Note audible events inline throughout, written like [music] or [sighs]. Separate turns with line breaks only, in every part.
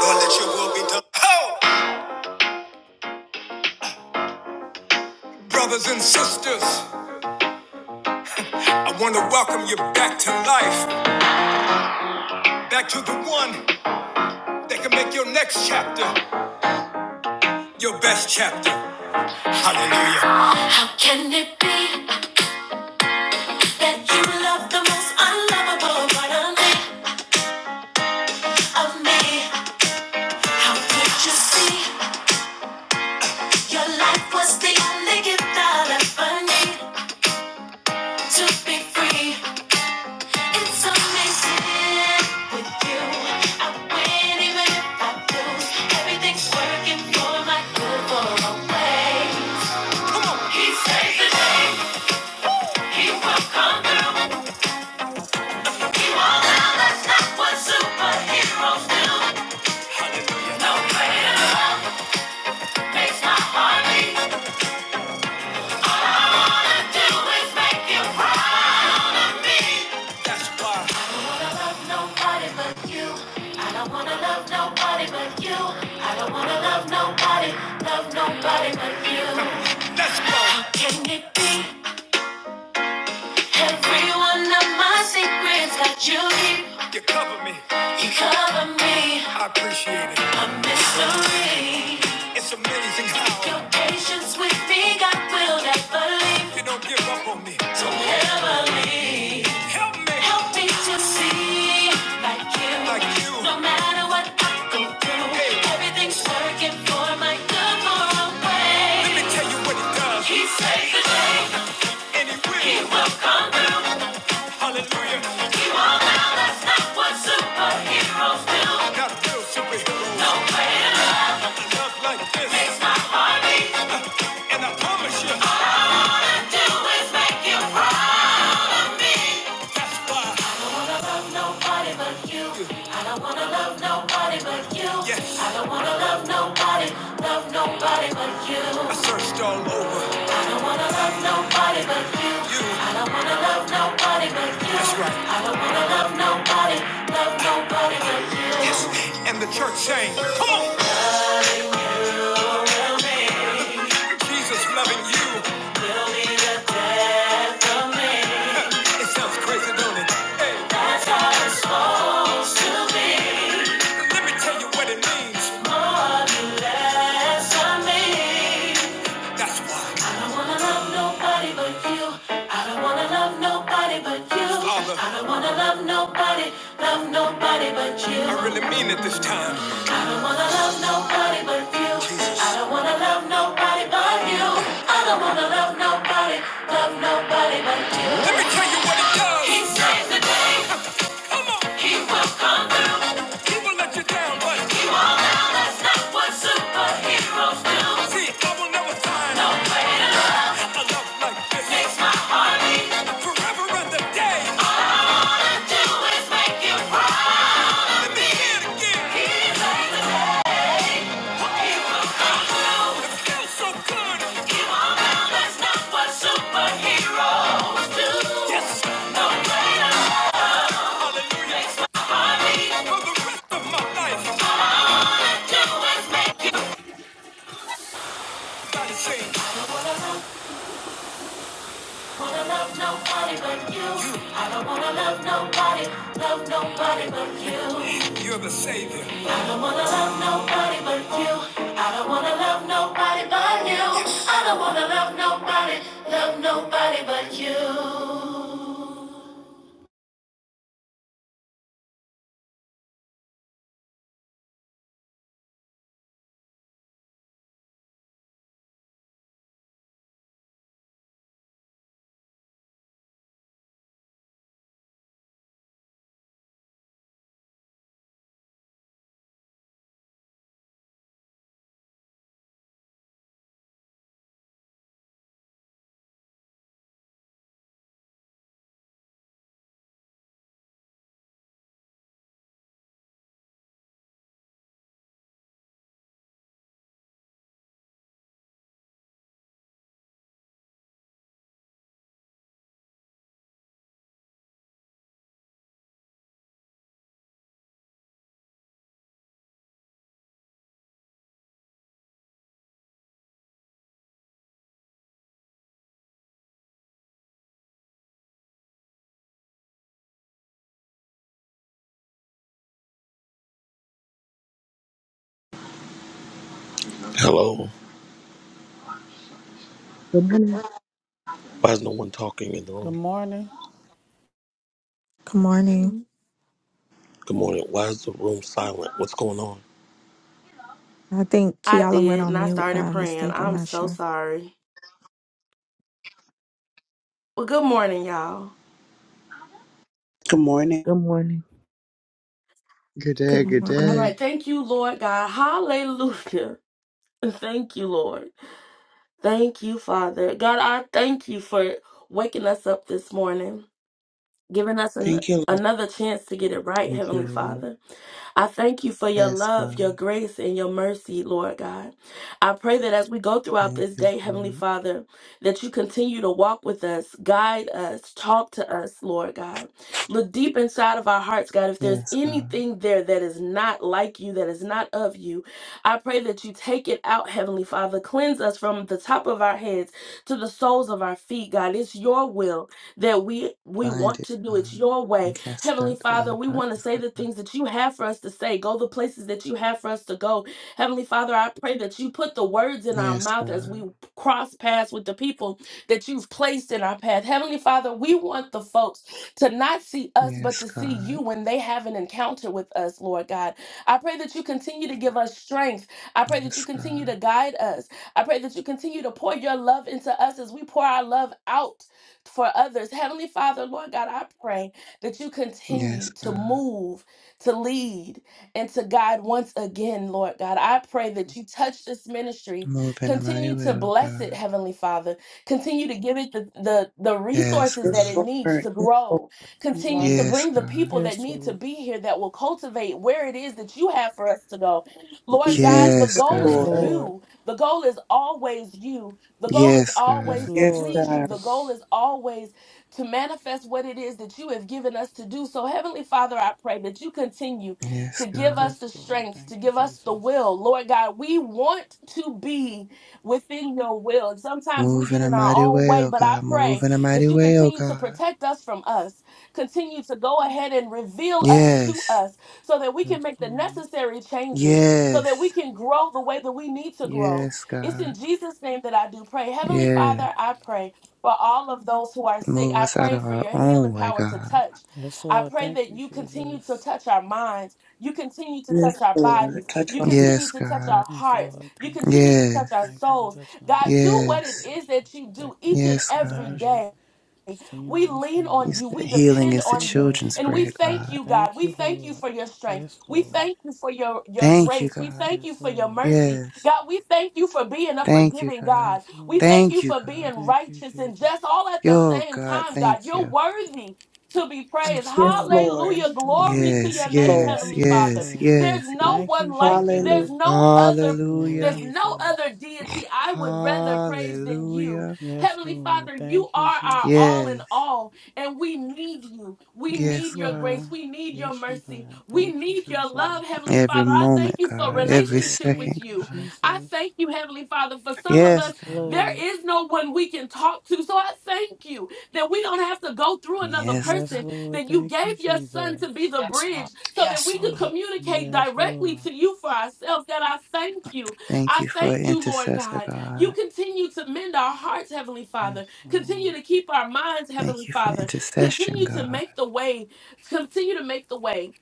Lord, let your will be done. Ho! Brothers and sisters, I want to welcome you back to life, back to the one that can make your next chapter your best chapter. Hallelujah. How can it be that you love the most unlovable part of me? Of me? How could you see your life was the only gift I'll ever need to be free? It's amazing with you. I win even if I lose. Everything's working for my good for always. He saves the day. He will come through. He won't allow that's not what superheroes do. No greater love makes my heart beat. All I wanna do is make you proud. That's why. I don't wanna love nobody but you. I don't wanna love nobody but you. I don't wanna love nobody, love nobody but you. That's why. How can it be? Every one of my secrets that you keep. You cover me. You cover me. I appreciate it. A mystery. It's amazing how your patience with me, God will never leave. You don't give up on me. Don't ever leave. Help me. Help me to see like you. Like you. No matter what I go through, Hey. everything's working for my good for a way. Let me tell you what it does. He saves the day. And he will. He Hallelujah. He won't allow us Not one superhero. I'm not a real superhero. No. I Love like this. And I promise you, all I do is make you. That's why. I don't wanna love nobody but you. I don't wanna love nobody but you. Yes. I don't wanna love nobody, love nobody but you. I searched all over. I don't wanna love nobody but you. You. I don't wanna love nobody but you. That's right. I don't wanna love nobody, love nobody but you. Yes. And the church saying, Come on. Jesus loving you. Will be the death of me. [laughs] It sounds crazy, don't it? Hey. That's how it's supposed to be. Let me tell you what it means. More than less of me. That's why. I don't wanna love nobody but you. I don't wanna love nobody but you. Father. I don't wanna love nobody, love nobody but you. I really mean it this time. I don't wanna love nobody but you. I don't wanna love nobody but you. I don't wanna love nobody, love nobody but you. Let me tell you what it does. He saves the day. Come on. He will come through. He will let you down, but he won't. Now that's what superheroes do. See, I will never find no way to love. A love like this makes my heart beat forever and a day. All I do is make you cry. Let me He saves the day. Feels so not what superheroes do. Yes. No way to fall in harmony for the rest of my life. What do is make everybody sing. I don't wanna love nobody but you. I don't wanna love nobody, love nobody but you. You're the savior. I don't wanna love nobody but you. I don't wanna love nobody but you. I don't wanna love nobody, love nobody but you.
Hello.
Good morning.
Why is no one talking in the
Good
room?
morning.
Good morning.
Morning.
Good morning. Why is the room silent? What's going on?
I think
I
Kiala went
did,
on
and I
mute
started
by
praying.
mistake. I'm
I'm
not
so
sure.
sorry. Well, good morning, y'all.
Good morning.
Good morning.
Good day,
Good
good
All
day.
morning.
right. Thank you, Lord God. Hallelujah. [laughs] Thank you, Lord. Thank you, Father. God, I thank you for waking us up this morning. giving us an,
Thank you, Lord.
another chance to get it right,
Thank you,
Heavenly
Lord.
Father. I thank you for your
Yes,
love, your
God.
grace, and your mercy, Lord God. I pray that as we go throughout
Thank
this
you,
day, Heavenly
Lord.
Father, that you continue to walk with us, guide us, talk to us, Lord God. Look deep inside of our hearts, God. If there's
Yes, God.
anything there that is not like you, that is not of you, I pray that you take it out, Heavenly Father. Cleanse us from the top of our heads to the soles of our feet, God. It's your will that we we
Bind
want
it,
to do it
God.
your
And
way.
cast it
Heavenly
out to
Father,
other
we want to
darkness,
say the
God.
things that you have for us to say, go the places that you have for us to go. Heavenly Father, I pray that you put the words in our
Yes,
mouth as we
God.
cross paths with the people that you've placed in our path. Heavenly Father, we want the folks to not see us, but
Yes,
to see
God.
you when they have an encounter with us, Lord God. I pray that you continue to give us strength. I pray that you
Yes,
continue to
God.
guide us. I pray that you continue to pour your love into us as we pour our love out for others. Heavenly Father, Lord God, I pray that you
Yes,
continue to
God.
move, to lead, and to guide once again, Lord God. I pray that you touch this ministry,
Move in a mighty
continue to
will,
bless it,
God.
Heavenly Father. Continue to give it the, the, the
Yes,
resources that
God.
Yes,
it needs
Lord.
to
Yes, Lord.
grow.
Good
Continue to
morning.
Yes,
bring the
God.
people that
Yes,
need to
Lord.
be here that will cultivate where it is that you have for us to go. Lord
Mhm.
God, the
Yes,
Yes,
goal
Yes,
is
God.
Lord.
Lord.
you. The goal is always you. The goal is
Yes,
Yes,
God.
always to
Yes,
Lord.
please you.
God.
The goal is always to manifest what it is that you have given us to do. So, Heavenly Father, I pray that you continue
Yes,
to give
God.
us
Yes,
the
Lord.
strength,
Thank
to
you,
give us the
Jesus.
will. Lord God, we want to be within your will. And sometimes we
Move
get
in a
in our
mighty
own
way,
way,
oh
but I
God. Move
pray
in a
that
mighty
you
way, oh
continue to
God.
protect us from us, continue to go ahead and reveal us to
Yes.
us so that we can
Yes,
make the
Lord.
necessary changes, so that we
Yes.
can grow the way that we need to grow
Yes,
it's in
God.
Jesus' name that I do pray. Heavenly
Yes.
Father, I pray for all of those who are sick.
Move
I
us out
pray
of
for
our
your healing
own way,
power to
God.
touch.
Yes,
I
Lord.
pray
Thank
that
you,
you continue to
Jesus.
touch our minds. You continue to
Yes,
touch our bodies.
Lord. Touch
You
right.
Yes,
continue to touch
God.
our
Yes,
hearts.
Lord.
You
Thank you,
continue to
Yes.
Jesus.
touch our
Thank you for
souls.
touching our
God, do what
families,
it
Yes.
Lord
is that
Jesus.
you do
Protecting
each
us
and
Yes,
from
every
God.
danger,
day.
seen
We
and
lean
unseen.
You
on you.
Yes,
said
We
Lord.
healing
depend
is
Thank
the
you,
on you.
God.
children's
And we
bread,
thank
God.
you, God.
Thank
We
you,
thank you
Lord.
for your strength.
Yes,
We
Lord.
thank you for your, your
Thank you,
grace. We
God.
thank you
Yes,
for your
Lord.
mercy.
Yes.
God, we thank you for being a
Thank you,
forgiving
God.
God.
Yes,
We
Lord.
thank you
Thank you,
for
God.
being
Thank you,
righteous and
Jesus.
just all at the
Yo,
same
God,
time, God.
thank
You're
you.
worthy to be praised.
Yes,
Yes,
Lord.
Lord.
Yes,
Hallelujah.
you are,
Glory to
Yes,
Lord.
your name,
Thank
Lord.
yes,
you,
Heavenly Father.
yes,
Jesus.
There's
yes,
no
yes.
Thank
one
you,
like you.
Jesus.
Hallelujah.
There's no other
Thank you, Lord
there's
Hallelujah.
no
Jesus.
other deity I would rather praise than you.
Hallelujah.
Yes,
Heavenly
Lord.
Father, you
Thank you,
are our
Jesus.
all in
Yes.
all, and we need you. We
Yes,
need
Yes,
you
your
God.
are.
grace. We need your
Yes, you
mercy.
are.
We
Thank you,
need your love,
Jesus.
Heavenly
Every
Father. I thank
moment,
you for
God.
Yes,
Every
Lord.
relationship with
Thank
second,
you,
you.
God.
I
Jesus.
thank you, Heavenly Father, for some of
Yes,
us,
Yes,
God.
there
Lord.
is no one we can talk to. So I thank you that we don't have to go through another
Yes,
Yes,
God.
person,
Lord.
that you
Thank you,
gave your son to be
Jesus.
the
Yes, Lord.
bridge so that
Yes,
we could
Lord.
communicate
Yes, Lord.
directly to you for ourselves. God, I thank you.
Thank
I
you for
thank you, Lord
intercessor,
God. You
God.
continue to mend our hearts, Heavenly Father.
Yes,
Continue
Lord.
to keep our minds,
Thank
Heavenly
you for
Father.
intercession,
Continue to
God.
make the way, continue to make the way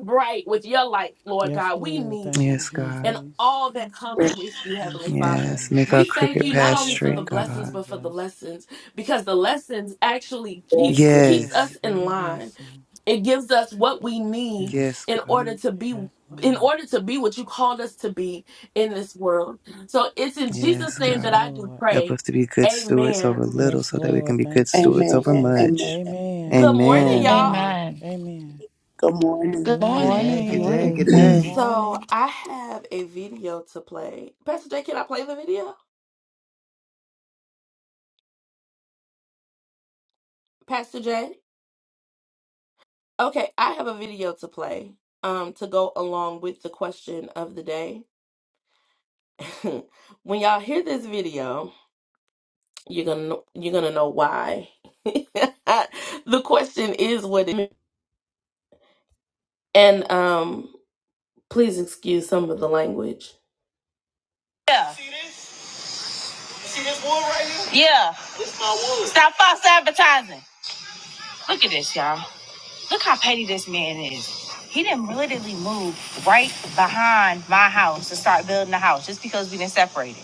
bright with your light, Lord
Yes,
God. We
Lord.
need
Thank you,
you
Yes, God.
and
Jesus.
all that comes
Yes,
with you, Heavenly
Yes,
Father.
Lord.
Yes. Make our
We thank
crooked
you
Yes,
not
path
only
Lord.
for the
straight,
Thank you,
blessings,
God.
but for the
Jesus.
lessons, because the lessons actually
yes,
Yes,
keeps
Lord.
keeps
Yes.
us
Lord.
in
Every
line
lesson.
it gives us what we need
Yes,
Yes.
in
God.
order
Ye-
to be
Yes,
in
Lord.
order to be what you called us to be in this world. So it's in
Yes,
Jesus' name
Yes,
that
God.
I do
Lord.
Help
pray.
us to be good stewards over
Amen.
little
Yes,
so that we can
Lord.
be good
Thank you,
stewards over
Amen.
Jesus.
Amen.
much.
Amen.
Good morning,
Amen.
y'all.
Amen.
Amen.
Amen.
Good morning.
Good
Good
Good
morning.
day,
Good
good day,
morning.
morning.
Good
good
Good
morning.
day.
[clears throat]
So
morning.
I have a video to play. Pastor J, can I play the video? Pastor J? Okay, I have a video to play um to go along with the question of the day. [laughs] when y'all hear this video, you're gonna know, you're gonna know why. [laughs] the question is what it means. and um please excuse some of the language. Yeah, yeah. Stop false advertising. Look at this, y'all. Look how petty this man is. He didn't literally move right behind my house to start building a house just because we didn't separate it.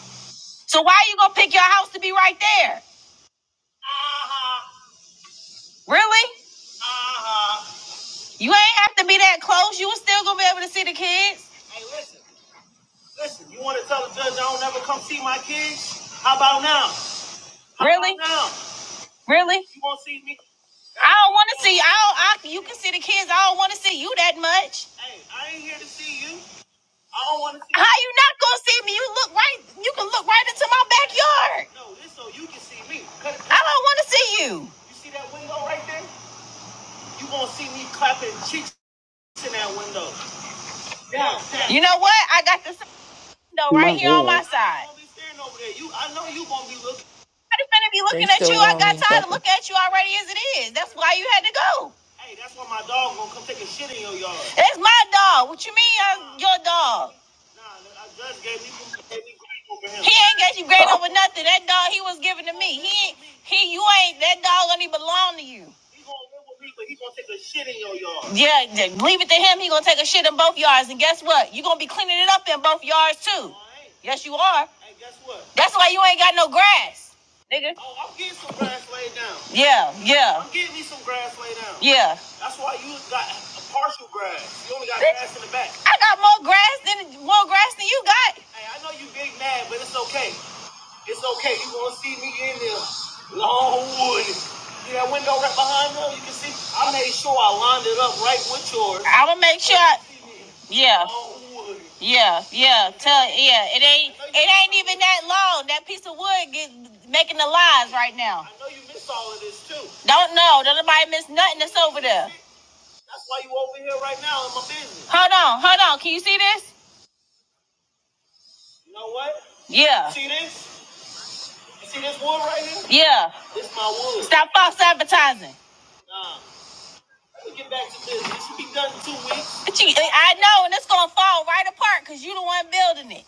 So why you gonna pick your house to be right there? Really? You ain't have to be that close. You was still gonna be able to see the kids. Really? I don't want to see. I, don't, I you can see the kids. I don't want to see you that much. How you not gonna see me? You look right. You can look right into my backyard. I don't want to see you. You know what? I got this window
My
right here on my
Lord.
side. I'm gonna be
They
looking at you.
still
I
want
got
each
tired of
other.
looking at you already as it is. That's why you had to go. That's my dog. What you mean? I'm your dog. He ain't got you grand
Oh,
over nothing. That dog he was given to me. He ain't. He. You ain't. That dog don't even belong to you. Yeah, yeah, leave it to him. He gonna take a shit in both yards, and guess what? You gonna be cleaning it up in both yards too. Yes, you are. That's why you ain't got no grass, nigga. Yeah, yeah, yeah. I got more grass than more grass than you got. I'ma make sure. I, yeah, yeah, yeah. Tell yeah, it ain't ain't even that long. That piece of wood get making the lies right now. Don't know. Don't nobody miss nothing that's over there. Hold on, hold on. Can you see this? Yeah, yeah. Stop false advertising. I know, and it's gonna fall right apart because you the one building it.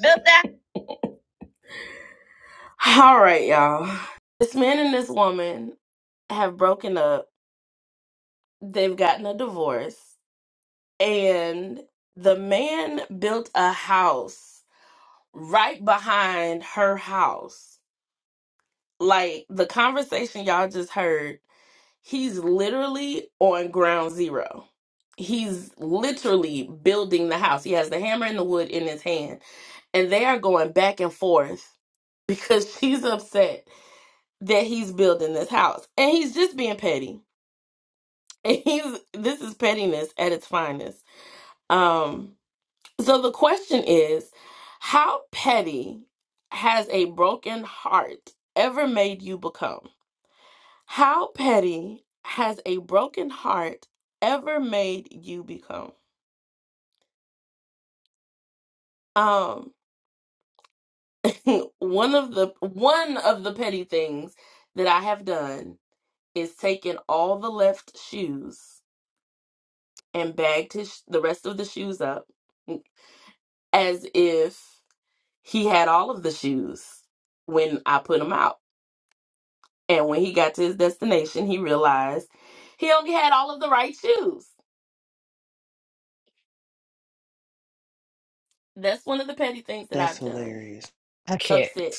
Built that. All right, y'all. This man and this woman have broken up. They've gotten a divorce, and the man built a house right behind her house. Like the conversation y'all just heard He's literally on ground zero. He's literally building the house. He has the hammer and the wood in his hand, and they are going back and forth because [laughs] she's upset that he's building this house. And he's just being petty. [laughs] And he's this is pettiness at its finest. Um so the question is, how petty has a broken heart ever made you become? How petty has a broken heart ever made you become? Um, [laughs] one of the one of the petty things that I have done is taken all the left shoes and bagged his the rest of the shoes up mm, as if he had all of the shoes when I put them out. And when he got to his destination, he realized he only had all of the right shoes. That's one of the petty things that
that's
I've done.
hilarious.
I can't.
Upset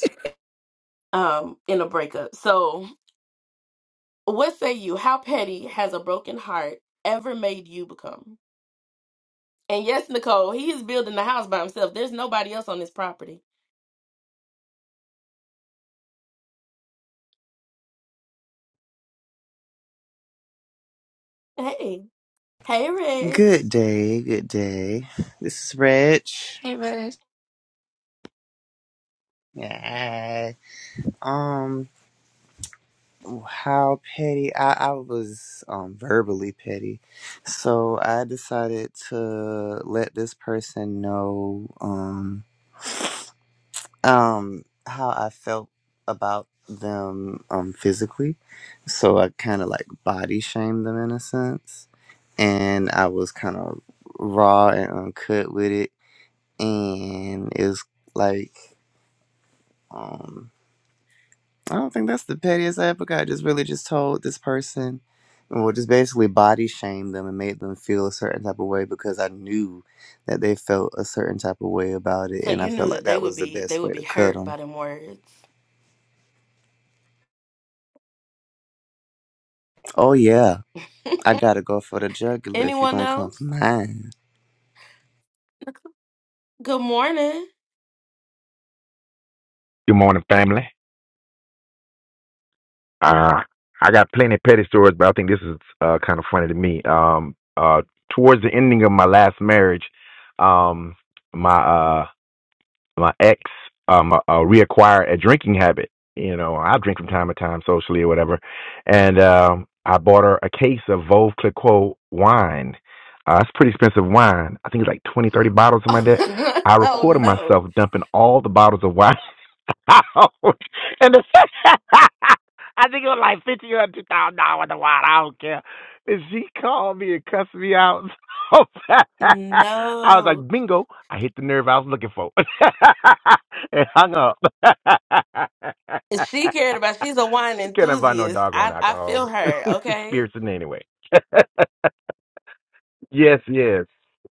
um, in a breakup. So, what say you? How petty has a broken heart ever made you become? And yes, Nicole, he is building the house by himself. There's nobody else on this property. Hey, hey, Reg.
Good day, good day. This is Reg.
Hey, Rose.
Yeah. Um, how petty? I, I was um, verbally petty, so I decided to let this person know um um how I felt about them um physically. So I kind of like body shamed them in a sense, and I was kind of raw and uncut with it, and it's like um. I don't think that's the pettiest I ever got. I just really just told this person, well, just basically body shamed them and made them feel a certain type of way because I knew that they felt a certain type of way about it,
So
and I
you
felt
knew
like
that they
that
would
was the
be they
best way
would be
to cut
hurt
them.
by them words.
Oh yeah, I gotta go for the jugular if you're
Anyone
gonna come for
else?
mine.
Good morning.
Good morning, family. Uh, I got plenty of petty stories, but I think this is uh, kind of funny to me. Um, uh, towards the ending of my last marriage, um, my uh, my ex um, uh, uh, reacquired a drinking habit. You know, I drink from time to time, socially or whatever. And um, I bought her a case of Veuve Clicquot wine. Uh, it's pretty expensive wine. I think it's like 20, 30 bottles,
[laughs]
something
oh
like that. I recorded
no,
myself dumping all the bottles of wine [laughs] out. [laughs] and the, [laughs] I think it was like fifty or two thousand dollars a while. I don't care. And she called me and cussed me out. [laughs] So bad. I was
no.
like, bingo! I hit the nerve I was looking for, [laughs] and hung up.
If she cared about. She's a wine
[laughs] Can't buy no
enthusiast.
doggone
I I feel
alcohol,
her.
[laughs]
Okay.
spirits, in anyway. [laughs] Yes, yes,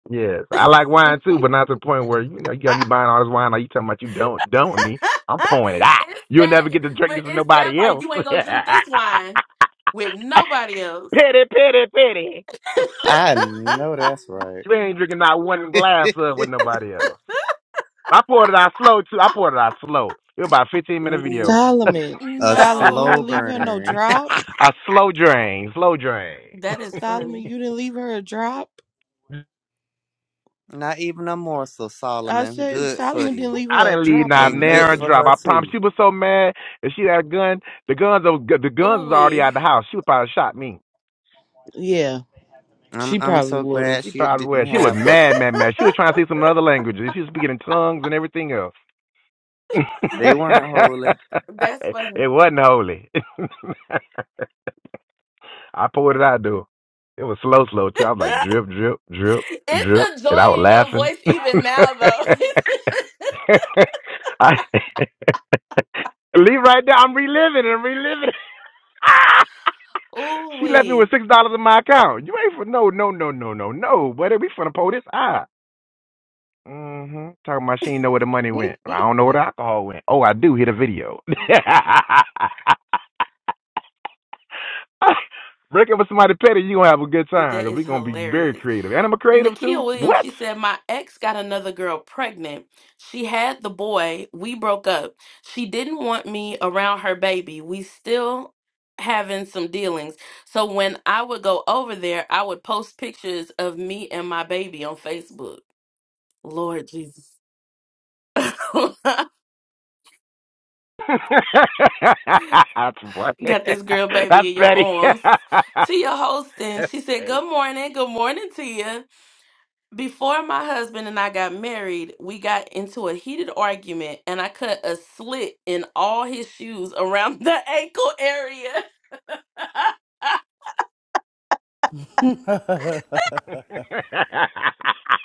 yes. I like wine too, but not to the point where you know you
[laughs]
got me buying all this wine. Like you talking about you don't done with me. I'm
[laughs]
pouring it out.
it's
You'll
that,
never get to drink
but
this with
it's that
nobody
part.
else.
You
[laughs]
ain't gonna drink this wine with nobody else.
pity, pity, pity.
I know
[laughs]
that's right.
You ain't drinking not one
[laughs]
glass of it with nobody else. I poured it out slow too. I poured it out slow. It was about a 15 minute video.
Ooh,
Solomon,
a
Solomon, you
slow
didn't
no,
leave
[laughs]
her no
burn. [laughs]
drop.
a slow drain, slow drain.
that is
Solomon,
funny.
you didn't leave her a drop.
[laughs]
Not even a morsel,
I
Solomon.
said
Good for
Solomon didn't
you,
leave
I
her a
didn't leave
drop or
not
and
an
good
errand
nothing.
for
drop.
her
I promise.
too.
She was so mad. If she had a gun, the guns are, the guns was already
Ooh,
out the house. She would probably shot me.
Yeah,
I'm
she
I'm
probably
so
would
glad
She
have.
she
probably
didn't
would. She was
have them.
mad, mad, mad. She was trying to see some other languages. She was speaking in tongues and everything else. [laughs] it
[laughs]
They weren't holy.
that's funny.
wasn't holy. [laughs] I poured it out though. It was slow, slow too. I was
[laughs]
like drip, drip, drip, drip,
it's a
and
joy
I was
in your
laughing.
voice even
[laughs]
now, though. [laughs]
I [laughs] leave right now. I'm reliving and reliving. [laughs] She left me
Ooh,
with six dollars in my account. You ain't for no, no, no, no, no, no. Buddy, we finna pull this out. Mm-hmm. Talking about she ain't know where the money went. I don't know where the alcohol went. Oh, I do. Hit a video. [laughs] Break up with somebody petty, you gonna have a good
[laughs]
time
that
because we
is
gonna be very
hilarious.
creative. And I'm a creative too.
Nikia Williams,
What?
she said, My ex got another girl pregnant. She had the boy. We broke up. She didn't want me around her baby. We still having some dealings. So when I would go over there, I would post pictures of me and my baby on Facebook. Lord Jesus. [laughs] got
[laughs] That's funny.
this girl
[laughs] That's
baby in your
petty. [laughs]
arms. Tia Holston,
That's
she said,
petty.
Good morning. Good morning, Tia. Before my husband and I got married, we got into a heated argument and I cut a slit in all his shoes around the [laughs] ankle area. [laughs]
[laughs]
[laughs]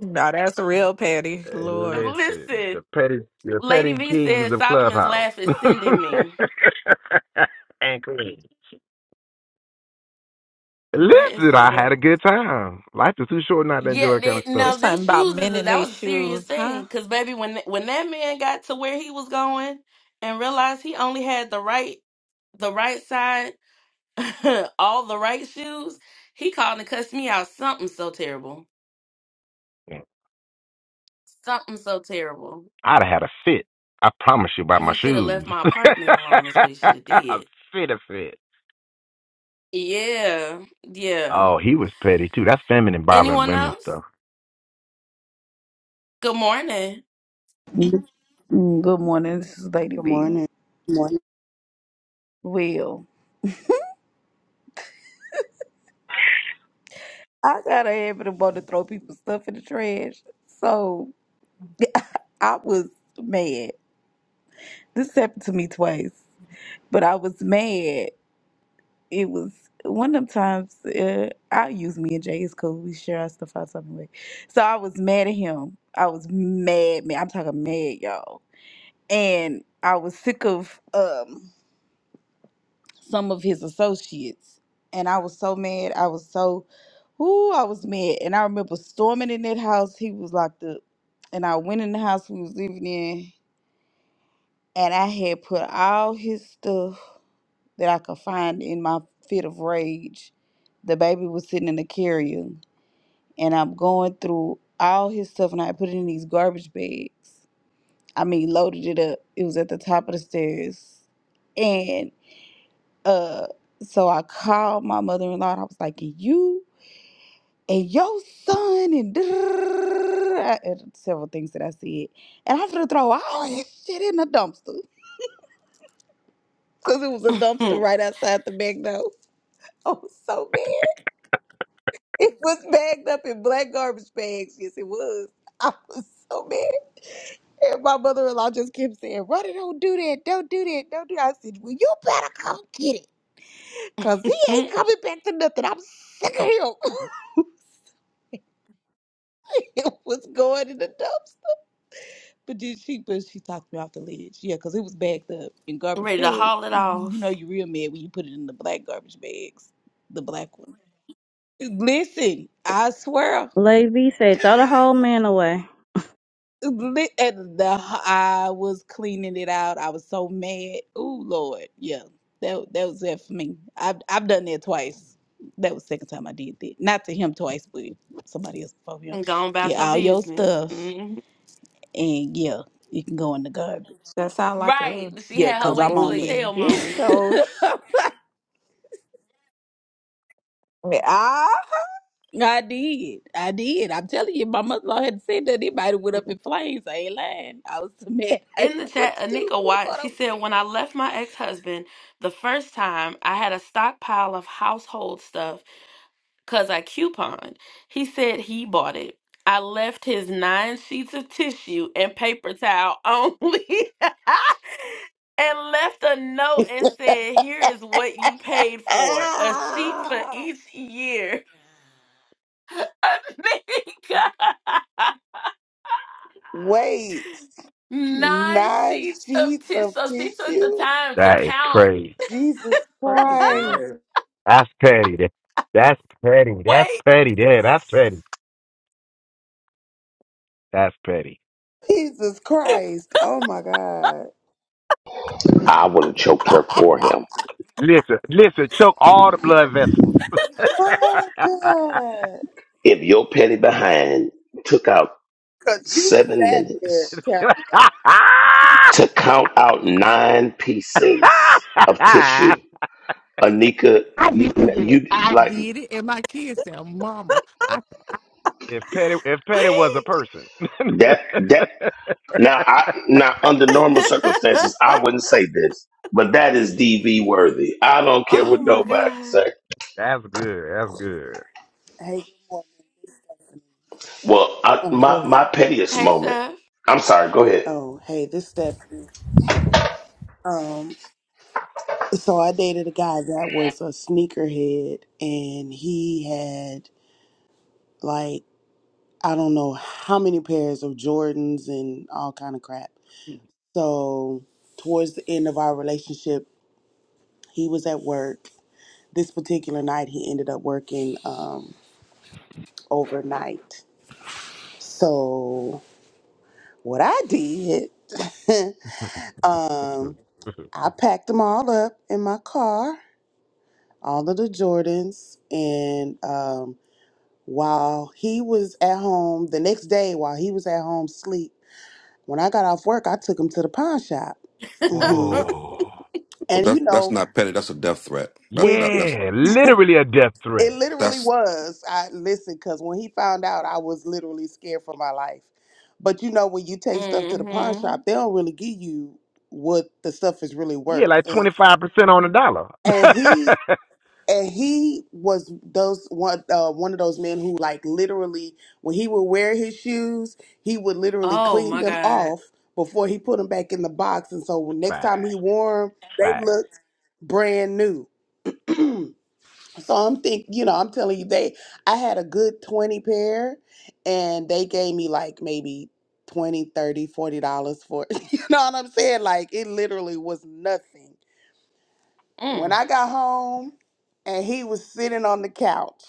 Now that's real petty.
Uh,
Lord.
Listen,
Listen,
the petty, the
Lady
petty
V
kings
said
of
Solomon's
Clubhouse
laugh
[laughs]
is sending me.
and queens.
That is
Listen, I had
hilarious.
a good time. Life is too short not to enjoy
Yeah,
that kind
they,
of stuff.
now
It's
them
something about
shoes is
men
a,
in
that
their
was a serious
shoes,
thing.
huh?
Cause baby, when th- when that man got to where he was going and realized he only had the right the right side [laughs] all the right shoes, he called and cussed me out. Something so terrible. Something so terrible.
I'd have had a fit. I promise you by
And
my
he should have
shoes.
left my
[laughs]
apartment alone is what he should have
a
did.
fit, a fit.
Yeah. Yeah.
Oh, he was petty too. That's feminine bothering
Anyone
women
else?
stuff.
Good morning. [laughs]
Mm, Good morning. This is Lady
Good
B.
morning. Good morning.
Well, I got a habit of wanting to throw people's stuff in the trash. So I was mad. This happened to me twice, but I was mad. It was one of them times uh, I use me and Jay is cool. We share our stuff out something way. So I was mad at him. I was mad, man. I'm talking mad, y'all. And I was sick of um some of his associates. And I was so mad. I was so, ooh, I was mad. And I remember storming in that house. He was locked up. And I went in the house we was living in. And I had put all his stuff that I could find in my fit of rage. The baby was sitting in the carrier. And I'm going through all his stuff. And I put it in these garbage bags. I mean, loaded it up. It was at the top of the stairs. Uh, so I called my mother in law and I was like, "And you and your son and, I- and several things that I said. And I'm gonna throw all this shit in the dumpster. Because it was a dumpster right outside the McDonald's. I was so mad. It was bagged up in black garbage bags. Yes, it was. I was so mad. And my mother in law just kept saying, Ronnie, don't do that. Don't do that. Don't do that. I said, Well, you better come get it. Because he ain't coming back to nothing. I'm sick of him. [laughs] it was going in the dumpster. But then she, but she talked me off the ledge. Yeah, because it was bagged up in garbage
Ready to
bags.
haul it
hmm You know,
off
you real mad when you put it in the black garbage bags, the black one. Listen, I swear.
Lady said, throw the whole man away.
li- At the, I was cleaning it out. I was so mad. Oh Lord, yeah, that that was it for me. I've I've done that twice. That was the second time I did that. Not to him twice, but somebody else before him.
and go on about
Get
your
all your
business.
stuff,
hmm
and yeah, it can go in the garbage.
That sound like
Right.
a
She
Yeah,
had her
a
cause
waiting
I'm
to
on
movie.
that.
exhale
Get
moment.
your sh-
[laughs]
ah
I did. I did. I'm telling you, my mother in law had said that anybody went up in flames. I ain't lying. I was so mad.
[laughs]
[laughs] I
In
didn't
the
know what
chat,
to do.
Anika
Who
Watt,
thought I
she
was
said, When I
mad?
left my ex husband the first time, I had a stockpile of household stuff because I couponed. He said he bought it. I left his nine sheets of tissue and paper towel only [laughs] and left a note and said, Here is what you paid for a sheet for
Ah,
each year. [laughs] Amiga.
wait.
Nine
Nine
sheets of
sheets
tissue.
of
So she took the
tissue?
time to
That is
count.
crazy.
Jesus
Praise the
Christ.
Lord.
That's petty. That- That's petty. That's
Wait,
petty. Yeah, that's petty. That's petty.
Jesus Christ. Oh my God.
I would have choked her for him.
Listen, listen, choke all the blood vessels. [laughs]
Oh, good.
If your petty behind took out
Because you
seven
sat there
minutes
counting out.
to count out nine pieces of tissue, Anika,
I
you,
did it.
you
I
like
did it. And my kids said, Mama, I
if Petty if Petty was a
wait.
person.
that? That
[laughs]
now, I now under normal circumstances, I wouldn't say this, but that is DV worthy. I don't care
Oh
what
my
nobody
God.
say.
That's good. That's good.
Hey, good morning. Stephanie.
Well, I,
Oh,
my
go ahead.
my pettiest
Hey,
moment.
Seth.
I'm sorry. Go ahead.
Oh, hey, this is Stephanie. Um, so I dated a guy that was a sneakerhead, and he had like I don't know how many pairs of Jordans and all kind of crap. So towards the end of our relationship, he was at work. This particular night, he ended up working um, overnight. So What I did, [laughs] um,
[laughs]
I packed them all up in my car, all of the Jordans, and um, while he was at home the next day, while he was at home sleep, when I got off work, I took him to the pawn shop. hmm
Whoa.
Oh,
And you
that's that's
know,
not petty. That's a death threat. That,
when
that
you,
that's
Yeah, literally a death
it
threat.
literally
that's
was, I listen, because when he found out, I was literally scared for my life. But you know, when you take stuff to the pawn
Mm hmm.
shop, they don't really give you what the stuff is really
Yeah,
worth.
like twenty five percent on the dollar. [laughs]
and he and he was those one uh, one of those men who like literally when he would wear his shoes he would literally
Oh
clean
my
them
God.
off before he put them back in the box and so next
Facts.
time he wore them they
Facts.
looked brand new so i'm think you know i'm telling you they i had a good 20 pair and they gave me like maybe 20 30 40 dollars for [laughs] you know what i'm saying like it literally was nothing
Mm.
When I got home and he was sitting on the couch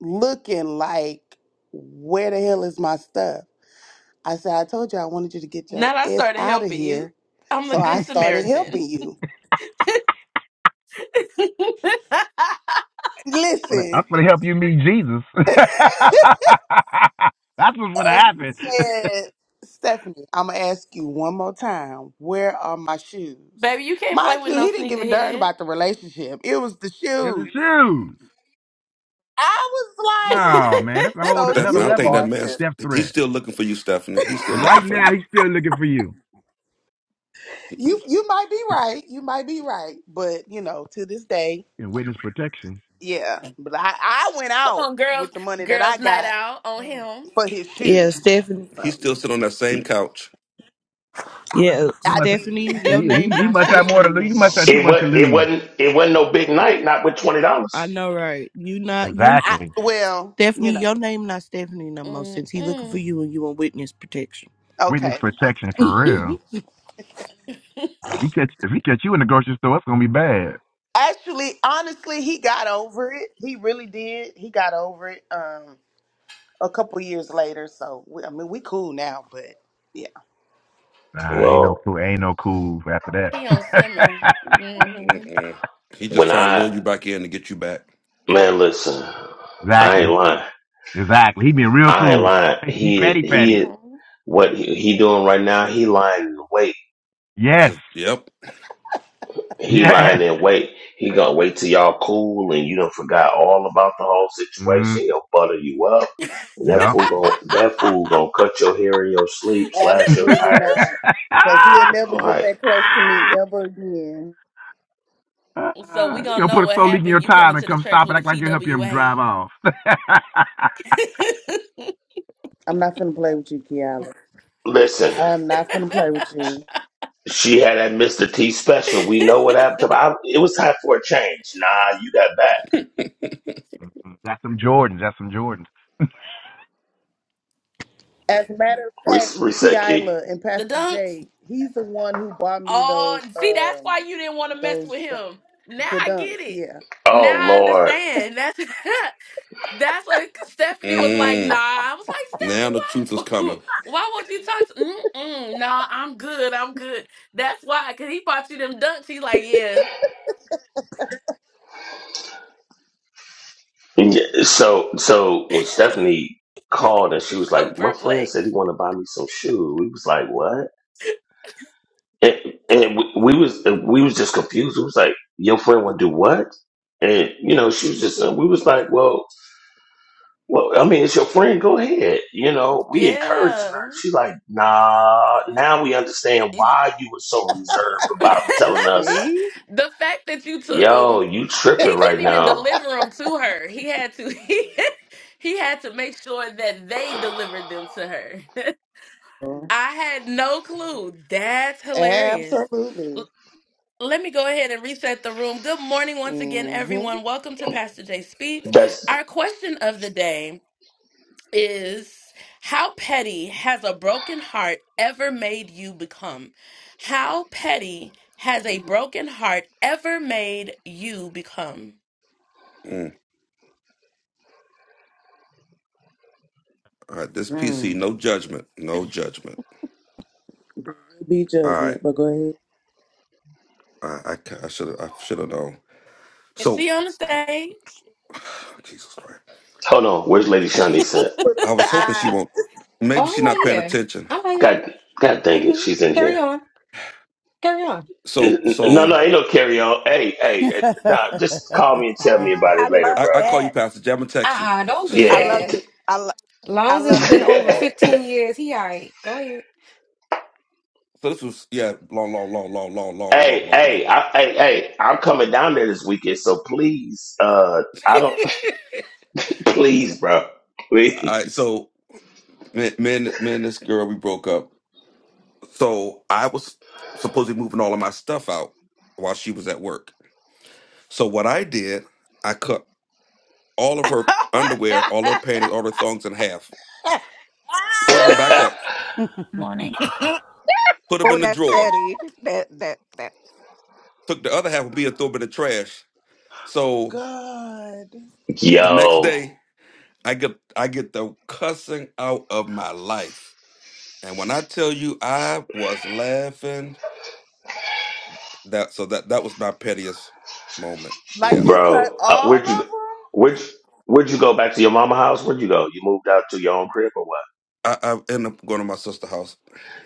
looking like, where the hell is my stuff? I said, I told you I wanted you to get your
Now that I
ass
started
out of
helping
here.
you, I'm
[laughs]
the
So I
good
started helping
Samaritan.
you. [laughs]
I'm
Listen,
gonna help you meet Jesus. [laughs] That's what's gonna
and he
happen. [laughs]
said, Stephanie, I'm going to ask you one more time, where are my
[laughs]
shoes?
Baby, you can't play
Mind
with
you, he
no
didn't give a darn
sneakerhead.
about the relationship. It was the
In the
shoes.
shoes.
I was like,
No, man, that's a whole
so
another
Stephanie. I
you
think
level of
that
more.
man.
death
He's
threat.
still looking for you, Stephanie. He's still looking
Right
for
now,
you.
he's still looking for you
You you might be right. You might be right. But you know, to this day,
in witness protection.
yeah. But I I went
Come
out
on, girls.
with the money that I
Girls night
got
out on him.
for his
Yeah,
shoes.
Stephanie.
He's
So
still sitting on that same couch.
Yeah,
He
I
must.
did.
Stephanie,
He,
your
he,
name
he
not
must have more to
Stephanie
lose.
no
He must
more.
have too
It
much to
was it
lose.
wasn't it wasn't no big night, not with twenty
I
dollars.
know, right? You not you,
I
Exactly.
well, you
Stephanie.
know.
Your name not Stephanie no more since he looking for
Mm-mm.
you and you on witness protection.
Witness
Okay.
protection for real. He catch if he catch you in the grocery store, it's gonna be bad.
Actually, honestly, he got over it. He really did. He got over it. Um, a couple years later. So we, I mean, we cool now. But yeah,
Nah,
Mm,
ain't no
Well,
cool. Ain't no cool after
He on summer.
that.
Mm-hmm.
mm, mm. He just
when
trying to lure
I
you back in to get you back.
man, listen,
[laughs]
I ain't
exactly.
lying.
Exactly. He been real
I ain't
cool.
lying.
[laughs] he
He
petty petty.
he
Mm-hmm.
what he, he doing right now? He lying in wait.
Yes.
Just yep.
He lying
Yes.
in wait. He gonna wait till y'all cool and you done forgot all about the whole situation.
Mm,
He'll butter you up, and that
yeah.
fool gonna that fool gonna cut your hair in your sleep,
[laughs]
slash
He'll
your
absolutely
tires.
not. Cause he'll never
All
get
right,
that close to me ever again.
So we gonna
put
know
a
what
soul leak in your
happened. You
tire
coming
and
to the
come
church
stop and
with a
act like you're helping him
TWA.
drive off. [laughs]
I'm not finna play with you, Kiala.
listen.
I'm not finna play with
[laughs]
you.
She had that Mr. T special. We know what happened to her. I, It was time for a change. Nah, you got back.
[laughs]
that's some Jordans. That's some Jordans.
As a matter of
Re-
fact,
reset key.
Keila and
the
Pastor
dunks.
Jay, he's the one who bought me
Oh,
those
see, that's
um
why you didn't want to mess with
those the,
him. Now
the
I
dunks.
get it.
Yeah.
Now
Oh,
I
Lord.
understand. That's [laughs] That's what 'cause Stephanie was like. Nah,
Mm.
I was like,
Now the truth is
Steph, why? [laughs]
coming.
Why won't you talk? To, Mm-mm, nah, I'm good. I'm good. That's why, cause he bought you them dunks. He's like, yeah,
Yeah, So, so when Stephanie
[laughs]
called and she was
so
like, my friend said he
perplexed.
want to buy me some shoes. We was like, what? And, and we, we was and we was just confused. It was like, your friend want to do what? And, you know, she was just, uh, we was like, well, Well, I mean, it's your friend. Go ahead. You know, we encouraging
Yeah,
her. She like, nah. Now we understand
Is-
why you were so reserved
[laughs] the
about telling us,
See?
fact that you took
yo,
them,
you tripping
he
right
couldn't even
now.
deliver them to her. He had to. [laughs] He, he had to make sure that they delivered them to her. [laughs] I had no clue. That's hilarious.
Absolutely.
Let me go ahead and reset the room. Good morning once again,
Mm-hmm.
everyone. Welcome to Pastor Jay Speaks.
That's
Our question of the day is How petty has a broken heart ever made you become? How petty has a broken heart ever made you become?
Mm. All right, this PC,
Mm.
no judgment, no judgment.
[laughs]
Be
All right,
judgment, but go ahead.
I I should have I should have known.
Is she
So,
on the stage?
[sighs] Jesus Christ,
hold on. Where's Lady Shanice at?
Put up
I was
the
hoping she
[laughs]
won't.
eye.
Maybe
Oh, I'm
she's not
right
paying
here.
attention.
I'm right here.
God, God dang it,
hmm
she's in
Carry
here.
on. Carry on.
N-
So
n- No,
so
no, ain't no carry on. Hey, hey, eh, nah, just call me and tell me about
I
it later,
love
I,
bro.
I call you
that.
Pastor Jay. I'm gonna text you. [laughs]
Uh-uh, don't do
I
So,
Yeah.
love
that.
t-
you. I, lo-
long
I
as
[laughs]
it's
love
been
you for
over
that.
hey,
15 years, he all right. Go ahead.
so this was yeah, long, long, long, long, long, long, long, long,
hey,
long. All
I, hey, hey, I'm coming down there this weekend, so please, uh, I don't. Please, bro.
right.
Please.
So, me, me, and, me and this girl, we broke up. So I was supposed to be moving all of my stuff out while she was at work. So what I did, I cut all of her underwear, all her panties, all her thongs in half, folded them
[laughs]
back up,
Morning.
put them
Oh,
in the
that's
drawer,
petty. That that that
took the other half of me and threw them in the trash.
[laughs]
So
God.
the next
Yo,
day, I get I get the cussing out of my life And when I tell you I was laughing, that so that that was my pettiest moment.
Like
Yeah.
you cut
bro. Uh,
all
where'd
of
you
them?
where'd you- where'd you go back to your mama house? Where'd you go? You moved out to your own crib or what?
I, I end up going to my sister's house.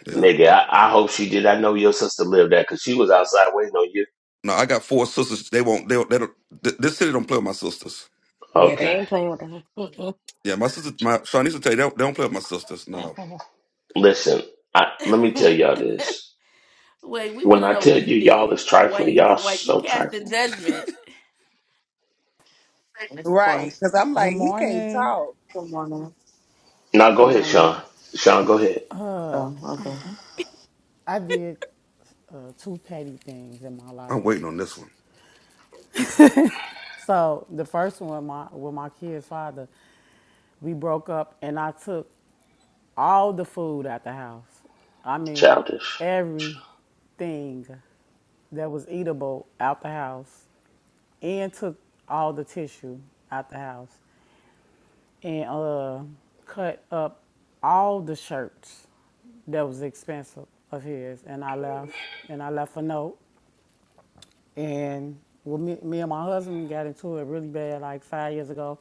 Yeah.
Nigga, I, I hope she did. I know your sister lived there because she was outside waiting on you.
No, I got four sisters. They won't they don't they don't th- this city don't play with my sisters.
Yeah, they
Okay.
ain't playing with him. Mm-mm.
Yeah, my sister my Sean used to tell you they don't, they don't play with my sisters. No.
Mm-mm.
Listen, I, let me tell y'all this.
Wait, we
When
want to
I
know
tell
what you
you y'all
did.
is
Why
trifling,
you
y'all
why you
so
casting
trifling.
judgment?
Miss Cora.
Right. Because I'm
Good
like, he can't
morning.
talk.
Good morning.
Now go
Good
ahead,
morning.
Sean.
Miss-
Sean, go ahead.
Uh,
Oh, okay.
I did uh, two petty things in my
I'm
life.
waiting on this one.
So the first one, my with my kid's father, We broke up and I took all the food out the house. I mean,
Childish.
everything that was eatable out the house and took all the tissue out the house and uh, cut up all the shirts that was expensive of his. And I left and I left a note. And well, me, me and my husband got into it really bad like five years ago.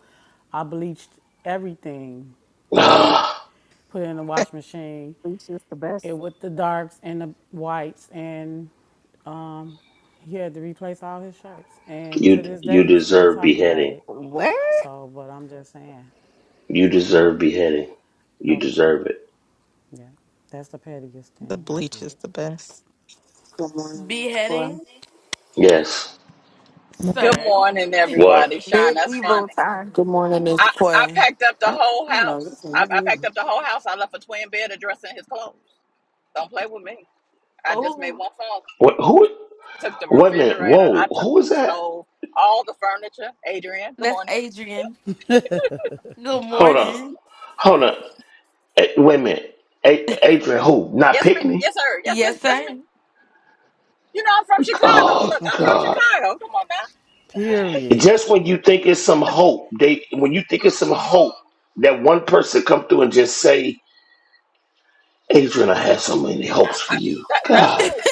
I bleached everything
[sighs] Ah,
put it in the wash
[laughs]
machine
bleach is the best.
it with the darks and the whites and um, he had to replace all his shirts and to
you
this
you
day he's still
deserve
talking about
beheading.
it
What?
so but i'm just saying
You deserve beheading. You
okay
deserve it.
yeah that's the pettiest
The
thing i
bleach
did
is the best.
Good morning, Miss Cora.
Beheading,
Yes.
Good
sir.
morning, everybody.
What?
Sean, that's funny.
Medieval times.
Good morning, Miss
I, I
Cora.
packed up the
I, I
whole
don't know. This
house.
ain't
I, I
hurting me.
packed up the whole house. I left a twin bed addressing his clothes. Don't play with me. I just made
Oh,
one phone. call.
What? Who?
Took the
Wait a minute.
refrigerator. I
Whoa. Who
took the
was that?
stove. All the furniture. Adrian, good
that's
morning.
Adrian. Good
Hold on.
morning.
Hold on. A- wait a minute. A- Adrian, who? Not
Yes, ma'am.
Pickney?
Yes, sir. Yes, this,
Yes,
that's me.
sir.
You know, I'm from Chicago.
Oh
Look, I'm from
God!
Chicago. Come on now.
Period.
Just when you think it's some hope, they when you think it's some
Mm-mm.
hope, that one person come through and just say, "Adrian, I have so many hopes for you."
That, that's
God,
it.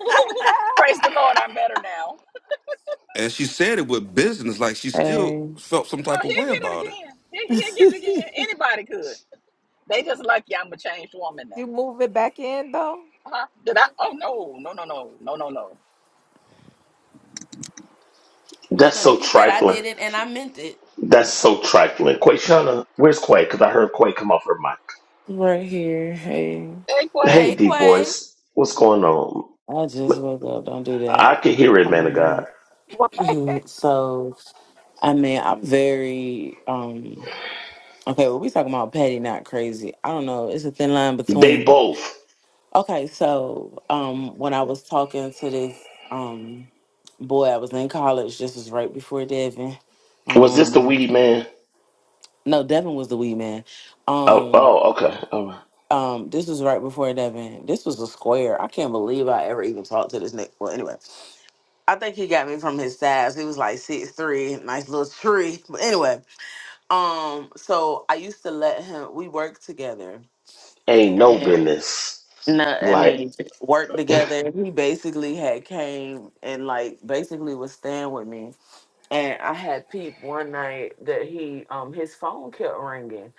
[laughs]
[laughs]
Praise the Lord, I'm better now.
And she said it with business, like she still
Hey,
felt some
Oh,
type of
he'll
way
get it
about it.
again. He, he'll get it again. Anybody could. They just lucky I'm a changed woman now.
you move it back in though?
Huh? Did I? Oh no, no, no, no, no, no, no.
That's
that's
funny.
so
She said I
trifling.
did it and I meant it.
That's so trifling. Quayshana, where's Quay? Because I heard Quay come off her mic.
right here. Hey,
Hey, Quay.
Hey,
Hey,
deep
Quay.
voice, what's going on?
I just woke up. Don't do
I
that.
can hear it, man of God.
Um,
What?
[clears throat] so I mean, I'm very um. Okay, well, we talking about petty, not crazy. I don't know. It's a thin line
They
between.
both.
Okay, so um, when I was talking to this um, boy, I was in college. This was right before Devin.
Was this the
Um,
weed man?
no, Devin was the weed man.
Oh,
Um,
oh, okay. All right.
um, this was right before Devin. This was a square. I can't believe I ever even talked to this nigga. Well, anyway, I think he got me from his size. He was like six three, nice little tree. But anyway, um, so I used to let him. We worked together,
Ain't no business.
No, I
Like,
mean worked together. He basically had came and like basically was staying with me, and I had peeped one night that he um his phone kept ringing,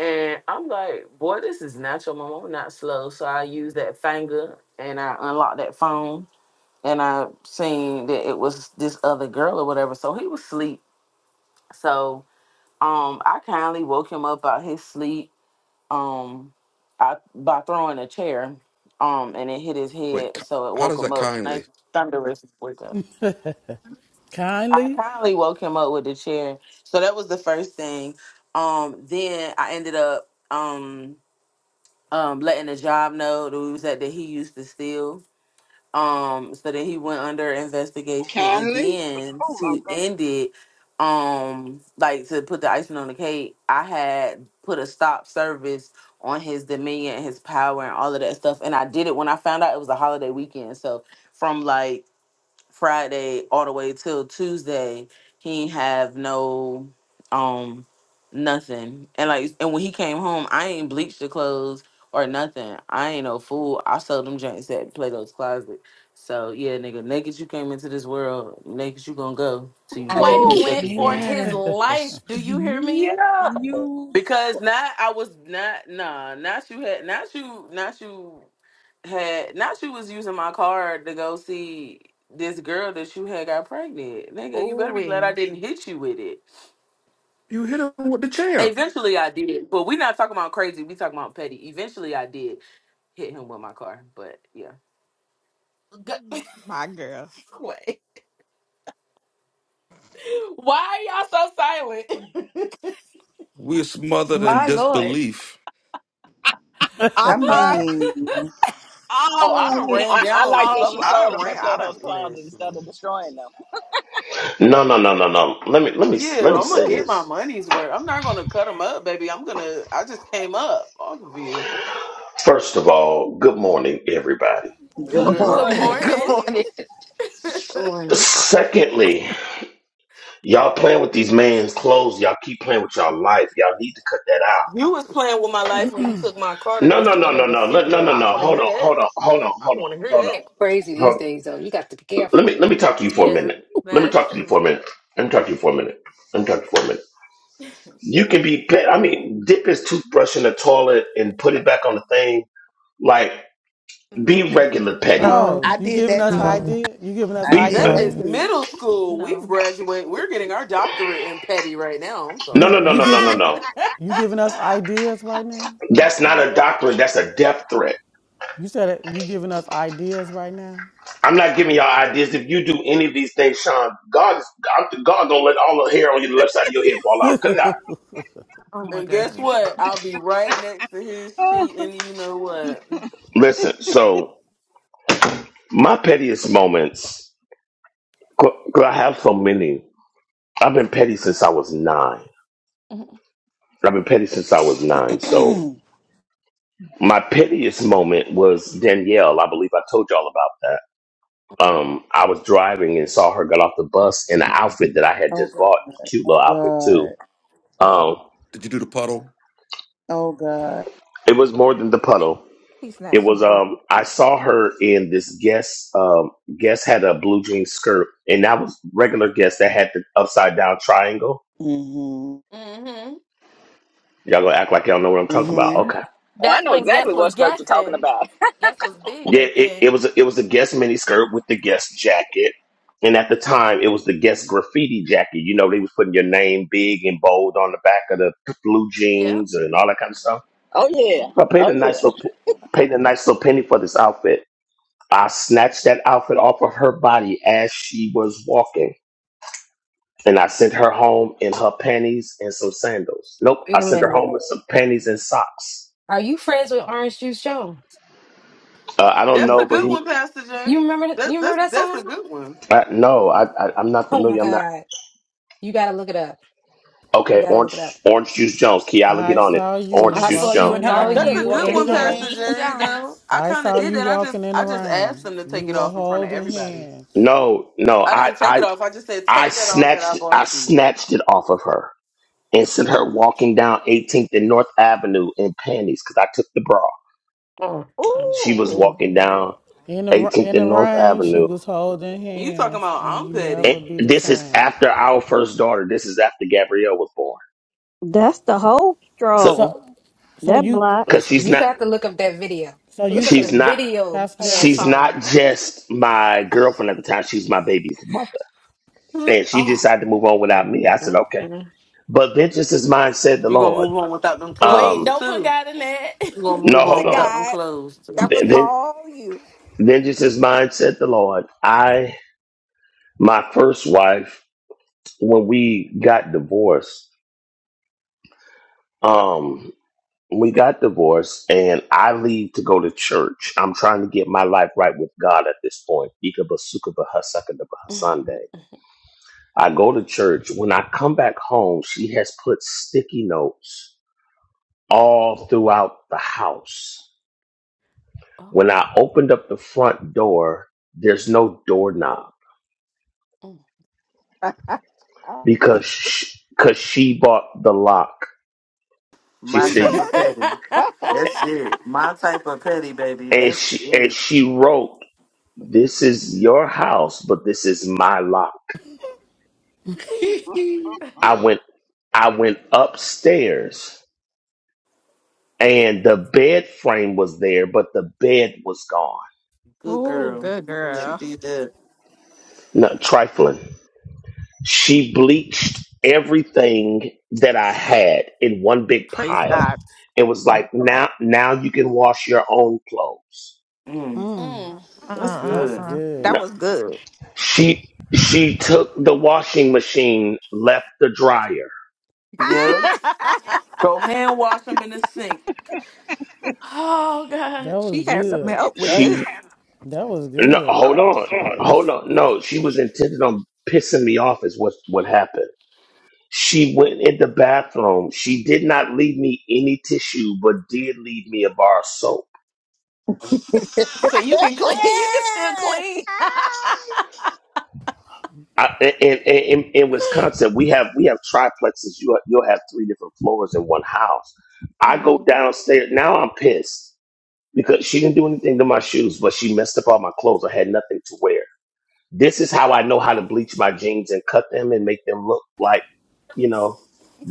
and I'm like, boy, this is natural, mom. I'm not slow, so I used that finger and I unlocked that phone, and I seen that it was this other girl or whatever. So he was asleep, so um I kindly woke him up out his sleep um I, by throwing a chair um and it hit his
Wait,
head
ki-
so it
how
woke
does
him
that
up nice
kindly?
thunderous wake up i
Kindly.
kindly woke him up with the chair so that was the first thing um then i ended up um um letting the job know that we was at that he used to steal um so then he went under investigation and
Kindly.
then
Oh my
to
God.
end it um like to put the icing on the cake i had put a stop service on his dominion and his power and all of that stuff and i did it when i found out it was a holiday weekend so from like Friday all the way till Tuesday, he ain't have no um nothing. And like and when he came home, I ain't bleached the clothes or nothing. I ain't no fool. I sold them joints at Plato's closet. So yeah, nigga, naked you came into this world, naked you gonna go till
[laughs]
you get your
I
Quay
Ooh,
paycheck
went for
again.
his
can't.
life. Do you hear me?
Yeah.
You.
Because not I was not nah, not you had not you not you had not she was using my card to go see this girl that you had got pregnant. Nigga, you better be glad I
Ooh.
didn't hit you with it.
You hit him with the chair.
Eventually I did. But we not talking about crazy, we talking about petty. Eventually I did hit him with my car. But yeah.
G-
My girl.
[laughs] Quay. Why are y'all so silent?
We're smothered in
My Lord.
disbelief.
I
I'm not.
mean,
Oh,
all
I
of
done
it.
ran
I,
down
I
on a
like
All
that
of
couple.
she
it.
I
sold
done
them
ran
at
I
Plato's
done
Closet
listen.
instead of destroying them.
no, no, no, no, no. Let me, let me,
Yeah,
let me
I'm gonna
say
get my
this.
money's worth. I'm not gonna cut them up, baby. I'm gonna I just came up off of you.
First of all, good morning, everybody.
Good
good
Good
[laughs] Good
Good
morning.
morning.
[laughs]
morning.
[laughs]
Good
morning.
morning.
morning.
Don't
Secondly, y'all playing with these man's clothes. Y'all keep playing with y'all life. Y'all need to cut that out.
You was playing with my life when you took my car to
No,
go
no,
see
no, no,
another
no, no, no,
female.
no,
I don't
no.
wanna
Hold
hear
on,
that.
hold on, hold on,
I
hold
don't
on,
want to hear
hold on,
that.
People crazy
hold
these
on.
days, though. You got to be
let
careful.
me let me talk to you for a
Yeah,
minute. Let
that
me
is
talk to you
true.
for a minute. Let me talk to you for a minute. Let me talk to you for a minute. You can be, pe- I mean, dip his toothbrush in the toilet and put it back on the thing. Like,
No,
be regular petty.
Oh,
oh
I
you
did
giving
that
us
too.
no,
no,
idea you giving us
I
Be
did
That
that
no.
is
ideas
too.
middle school. We've
no.
graduated. We're getting our doctorate in petty right now. I'm
no,
you
no,
sorry.
[laughs]
no,
you
no, no, no,
giving
it.
no.
you giving us ideas right now
That's
Pastor
not
Jeff?
a doctrine. That's a death threat.
you said it, you giving us ideas right now
I'm not giving y'all
okay
ideas. If you do any of these things, Sean, God is God God gonna let all the hair on your left side of your head fall out. Cut it out.
Oh my
And guess
God.
what? I'll be right next to his sheet, and you know what?
Listen. So my pettiest moments, 'cause I have so many. I've been petty since I was nine.
hmm
I've been petty since I was nine. So
[clears throat]
my pettiest moment was Danielle. I believe I told y'all about that. Um, I was driving and saw her get off the bus in an outfit that I had
oh
just
God.
bought, cute
Oh
little outfit too.
God.
Um,
Did you do the puddle?
Oh God.
it was more than the puddle.
he
It
snatched some
was
clothes.
um I saw her in this guest um guest had a blue jean skirt and that was regular guest that had the upside down triangle.
hmm
Y'all gonna act like y'all know what I'm talking about.
hmm
Okay.
Oh, I
That's
know
when Guess
exactly what
was
skirt you're talking
guessing.
about.
Guess was big
Yeah,
back
it, it
then.
was a, it was a guest miniskirt with the guest jacket, and at the time it was the guest graffiti jacket. You know, they was putting your name big and bold on the back of the blue
Yeah.
jeans and all that kind of stuff.
[laughs] oh yeah,
I paid
oh
a nice
yeah.
little pe- paid a nice little penny for this outfit. I snatched that outfit off of her body as she was walking, and I sent her home in her panties and some sandals. Nope,
Wait
I
a
sent her
minute.
home with some panties and socks.
Are you friends with Orange Juice Jones?
Uh, I don't
You,
That's a
know, but
good
he,
one, Pastor
you
J.
remember you
That, that's
remember that
that's a
song?
good one.
I, no, I, I, I'm not
Oh my
familiar. I'm not
God. You gotta look it up. You
Okay,
gotta look it
orange
up.
orange juice Jones. Kiala, get
I
on it.
saw you
Orange
I
Okay.
juice
saw
walking
you
Jones.
and
in
It's
the
her
all
That's
[laughs]
a
rain.
you
good
walking
and
in
one,
the
him.
Orange
Pastor
rain.
J. Though
Jones.
I
I
kind of
saw
did
you
that. I just
walking in the
I just asked
rain.
them to
You
take it
were
off in front of
holding
everybody.
hands.
No, no,
I
I
didn't take it
I
off. I just said
I
take that off that I
snatched I
bought you.
snatched it off of her and sent her
Mm.
walking down 18th and North Avenue in panties because I took the bra.
Oh, oh.
She was
Ooh.
walking
Mhm.
down
In the
18th
in the
and North
rain, she
Avenue.
was holding
You talking
hands,
about
and
I'm
you
petty?
And
never be the
this is
same.
after our first daughter. This is after Gabrielle was born.
That's the whole
So,
straw.
So, so
That
you,
block.
cause
listen,
she's
you
not
got to look up that video.
so
Look
you,
up
she's
the
so,
not
video
Pastor
of that
Jason,
she's not
song.
just my girlfriend at the time. She's my baby's mother.
Mm,
And she decided to move on without me. I said,
mm,
okay.
mm.
But vengeance is mine, said the
You gonna
Lord.
move on without them
Wait,
clothes
Um,
don't put
too?
God in that. [laughs]
You gonna
no,
move
The
on
hold
without
on.
them
guy.
clothes
That
too.
was
Ven- ven-
all you.
Vengeance is mine, said the Lord. I, my first wife, when we got divorced, um, we got divorced and I leave to go to church. I'm trying to get my life right with God at this point. Sunday.
Mm,
I go to church. When I come back home, she has put sticky notes all throughout the house
oh,
When I opened up the front door, there's no doorknob
mm.
[laughs]
because she, cause she bought the lock. She
she
My
said,
type of
petty.
petty.
[laughs]
That's
[laughs]
it. My type of petty, baby.
and
That's
she and
it.
she wrote, "This is your house, but this is my lock." I went, I went upstairs, and the bed frame was there, but the bed was gone.
Good
oh,
girl.
good
She
girl.
did that.
No trifling. She bleached everything that I had in one big
Praise
pile
God.
and was like, now now you can wash your own clothes.
Mm,
Mm.
that's
that's
good.
Mm-mm-mm.
good.
That
No.
was good.
She she took the washing machine, left the dryer.
Yeah. Go hand wash them in the sink.
oh,
That
God.
[laughs]
was
she had something
good.
up with
Yep.
this.
She
That was
no
good.
hold on. Hold on. No, she was intended on pissing me off is what what happened. She went in the bathroom. She did not leave me any tissue, but did leave me a bar of soap.
So you can clean. [laughs] You can still
Ah!
clean.
[laughs]
I, in, in, in in Wisconsin, we have we have triplexes. You you'll have three different floors in one house. I go
hmm
downstairs now. I'm pissed because she didn't do anything to my shoes, but she messed up all my clothes. I had nothing to wear. This is how I know how to bleach my jeans and cut them and make them look like, you know,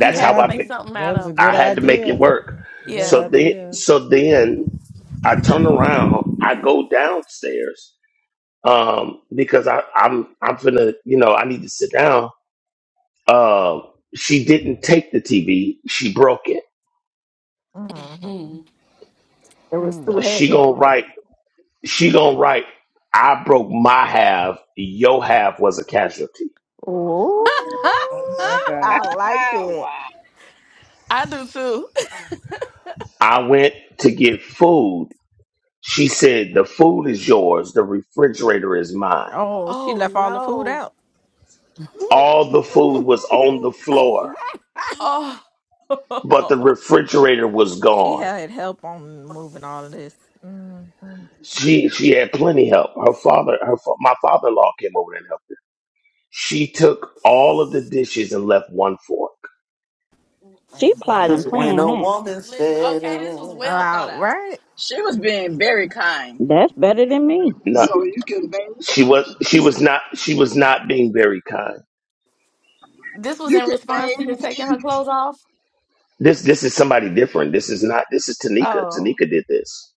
You
Good
how
had to
I
make
idea.
fi-
something
That
out
was a
of them.
I
good
had to make it
idea.
work.
Good
So
Yeah.
then,
idea.
so then I turn around, I go downstairs um, because I, I'm I'm finna, you know, I need to sit down uh, she didn't take the TV. She broke it.
Mhm.
Mhm.
It was too
She
heavy.
gonna write. She gonna write. I broke my half. Your half was a casualty.
[laughs]
Ooh,
Oh
[laughs]
my God.
I like
Ah,
it.
wow.
I do too.
I went to get food. She said the food is yours. The refrigerator is mine.
Oh, she
Oh
left all the food
no.
out.
All the food was on the floor,
Oh. [laughs]
but the refrigerator was
She
gone.
had help on moving all of this. Mm-hmm.
She she had plenty help. Her father, her fa- my father-in-law came over and helped. her. She took all of the dishes and left one fork.
She
All
plotting,
Cause when
playing
right.
a
that.
woman's
Li-
fed
okay, this was
up,
well thought out.
[laughs]
She was being very kind.
That's better than me.
So you can bathe.
She was she was not she was not being very kind.
This was
You
in
can
response to
bathe
you
and
taking her
eat.
clothes off?
This this is somebody different. This is not this is Tanika.
Oh.
Tanika did this.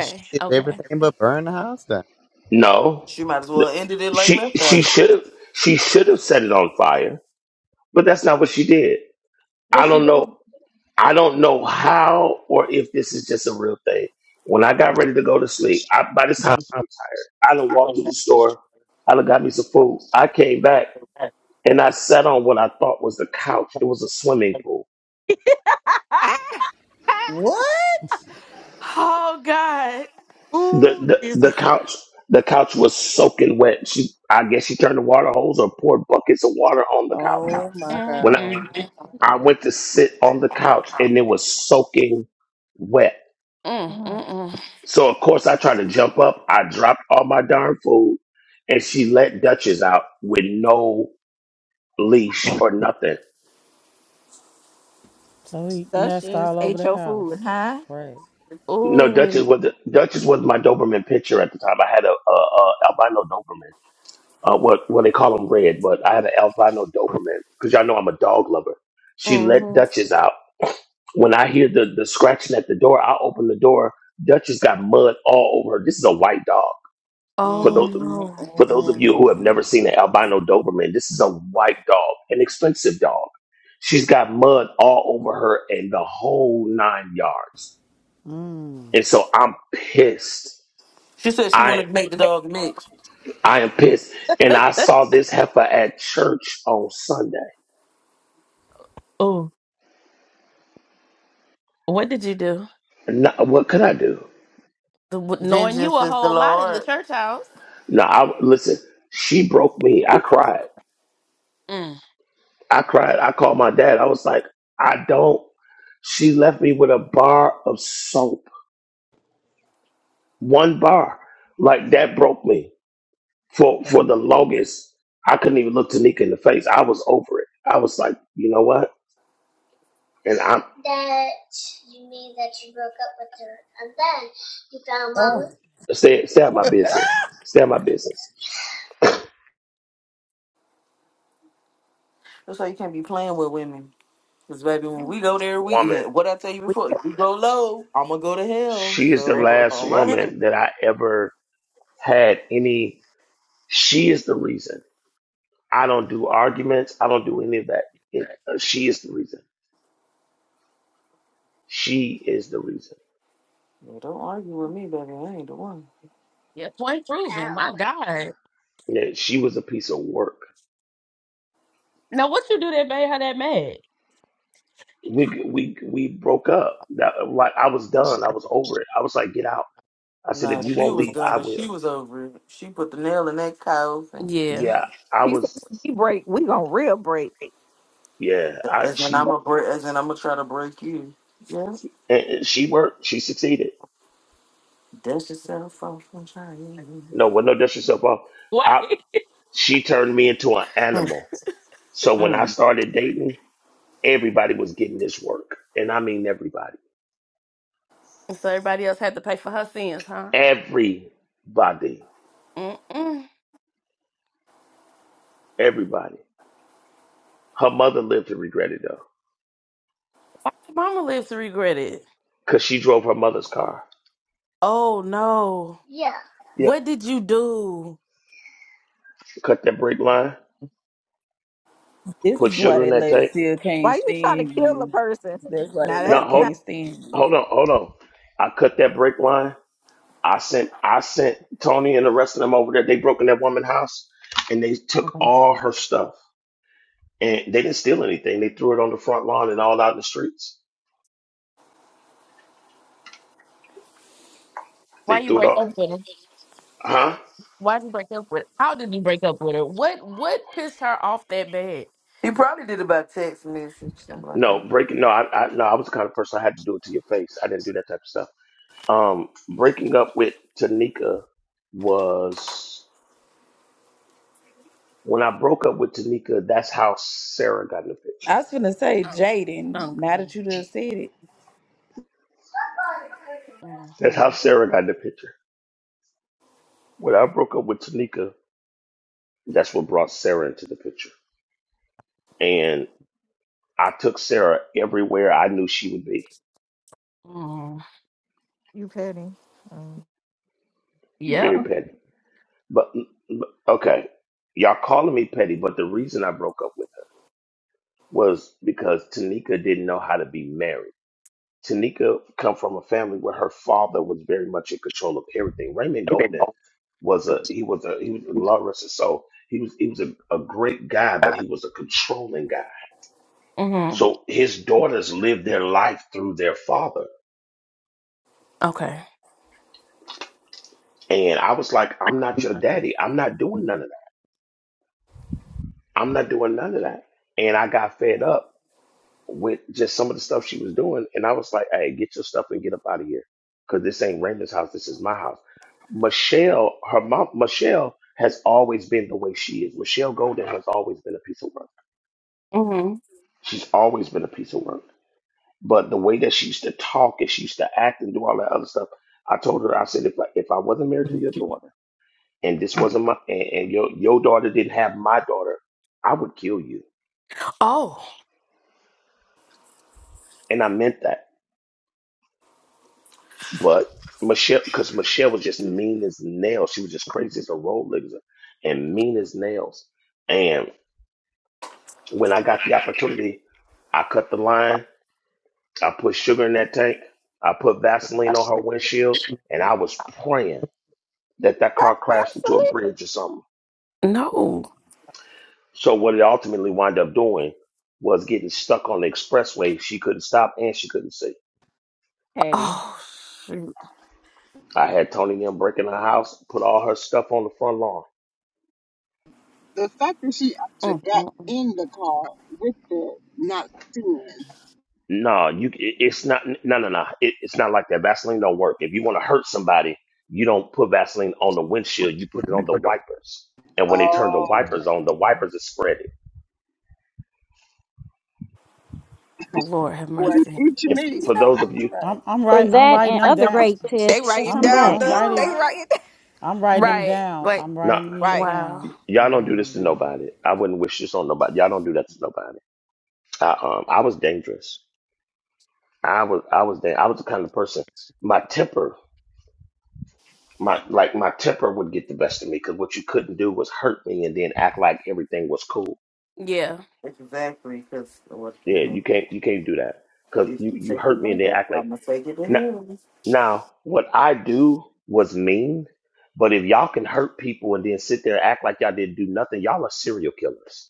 She did
Okay.
everything but burn the house down.
No.
she might as
No.
well ended it like
She
left
she
eye.
should have she should have set it on fire, but that's not what she did. I
What's she
don't know
doing?
I don't know how or if this is just a real thing. When I got ready to go to sleep, I, by this time I'm tired. I done walked to the store. I done got me some food. I came back and I sat on what I thought was the couch. It was a swimming pool.
Ah! Ah!
What?
the,
Ooh,
the the
Jesus.
couch the couch was soaking wet. She I guess she turned the water hose or poured buckets of water on the couch.
Oh my
When I,
God.
I went to sit on the couch and it was soaking wet.
Mhm.
So of course I tried to jump up. I dropped all my darn food and she let Duchess out with no leash or nothing.
So he
That's
messed
just
all over
ate
the
your food,
house.
huh?
Great.
No, Duchess
Ooh.
was Duchess was my Doberman picture at the time. I had a, a, a albino Doberman uh, what well they call them red, but I had an albino Doberman because y'all know I'm a dog lover. She let
Mm-hmm.
Duchess out. When I hear the the scratching at the door, I open the door. Duchess got mud all over her. This is a white dog. For
Oh
those of,
no.
for those of you who have
Mm-mm-mm.
never seen an albino Doberman, this is a white dog, an expensive dog. She's got mud all over her and the whole nine yards.
Mm-hmm.
And so I'm pissed.
She said she
I
wanted to make the dog mix.
I am pissed. And I saw this heifer at church on Sunday
Oh. What did you do?
No, what could I do?
The, w- knowing you
Vengeance
a
is the
whole lot in the
Lord.
church house.
No, I listen. She broke me. I cried.
Mm.
I cried. I called my dad. I was like, I don't. She left me with a bar of soap. One bar. Like that broke me for for the longest. I couldn't even look Tanika in the face. I was over it. I was like, you know what? And I'm
Oh
stay stay out of my business. Stay out of my business.
That's why you can't be playing with women. Cause baby, when we go there, we
Woman.
hit. What I tell you
We
before,
take
if we go low, I'ma go to hell.
She is the
So
break.
[laughs]
last
all right,
woman that I ever had any. She is the reason. I don't do arguments. I don't do any of that. It, uh, she is the reason. She is the reason.
Yeah, don't argue with me, baby. I ain't the one.
Yeah, point proven. My God.
Yeah, she was a piece of work.
Now, what you do that made her that mad?
We we we broke up. That, like I was done. I was over it. I was like, get out. I said, if
Nah,
you
she
won't
was
leave,
done
I
and she
will.
was over it. She put the nail in that cow and
Yeah.
Yeah, I
She said,
was.
"We break. We gonna real break.
Yeah, I
as in
she
I'ma break, as in I'ma try to break you. Yeah,
and, and she worked. She succeeded.
dust yourself off and try you.
No, with no disrespect. Well,
What?
I
[laughs]
she turned me into an
Hmm,
animal. So when I
hmm.
started dating, everybody was getting this work, and I mean everybody.
So everybody else had to pay for her sins, huh?
Everybody
Mm-mm. Why
Everybody. Her mother lived to regret it though,
did mama live to regret it?
cause she drove her mother's car.
Oh no.
Yep.
What did you do?
Cut that brake line.
This
Put
is why
sugar in
that
that
lady
tank.
still can't
Why you trying to
stand
kill a
you.
person?
That's why that
Now
No,
that
lady
hold,
now
can't stand you.
hold on, hold on. I cut that brake line. I sent, I sent Tony and the rest of them over there. They broke in that woman's house, and they took all her stuff. And they didn't steal anything. They threw it on the front lawn and all out in the streets.
Why
They
you
threw it
break
off.
up with her?
Huh?
why did you break up with her? How did you break up with her? What what pissed her off that bad?
He probably did it by text message. Something like that.
No, breaking. No, I, I, no. I was the kind of person I had to do it to your face. I didn't do that type of stuff. Um, breaking up with Tanika was when I broke up with Tanika. That's how Sarah got in the picture.
I was finna say, Jaden,
Uncle.
now that you done said it,
That's how
Mm-hmm.
Sarah got in the picture. When I broke up with Tanika, that's what brought Sarah into the picture. And I took Sarah everywhere I knew she would be.
Mm-hmm.
you petty, Mm.
Yep.
Very petty. But but- okay, y'all calling me petty, but the reason I broke up with her was because Tanika didn't know how to be married. Tanika come from a family where her father was very much in control of everything. Raymond Golden was a he was a he was a law wrestler, so he was he was a, a great guy, but he was a controlling guy.
Mm-hmm.
So his daughters lived their life through their father.
Okay.
And I was like, I'm not your daddy. I'm not doing none of that. I'm not doing none of that. And I got fed up with just some of the stuff she was doing. And I was like, hey, get your stuff and get up out of here. Cause this ain't Raymond's house. This is my house. Michelle, her mom, Michelle has always been the way she is. Michelle Golden has always been a piece of work.
Mm-hmm.
She's always been a piece of work. But the way that she used to talk and she used to act and do all that other stuff, I told her, I said, if I, if I wasn't married to your daughter and this wasn't my, and, and your, your daughter didn't have my daughter, I would kill you.
Oh
And I meant that. But Michelle, because Michelle was just mean as nails. She was just crazy as a road lizard and mean as nails. And when I got the opportunity, I cut the line. I put sugar in that tank. I put Vaseline on her windshield. And I was praying that that car crashed into a
absolutely
bridge or something.
no.
So what it ultimately wound up doing was getting stuck on the expressway. She couldn't stop and she couldn't see.
petty.
Oh shoot.
I had Tony and them break in her house, put all her stuff on the front lawn.
The fact that she actually
mm
got
mm
in the car with the not seeing.
No, you. it- It's not. No, no, no. It, it's not like that. Vaseline don't work. If you want to hurt somebody, you don't put Vaseline on the windshield. You put it on the
mm.
wipers. And when they turn the
Oh,
wipers on, the wipers are spreading.
Lord have
well,
mercy.
eat your
If
meat.
Christina,
for those of you,
right.
I'm I'm
For
right I'm
that
writing
and
them
Like,
other
I
down.
was-
great
They
tips,
write it
I'm
come
down.
Christina,
back.
I'm
The, they
writing
young.
write it down.
I'm writing them
Right.
down.
Like
I'm
not
writing these
Right.
wow.
down. I'm
y'all don't do
writing them
this to
down.
nobody. I wouldn't wish this on nobody. Y'all don't do that to nobody. I um I was dangerous. I was I was da- I was the kind of person. My temper, my like my temper would get the best of me because what you couldn't do was hurt me and then act like everything was cool.
Yeah.
Exactly, because what?
Yeah,
mm-hmm.
you can't you can't do that because
If
you
you
you
take the
hurt me and then
logo,
act like
I'ma take it to
now.
heaven.
Now what I do was mean, but if y'all can hurt people and then sit there and act like y'all didn't do nothing, y'all are serial killers.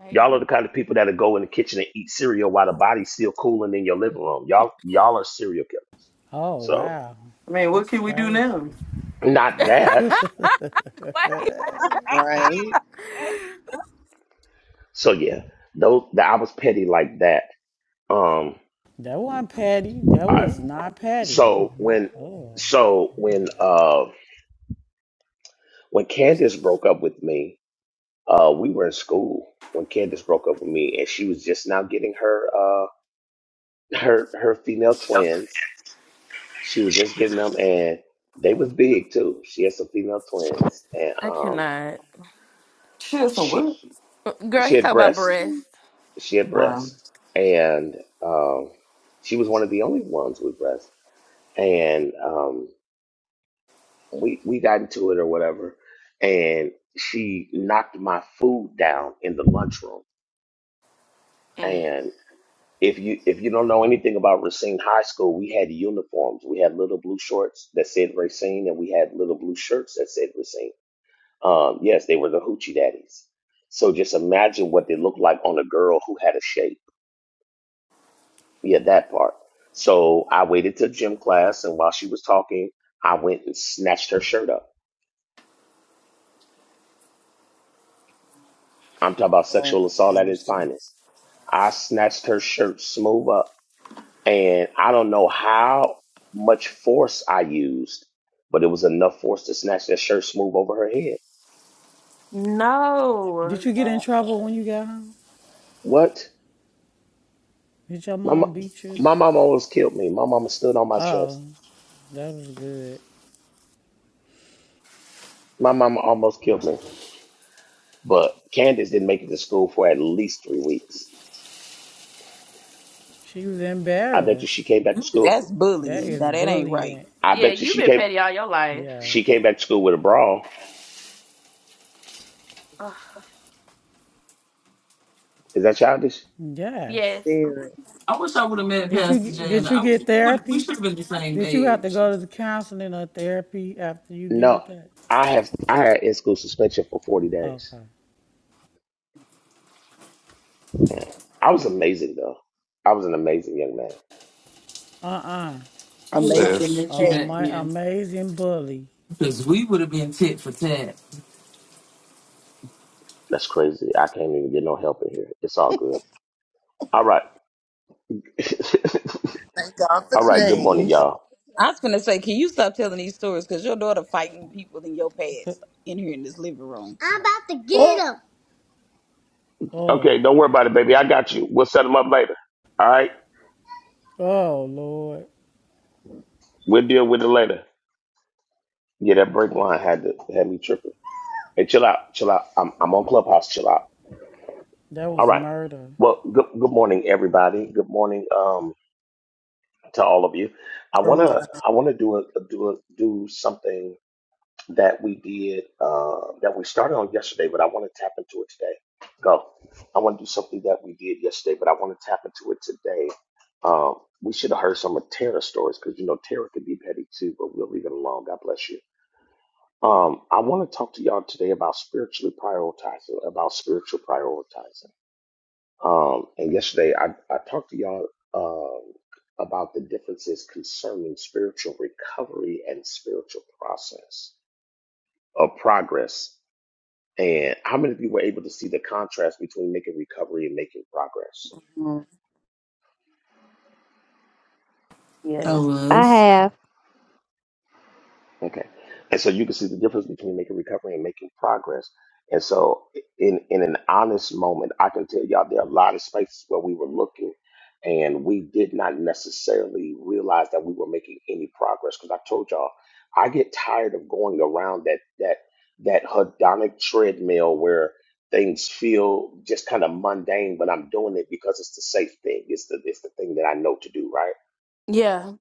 paid
Y'all are
it.
the kind of people that'll go in the kitchen and eat cereal while the body's still cooling in your living room. Y'all y'all are serial killers.
Oh
So
wow.
I mean, what
That's
can we do
crazy.
now?
not that.
[laughs] Like,
Right.
So yeah, those I was petty like that. Um,
That wasn't petty. That
I
was not petty.
so when
Oh.
so when uh when Candace broke up with me. Uh, we were in school when Candace broke up with me, and she was just now getting her uh [laughs] her her female twins. She was just getting them, and they was big too. She had some female twins, and
I
um
cannot.
Shit, so
she
what?
Girl,
she
he
had
talk about
breasts.
breasts.
She had
Wow.
breasts, and um she was one of the only ones with breasts. And um we we got into it or whatever, and she knocked my food down in the lunchroom,
Mm.
and. if you if you don't know anything about Racine High School, we had uniforms. We had little blue shorts that said Racine, and we had little blue shirts that said Racine. Um, yes, they were the hoochie daddies. So just imagine what they looked like on a girl who had a shape. Yeah, that part. So I waited till gym class, and while she was talking, I went and snatched her shirt up. I'm talking about
Lord
sexual
have
assault at its
mercy.
finest. I snatched her shirt smooth up and I don't know how much force I used, but it was enough force to snatch that shirt smooth over her head.
Did
No.
you get in
God.
trouble when you got home?
What?
Did your
My
mom
mo-
beat you?
my mama almost killed me. My mama stood on my chest.
Oh, that was good.
My mama almost killed me. But Candace didn't make it to school for at least three weeks.
She was
I bet you she
embarrassed.
came back to school.
that's
That
bullying.
is
Now that ain't right.
bullying.
I
Yeah,
bet you
you've
she
been
came
petty all your life.
Yes.
she came back to school with a brawl.
Ugh.
Is that childish?
Yes.
yes.
Very
I wish I would have met
Did
Pastor
you
Jay, and
did you
I,
get
we would we
therapy?
should have been the same
Did you have to
age.
go to the counseling or therapy after you
No.
did that?
I have I had in school suspension for forty days.
Okay.
I was amazing though. I was an amazing young man.
Uh-uh.
[laughs]
I wish I
Amazing.
would have
Says.
met you
Oh,
petty.
back
my
then,
amazing bully.
because we would have been tit for tat.
That's crazy. I can't even get no help in here. It's all good. All right. [laughs]
Thank God for
all right. Good morning,
change.
y'all.
I was finna say, can you stop telling these stories? Cause your daughter fighting people in your
Okay.
past in here in this living room.
Oh, oh,
Okay. Don't worry about it, baby. I got you. We'll set them up later. All right.
oh, Lord.
We'll deal with it later. Yeah, that break line had to had me tripping. Hey, chill out. Chill out. I'm I'm on Clubhouse. Chill out.
That
All
was
right.
murder.
Well, good good morning, everybody. Good morning um to all of you. I
Good
wanna
morning.
I wanna do a do a do something that we did uh, that we started on yesterday, but I want to tap into it today. Go. I want to do something that we did yesterday, but I want to tap into it today. Um, we should have heard some of Tara's stories because you know Tara can be petty too, but we'll leave it alone. God bless you. Um, I want to talk to y'all today about spiritually prioritizing, about spiritual prioritizing. Um, and yesterday I, I talked to y'all um, about the differences concerning spiritual recovery and spiritual process of progress and how many of you were able to see the contrast between making recovery and making progress?
Mm,
I
Yes.
I
was.
have.
Okay. And so you can see the difference between making recovery and making progress. And so in in an honest moment, I can tell y'all there are a lot of spaces where we were looking and we did not necessarily realize that we were making any progress. Because I told y'all, I get tired of going around that that that hedonic treadmill where things feel just kind of mundane, but I'm doing it because it's the safe thing. It's the it's the thing that I know to do, right?
Yeah.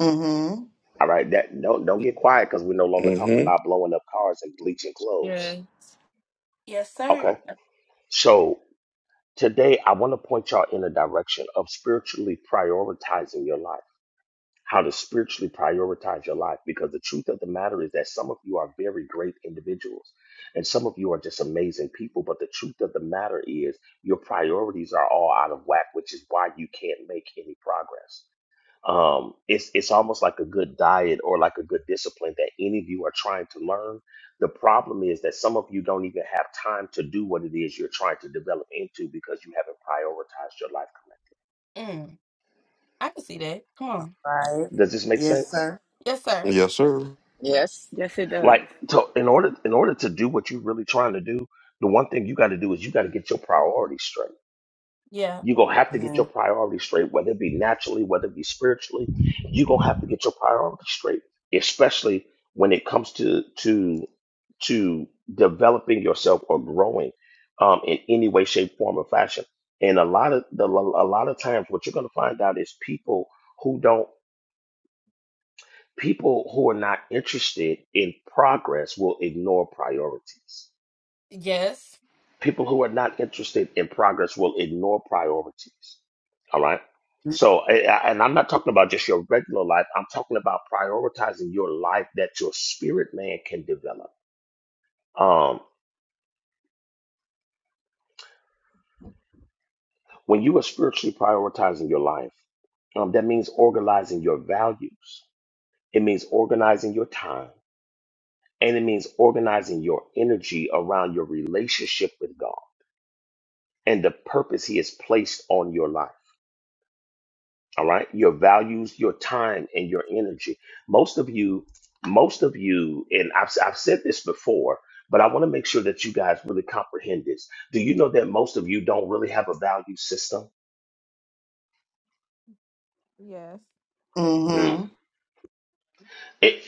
Mm-hmm.
All right, that don't don't get quiet because we're no longer talking
hmm
about blowing up cars and bleaching clothes.
Yes, sir.
Okay. So today I want to point y'all in the direction of spiritually prioritizing your life. How to spiritually prioritize your life because the truth of the matter is that some of you are very great individuals and some of you are just amazing people. But the truth of the matter is your priorities are all out of whack, which is why you can't make any progress. um, it's it's almost like a good diet or like a good discipline that any of you are trying to learn. The problem is that some of you don't even have time to do what it is you're trying to develop into because you haven't prioritized your life correctly.
Mm. I can see that. Come on.
Right.
Does this make
Yes,
sense?
sir.
Yes, sir.
Yes, sir.
Yes,
Yes, it
Like,
does.
to, in order in order to do what you're really trying to do, the one thing you got to do is you got to get your priorities straight
Yeah.
You're gonna have to get your priorities straight, whether it be naturally, whether it be spiritually. You're gonna have to get your priorities straight, especially when it comes to to to developing yourself or growing um, in any way, shape, form, or fashion. And a lot of the a lot of times, what you're gonna find out is people who don't people who are not interested in progress will ignore priorities
Yes.
people who are not interested in progress will ignore priorities. All right. So, I- I- and I'm not talking about just your regular life. I'm talking about prioritizing your life that your spirit man can develop. Um, when you are spiritually prioritizing your life, um, that means organizing your values. It means organizing your time, and it means organizing your energy around your relationship with God and the purpose He has placed on your life. all right your values your time and your energy most of you most of you and i've, I've said this before but i want to make sure that you guys really comprehend this do you know that most of you don't really have a value system
Yes. Yes.
Mm-hmm.
It,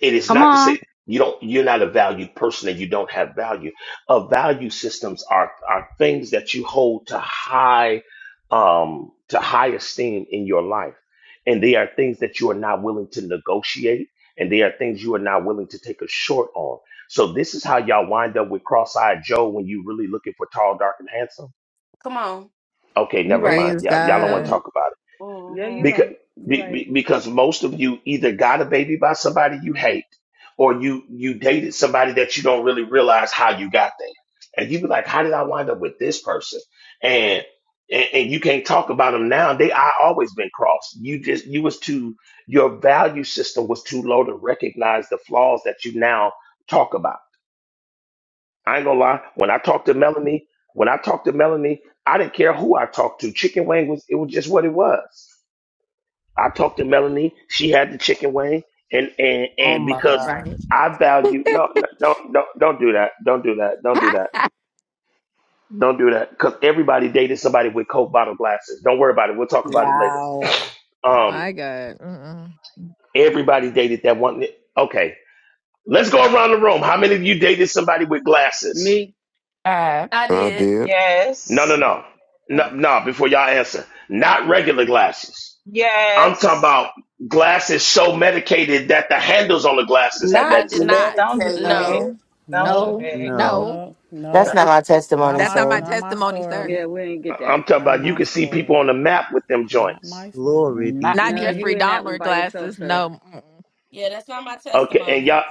it is
Come
not to
on.
say you don't you're not a valued person and you don't have value. Uh, value systems are are things that you hold to high um to high esteem in your life. And they are things that you are not willing to negotiate and they are things you are not willing to take a short on. So this is how y'all wind up with cross-eyed Joe when you really looking for tall, dark, and handsome.
Come on.
Okay,
You
never
right.
mind.
Praise
Yeah, y'all y'all don't
No,
want to
God.
talk about it
yeah, you
hmm
because
right. You
be,
right.
because most of you either got a baby by somebody you hate or you you dated somebody that you don't really realize how you got there and you be like how did i wind up with this person and and, and you can't talk about them now they i always been crossed you just you was too your value system was too low to recognize the flaws that you now talk about i ain't gonna lie when i talked to melanie when i talked to melanie i didn't care who i talked to chicken wing was it was just what it was I talked to Melanie. She had the chicken wing, and and
Oh
and
my
because
God.
Right.
I
[laughs]
value no, no don't don't don't do that. Don't do that. Don't do that. Don't do that. Because everybody dated somebody with Coke bottle glasses. Don't worry about it. We'll talk about it later.
Wow.
Um,
My God. Mm-mm.
everybody dated that one. Okay, let's go around the room. How many of you dated somebody with glasses?
Me?
Uh,
I
I
did.
did.
No, no,
Yes.
no, no, no. Before y'all answer, not regular glasses. I'm talking
Yes.
about glasses so medicated that the handles on the glasses had
I
Not
did
medicine in them.
not.
Don't do that.
medicated.
No.
no,
Don't do
Nope,
no,
that.
No,
no.
nope,
That's
nope.
not my
That's
Not
testimony,
my,
not my
so.
not my
testimony, sir.
story.
Yeah, we didn't get that.
I'm talking
Not
about you
my
can see
story.
people on the map with them
Not my
joints.
story.
glory be.
not
Not
No,
me.
you
Jeffrey
in that one
Dahmer
by yourself,
glasses.
sir.
No. Mm-mm.
Yeah, that's not my
Okay, and
testimony.
y'all,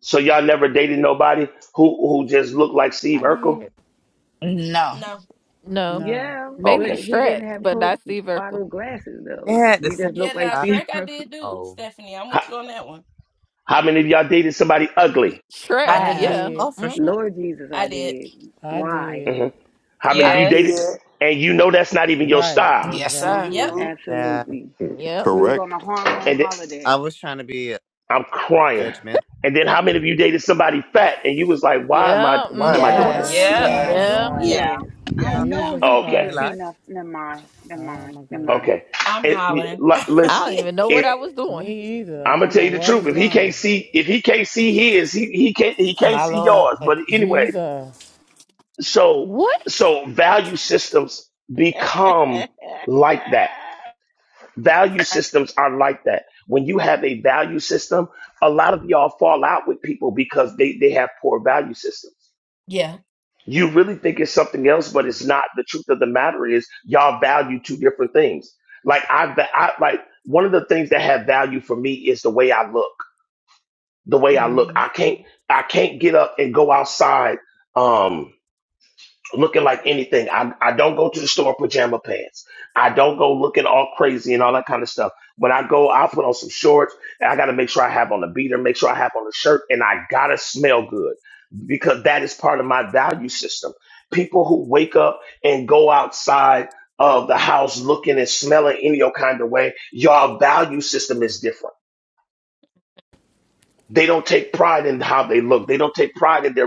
so y'all never dated nobody who who just looked like Steve
I
Urkel.
did.
No.
No.
No.
No,
Yeah, but
Maybe
Okay,
he
Shrek,
didn't have
but
Coke
not Steve Urkel.
bottle glasses
They
though.
had the
He
same.
just
Yeah,
looked like
now
Oh,
Steve.
Shrek, I
Irwin.
did do Stephanie. I'm
how,
with you on that one.
how many of y'all dated somebody ugly?
Shrek,
I
I
I
did.
have.
yeah.
did.
Oh, for
[laughs]
sure.
Mm-hmm.
Lord Jesus, I
I did.
did.
I
Why?
did.
hmm How many of
I
you dated
Yes.
did.
and you know that's not even your
Right,
style?
Yes, sir.
Yep.
exactly.
Mm-hmm.
Yeah,
Absolutely.
Yep.
We was on
Correct.
a hormone
And then,
I
holiday.
was trying to be
I'm crying.
judgmental.
And then how many of you dated somebody fat and you was like, why am I
Yeah.
why am I doing
Yes.
Yes.
Why
this?
Yep.
am
Oh
Mm-hmm.
No.
I
Yes.
my
Yeah.
Yeah.
doing
Yeah.
God.
this? I
Yeah,
Uh,
that.
know
Jesus
he
I
Okay,
can't see
realized.
Christ.
nothing. Never mind. Never
Oh
mind.
my
Never
God.
okay.
I'm
It,
hollering.
like,
I don't even
[laughs]
know what
listen.
I was doing.
Me either. I
I'm gonna
don't
tell
know
you the
what
truth.
was
If he can't
wrong.
see, if he can't see his, he, he can't he can't
My
see
Lord.
yours. But anyway,
Jesus.
so
What?
so value systems
mind.
become like that.
[laughs]
Value systems are like that. When you have a value system, a lot of y'all fall out with people because they, they have poor value systems.
yeah.
You really think it's something else, but it's not. The truth of the matter is y'all value two different things. Like I, va- I like one of the things that have value for me is the way I look. the way I look.
hmm
I can't I can't get up and go outside um looking like anything. I I don't go to the store in pajama pants. I don't go looking all crazy and all that kind of stuff. When I go, I put on some shorts and I gotta make sure I have on a beater, make sure I have on a shirt, and I gotta smell good because that is part of my value system. People who wake up and go outside of the house looking and smelling any kind of way, your value system is different they don't take pride in how they look. They don't take pride in their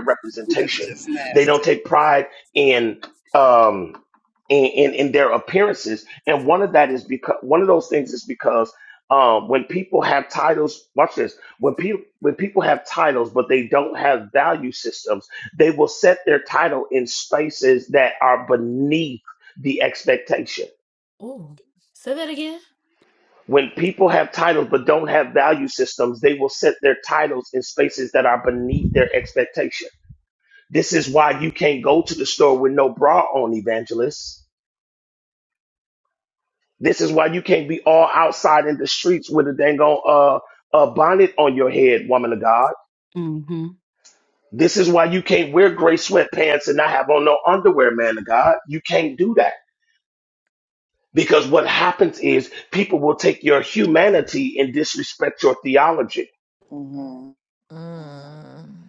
That's
representation.
just
They don't
nasty.
take pride in um in in, in their appearances. And one of that is because one of those things is because um when people have titles, watch this. When people when people have titles but they don't have value systems, they will set their title in spaces that are beneath the expectation
Ooh. Say that again.
when people have titles but don't have value systems, they will set their titles in spaces that are beneath their expectation. This is why you can't go to the store with no bra on, evangelist. This is why you can't be all outside in the streets with a dang on uh, a bonnet on your head, woman of God. This is why you can't wear gray sweatpants and not have on no underwear, man of God. You can't do that. Because what happens is people will take your humanity and disrespect your theology.
Mm-hmm.
Mm.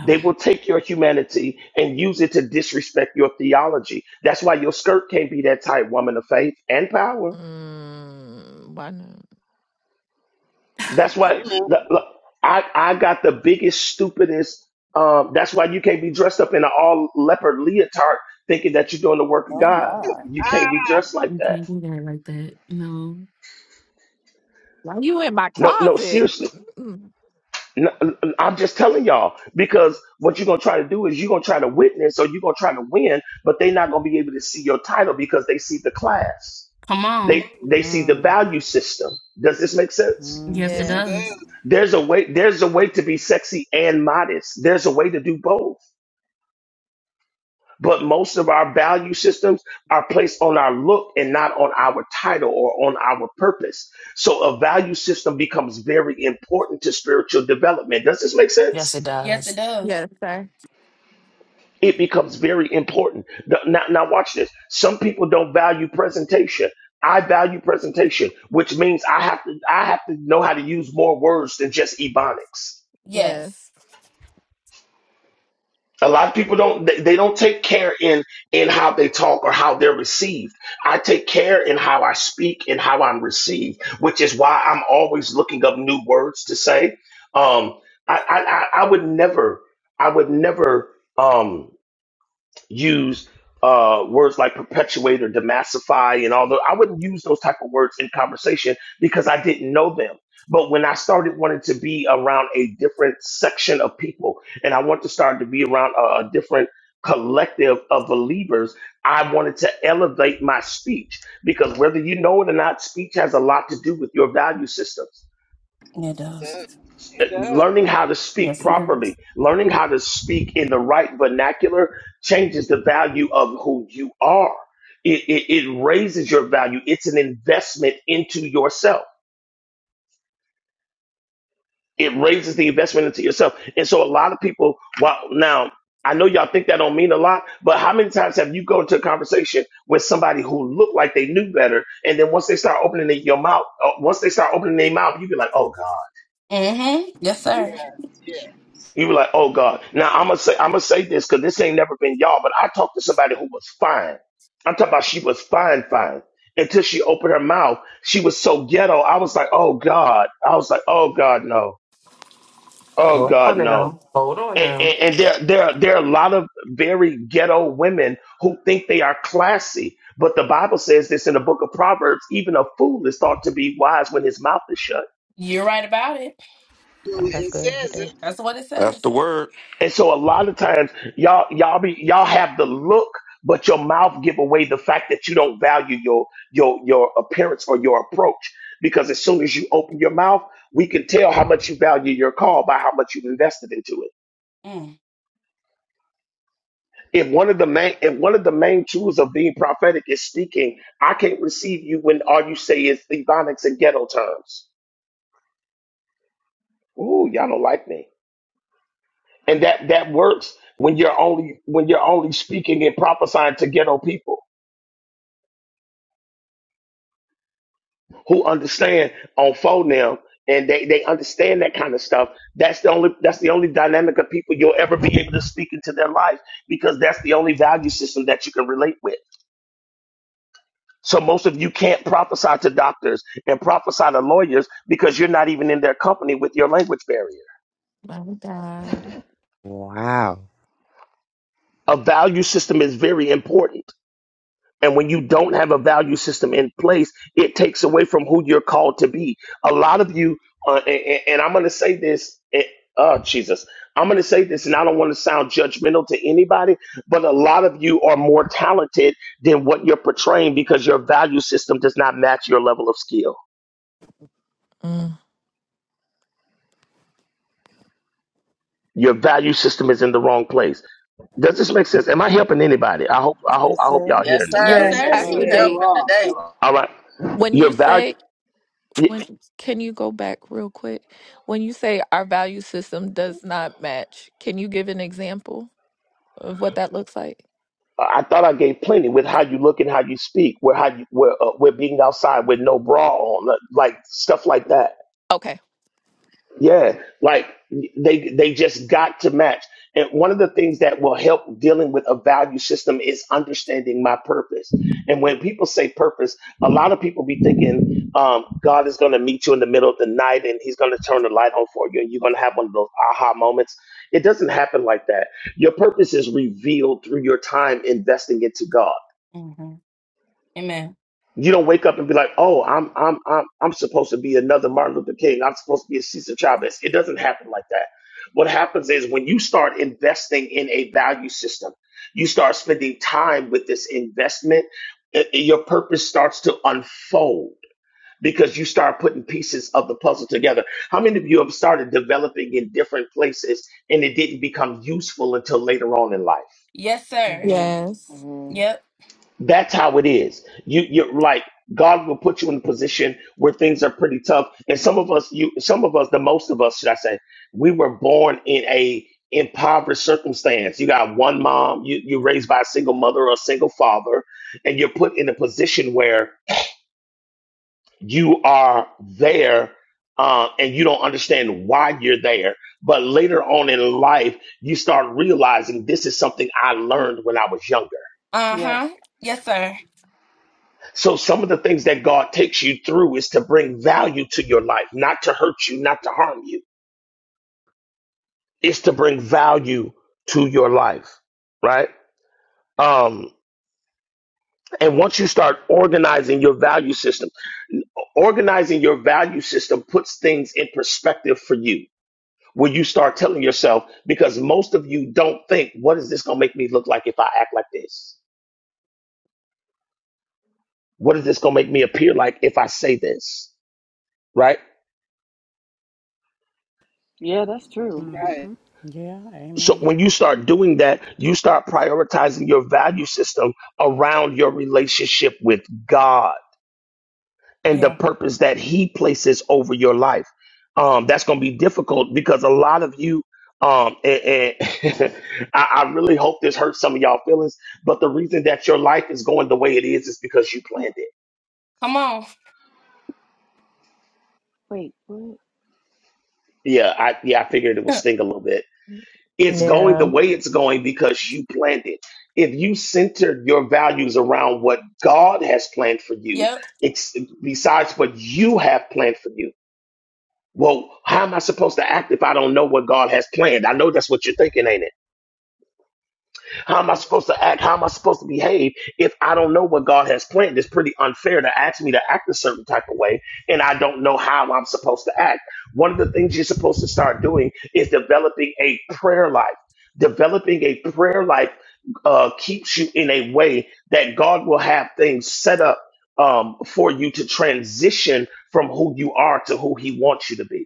They will take your humanity and use it to disrespect your theology. That's why your skirt can't be that tight, woman of faith and power.
Mm, why not?
That's why
Amen.
look, look, I, I got the biggest, stupidest. Um, that's why you can't be dressed up in an all leopard leotard thinking that you're doing the work of
Oh
God.
my.
You
Ah,
can't be dressed like
We
that.
can't do that like that. No.
Why you in my
No, no,
closet?
seriously.
Mm-mm.
No, I'm just telling y'all because what you're gonna try to do is you're gonna try to witness or you're gonna try to win, but they're not gonna be able to see your title because they see the class.
Come on.
They they see the
Mm.
value system. Does this make sense?
Yes, it
Mm-hmm.
yes,
Yeah.
it
does.
does.
There's a way there's a way to be sexy and modest. There's a way to do both. But most of our value systems are placed on our look and not on our title or on our purpose. So a value system becomes very important to spiritual development. Does this make
Yes,
sense?
it
Yes, it
does.
does.
Yes, sir.
it becomes very important. The- Now, now watch this. Some people don't value presentation. I value presentation, which means I have to I have to know how to use more words than just ebonics.
Yes.
Yes.
A lot of people don't they, they don't take care in in how they talk or how they're received. I take care in how I speak and how I'm received, which is why I'm always looking up new words to say. Um, I I, I I would never I would never. Um, use uh, words like perpetuate or demassify and all those. I wouldn't use those type of words in conversation because I didn't know them. But when I started wanting to be around a different section of people and I want to start to be around a, a different collective of believers, I wanted to elevate my speech because whether you know it or not, speech has a lot to do with your value systems
It
It
does.
does. It does.
learning how to speak
Yes, it
properly,
does.
learning how to speak in the right vernacular changes the value of who you are. It, it, it raises your value. It's an investment into yourself. It raises the investment into yourself. And so a lot of people, well, now I know y'all think that don't mean a lot, but how many times have you go into a conversation with somebody who looked like they knew better, and then once they start opening their your mouth, uh, once they start opening their mouth, you be like, oh God.
Mm-hmm. Yes,
Yes,
sir.
yes.
You were like, oh God. Now I'm gonna say I'm gonna say this because this ain't never been y'all, but I talked to somebody who was fine. I'm talking about she was fine, fine. Until she opened her mouth, she was so ghetto. I was like, oh God. I was like, oh God, no. Oh
Hold
God,
on
no.
now. Hold on
And,
now.
and, and there, there, there are a lot of very ghetto women who think they are classy. But the Bible says this in the book of Proverbs even a fool is thought to be wise when his mouth is shut.
You're right about it.
Oh, that's
It
good.
says it.
Okay.
That's what it
That's the
says.
word.
And so a lot of times y'all y'all be y'all have the look, but your mouth give away the fact that you don't value your your your appearance or your approach. Because as soon as you open your mouth, we can tell how much you value your call by how much you've invested into it.
Mm.
If one of the main if one of the main tools of being prophetic is speaking, I can't receive you when all you say is ebonics and ghetto terms. Ooh, y'all don't like me. And that that works when you're only when you're only speaking and prophesying to ghetto people who understand on phone now and they, they understand that kind of stuff. That's the only that's the only dynamic of people you'll ever be able to speak into their life because that's the only value system that you can relate with. So most of you can't prophesy to doctors and prophesy to lawyers because you're not even in their company with your language barrier.
My God.
Wow.
A value system is very important. And when you don't have a value system in place, it takes away from who you're called to be. A lot of you, uh, and, and- I'm going to say this, eh, oh, Jesus, I'm going to say this, and I don't want to sound judgmental to anybody, but a lot of you are more talented than what you're portraying because your value system does not match your level of skill.
Mm.
Your value system is in the wrong place. Does this make sense? Am I helping anybody? I hope I hope I
That's
hope
it.
y'all
yes,
hearing me.
Yes,
sir.
Yes,
yes,
it
sir.
it
Yes,
Pastor
you
does.
is.
You
Jake,
helping
are.
today.
You are.
All right.
when
Your
you
value.
say when can you go back real quick? When you say our value system does not match, can you give an example of what that looks like?
I thought I gave plenty with how you look and how you speak, where how you where uh, where being outside with no bra on, uh, like stuff like that.
Okay.
Yeah, like they they just got to match. And one of the things that will help dealing with a value system is understanding my purpose. And when people say purpose, a lot of people be thinking um, God is going to meet you in the middle of the night and He's going to turn the light on for you, and you're going to have one of those aha moments. It doesn't happen like that. Your purpose is revealed through your time investing into God.
hmm Amen.
You don't wake up and be like, "Oh, I'm I'm I'm I'm supposed to be another Martin Luther King. I'm supposed to be a Cesar Chavez." It doesn't happen like that. What happens is when you start investing in a value system, you start spending time with this investment. i- i- your purpose starts to unfold because you start putting pieces of the puzzle together. How many of you have started developing in different places and it didn't become useful until later on in life?
Yes, sir.
Mm-hmm.
Yes.
Mm-hmm.
Yep.
That's how it is. You you are like God will put you in a position where things are pretty tough. And some of us, you some of us, the most of us, should I say, we were born in a impoverished circumstance. You got one mom, you you raised by a single mother or a single father, and you're put in a position where you are there. Uh, and you don't understand why you're there. But later on in life, you start realizing this is something I learned when I was younger
Uh
Yes.
huh. Yes, sir.
So some of the things that God takes you through is to bring value to your life, not to hurt you, not to harm you. It's to bring value to your life, right? Um, and once you start organizing your value system, organizing your value system puts things in perspective for you. When you start telling yourself, because most of you don't think, what is this going to make me look like if I act like this? What is this going to make me appear like if I say this? Right?
Yeah, that's true.
Right.
Mm-hmm. Yeah,
So
amen.
when you start doing that, you start prioritizing your value system around your relationship with God and the
Yeah.
purpose that He places over your life. Um, that's going to be difficult because a lot of you, um, and, and [laughs] I, I really hope this hurts some of y'all feelings. But the reason that your life is going the way it is is because you planned it.
Come on.
Wait, what?
Yeah, I yeah I figured it would
[laughs]
sting a little bit. It's going the
Yeah.
way it's going because you planned it. If you centered your values around what God has planned for you,
yep.
it's besides what you have planned for you. Well, how am I supposed to act if I don't know what God has planned? I know that's what you're thinking, ain't it? How am I supposed to act? How am I supposed to behave if I don't know what God has planned? It's pretty unfair to ask me to act a certain type of way and I don't know how I'm supposed to act. One of the things you're supposed to start doing is developing a prayer life. Developing a prayer life uh, keeps you in a way that God will have things set up um, for you to transition from who you are to who He wants you to be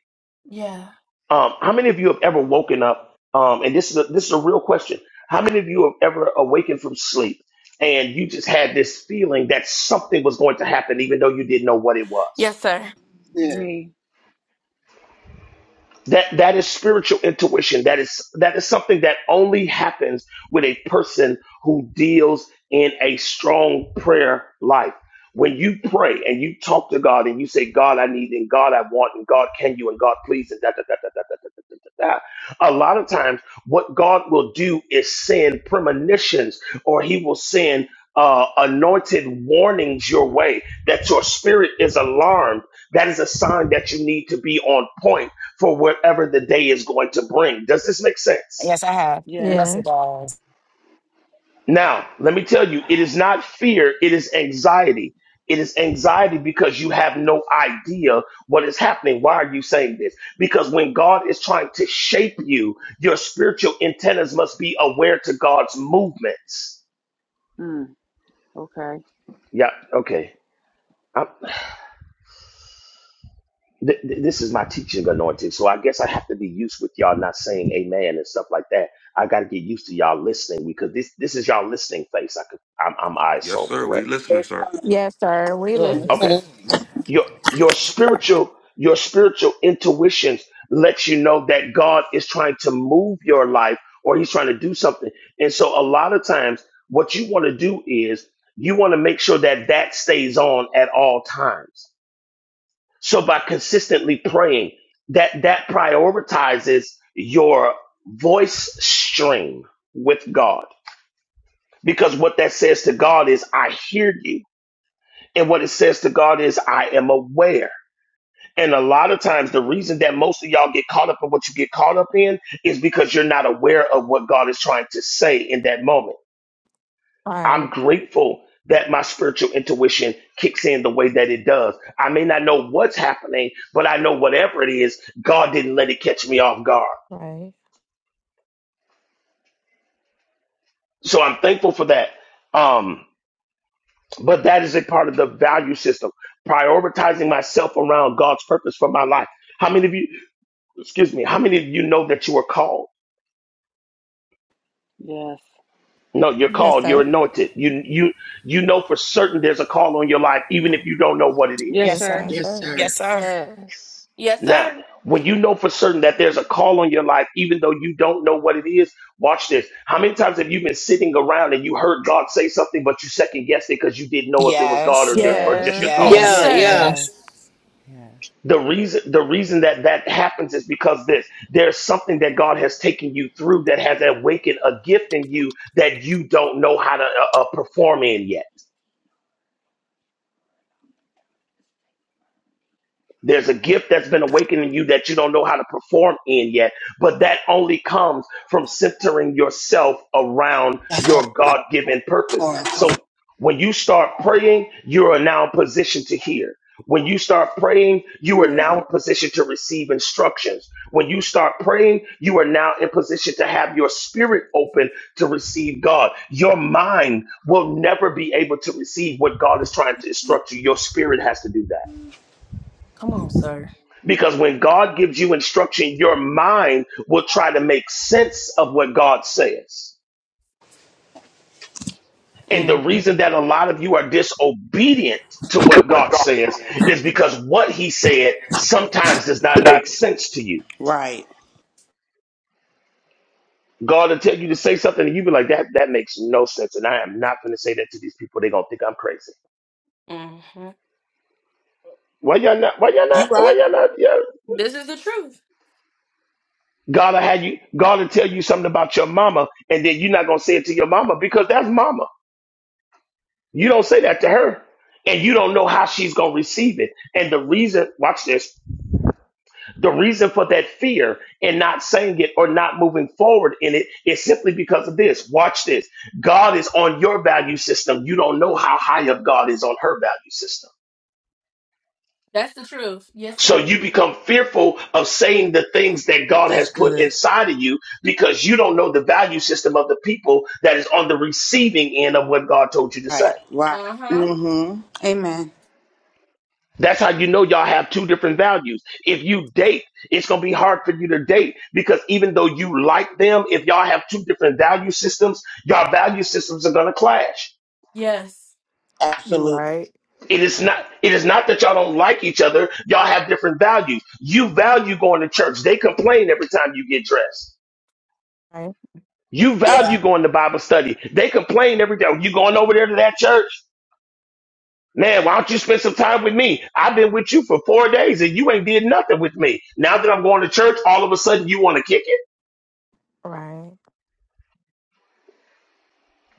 Yeah.
um, how many of you have ever woken up? Um, and this is a, this is a real question. How many of you have ever awakened from sleep and you just had this feeling that something was going to happen, even though you didn't know what it was?
Yes, sir.
Yeah.
Me.
That that is spiritual intuition. That is that is something that only happens with a person who deals in a strong prayer life. When you pray and you talk to God and you say, God, I need and God I want and God can you and God please and da da da da da da da da da da. A lot of times what God will do is send premonitions or he will send uh, anointed warnings your way that your spirit is alarmed. That is a sign that you need to be on point for whatever the day is going to bring. Does this make sense?
Yes, I have.
Yes.
Yes, it
Yes.
does.
Now, let me tell you, it is not fear, it is anxiety. It is anxiety because you have no idea what is happening. Why are you saying this? Because when God is trying to shape you, your spiritual antennas must be aware to God's movements.
Mm. Okay.
Yeah, okay. th- th- this is my teaching anointing. So I guess I have to be used with y'all not saying amen and stuff like that. I got to get used to y'all listening because this this is y'all listening face. I could, I'm, I'm I
Yes,
assume
sir. We
correct.
listening,
That's
sir.
Right.
Yes, sir. We listening.
Yes.
Okay, your your spiritual your spiritual intuitions lets you know that God is trying to move your life or He's trying to do something. And so a lot of times, what you want to do is you want to make sure that that stays on at all times So by consistently praying, that that prioritizes your voice stream with God. Because what that says to God is I hear you. And what it says to God is I am aware. And a lot of times the reason that most of y'all get caught up in what you get caught up in is because you're not aware of what God is trying to say in that moment.
All
I'm
Right.
grateful that my spiritual intuition kicks in the way that it does. I may not know what's happening, but I know whatever it is, God didn't let it catch me off guard.
Right.
So I'm thankful for that. Um, but that is a part of the value system, prioritizing myself around God's purpose for my life. How many of you, excuse me, how many of you know that you were called?
Yes.
No, you're
Yes,
called, you're
sir.
anointed. You you you know for certain there's a call on your life, even if you don't know what it
Yes,
is.
Yes,
Yes,
sir.
sir.
sir.
Yes,
Yes,
sir.
Yes.
sir.
Yes,
Yes.
sir.
Yes.
Yes,
Now,
sir.
when you know for certain that there's a call on your life, even though you don't know what it is, watch this. How many times have you been sitting around and you heard God say something, but you second guessed it because you didn't know if it was God or
Yes.
your, or just
Yes.
your
Yes.
Yes,
Yeah,
Yes.
Yes,
thoughts?
Yes.
sir.
yeah.
yes.
Yes. Yes.
The reason the reason that that happens is because this there's something that God has taken you through that has awakened a gift in you that you don't know how to uh, uh, perform in yet. There's a gift that's been awakened in you that you don't know how to perform in yet, but that only comes from centering yourself around your God given purpose.
Or- to
So when you start praying, you are now in position to hear. When you start praying, you are now in position to receive instructions. When you start praying, you are now in position to have your spirit open to receive God. Your mind will never be able to receive what God is trying to instruct you. Your spirit has to do that.
Come on, sir.
Because when God gives you instruction, your mind will try to make sense of what God says. And the
Mm-hmm.
reason that a lot of you are disobedient to what
what
God
God's
says
saying.
is because what he said sometimes does not
Not
make
me.
sense to you.
Right.
God will tell you to say something and you be like, that, that makes no sense. And I am not going to say that to these people. They're going to think I'm crazy.
Mm-hmm.
Why y'all not, why y'all
You
not, why
right.
y'all not, yeah.
This is the truth.
God will have you, God will tell you something about your mama and then you're not going to say it to your mama because that's mama. You don't say that to her. And you don't know how she's going to receive it. And the reason, watch this, the reason for that fear and not saying it or not moving forward in it is simply because of this. Watch this. God is on your value system. You don't know how high up God is on her value system.
That's the truth. Yes,
So
sir.
you become fearful of saying the things that God
That's
has put
good.
inside of you because you don't know the value system of the people that is on the receiving end of what God told you to say.
Right. Right.
Uh huh.
Mm-hmm.
Amen.
That's how you know y'all have two different values. If you date, it's going to be hard for you to date because even though you like them, if y'all have two different value systems, y'all value systems are going to clash.
Yes.
You
Absolutely.
right.
It is not it is not that y'all don't like each other, y'all have different values. You value going to church. They complain every time you get dressed.
Right.
You
Yeah.
value going to Bible study. They complain every day. You going over there to that church? Man, why don't you spend some time with me? I've been with you for four days and you ain't did nothing with me. Now that I'm going to church, all of a sudden you want to kick it?
Right.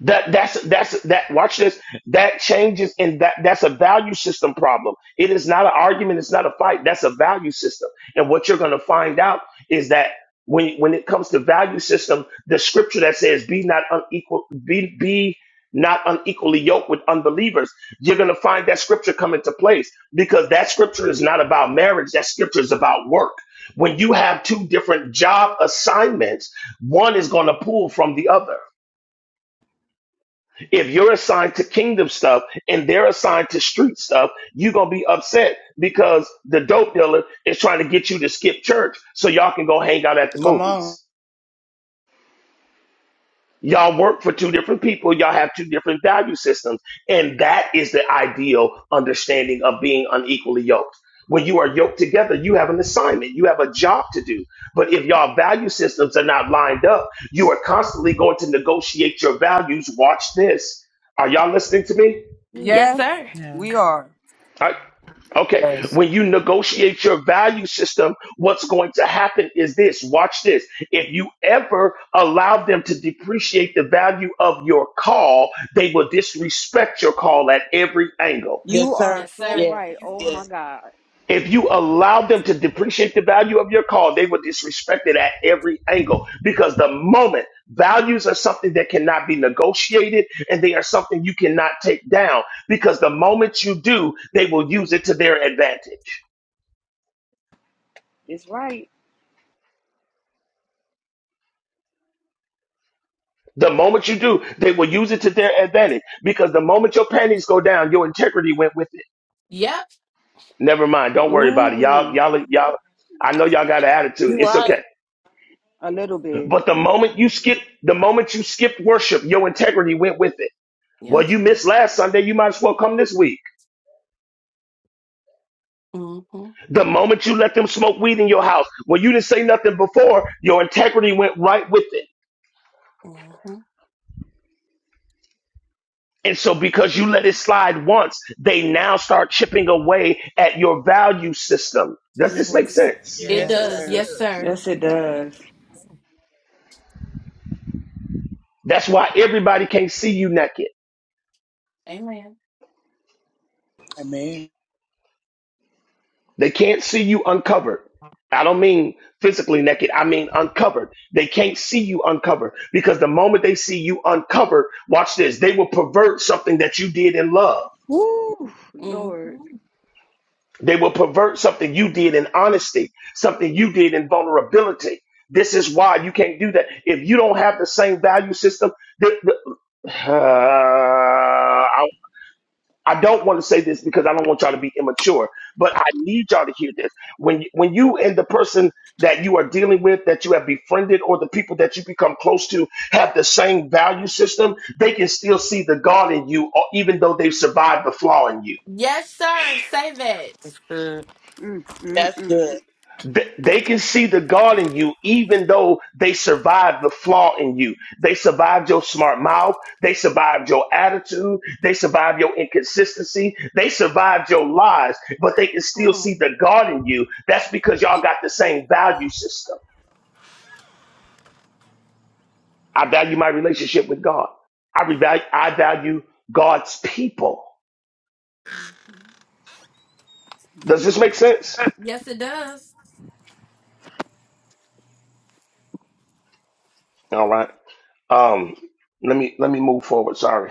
That that's that's that. Watch this. That changes, and that that's a value system problem. It is not an argument. It's not a fight. That's a value system. And what you're going to find out is that when when it comes to value system, the scripture that says, "Be not unequal, be be not unequally yoked with unbelievers," you're going to find that scripture come into place because that scripture is not about marriage. That scripture is about work. When you have two different job assignments, one is going to pull from the other. If you're assigned to kingdom stuff and they're assigned to street stuff, you're going to be upset because the dope dealer is trying to get you to skip church so y'all can go hang out at the
Come on.
movies. Y'all work for two different people. Y'all have two different value systems. And that is the ideal understanding of being unequally yoked. When you are yoked together, you have an assignment, you have a job to do. But if y'all value systems are not lined up, you are constantly going to negotiate your values. Watch this. Are y'all listening to me?
You
Yes,
Yes,
sir.
Yes.
we are.
Okay,
Yes.
when you negotiate your value system, what's going to happen is this watch this. If you ever allow them to depreciate the value of your call, they will disrespect your call at every angle.
Yes,
You are
sir.
Yes,
so
sir.
Yeah.
right. Oh my
Yes.
God.
If you allow them to depreciate the value of your call, they will disrespect it at every angle because the moment values are something that cannot be negotiated and they are something you cannot take down because the moment you do, they will use it to their advantage.
It's right.
The moment you do, they will use it to their advantage because the moment your panties go down, your integrity went with it.
Yep.
Never mind. Don't worry
Ooh
about it. Y'all,
wee.
y'all, y'all. I know y'all got an attitude.
You
It's
right.
okay.
A little bit.
But the moment you skip, the moment you skipped worship, your integrity went with it. Well,
Yep.
you missed last Sunday. You might as well come this week.
Mm-hmm.
The moment you let them smoke weed in your house, well, you didn't say nothing before. Your integrity went right with it.
Mm-hmm.
And so, because you let it slide once, they now start chipping away at your value system. Does this make
Yes.
sense?
Yes,
It
Yes.
Yes,
sir, it
does.
sir.
Yes,
does.
sir.
Yes, it does.
That's why everybody can't see you naked.
Amen.
Amen.
They can't see you uncovered. I don't mean physically naked, I mean uncovered. They can't see you uncovered because the moment they see you uncovered, watch this, they will pervert something that you did in love.
Woo, Lord.
Mm-hmm.
They will pervert something you did in honesty, something you did in vulnerability. This is why you can't do that. If you don't have the same value system, the, the, [sighs] uh, I, I don't want to say this because I don't want y'all to be immature, but I need y'all to hear this. When when you and the person that you are dealing with, that you have befriended, or the people that you become close to have the same value system, they can still see the God in you, or even though they've survived the flaw in you.
Yes, sir. Say that.
That's good.
Mm, mm,
That's
mm.
good.
Th- They can see the God in you, even though they survived the flaw in you. They survived your smart mouth. They survived your attitude. They survived your inconsistency. They survived your lies, but they can
Come
still see
on.
the God in you. That's because y'all got the same value system. I value my relationship with God. I, revalue, I value God's people.
Mm-hmm.
Does this make sense?
Yes, it does.
All right. Um, let me let me move forward. Sorry.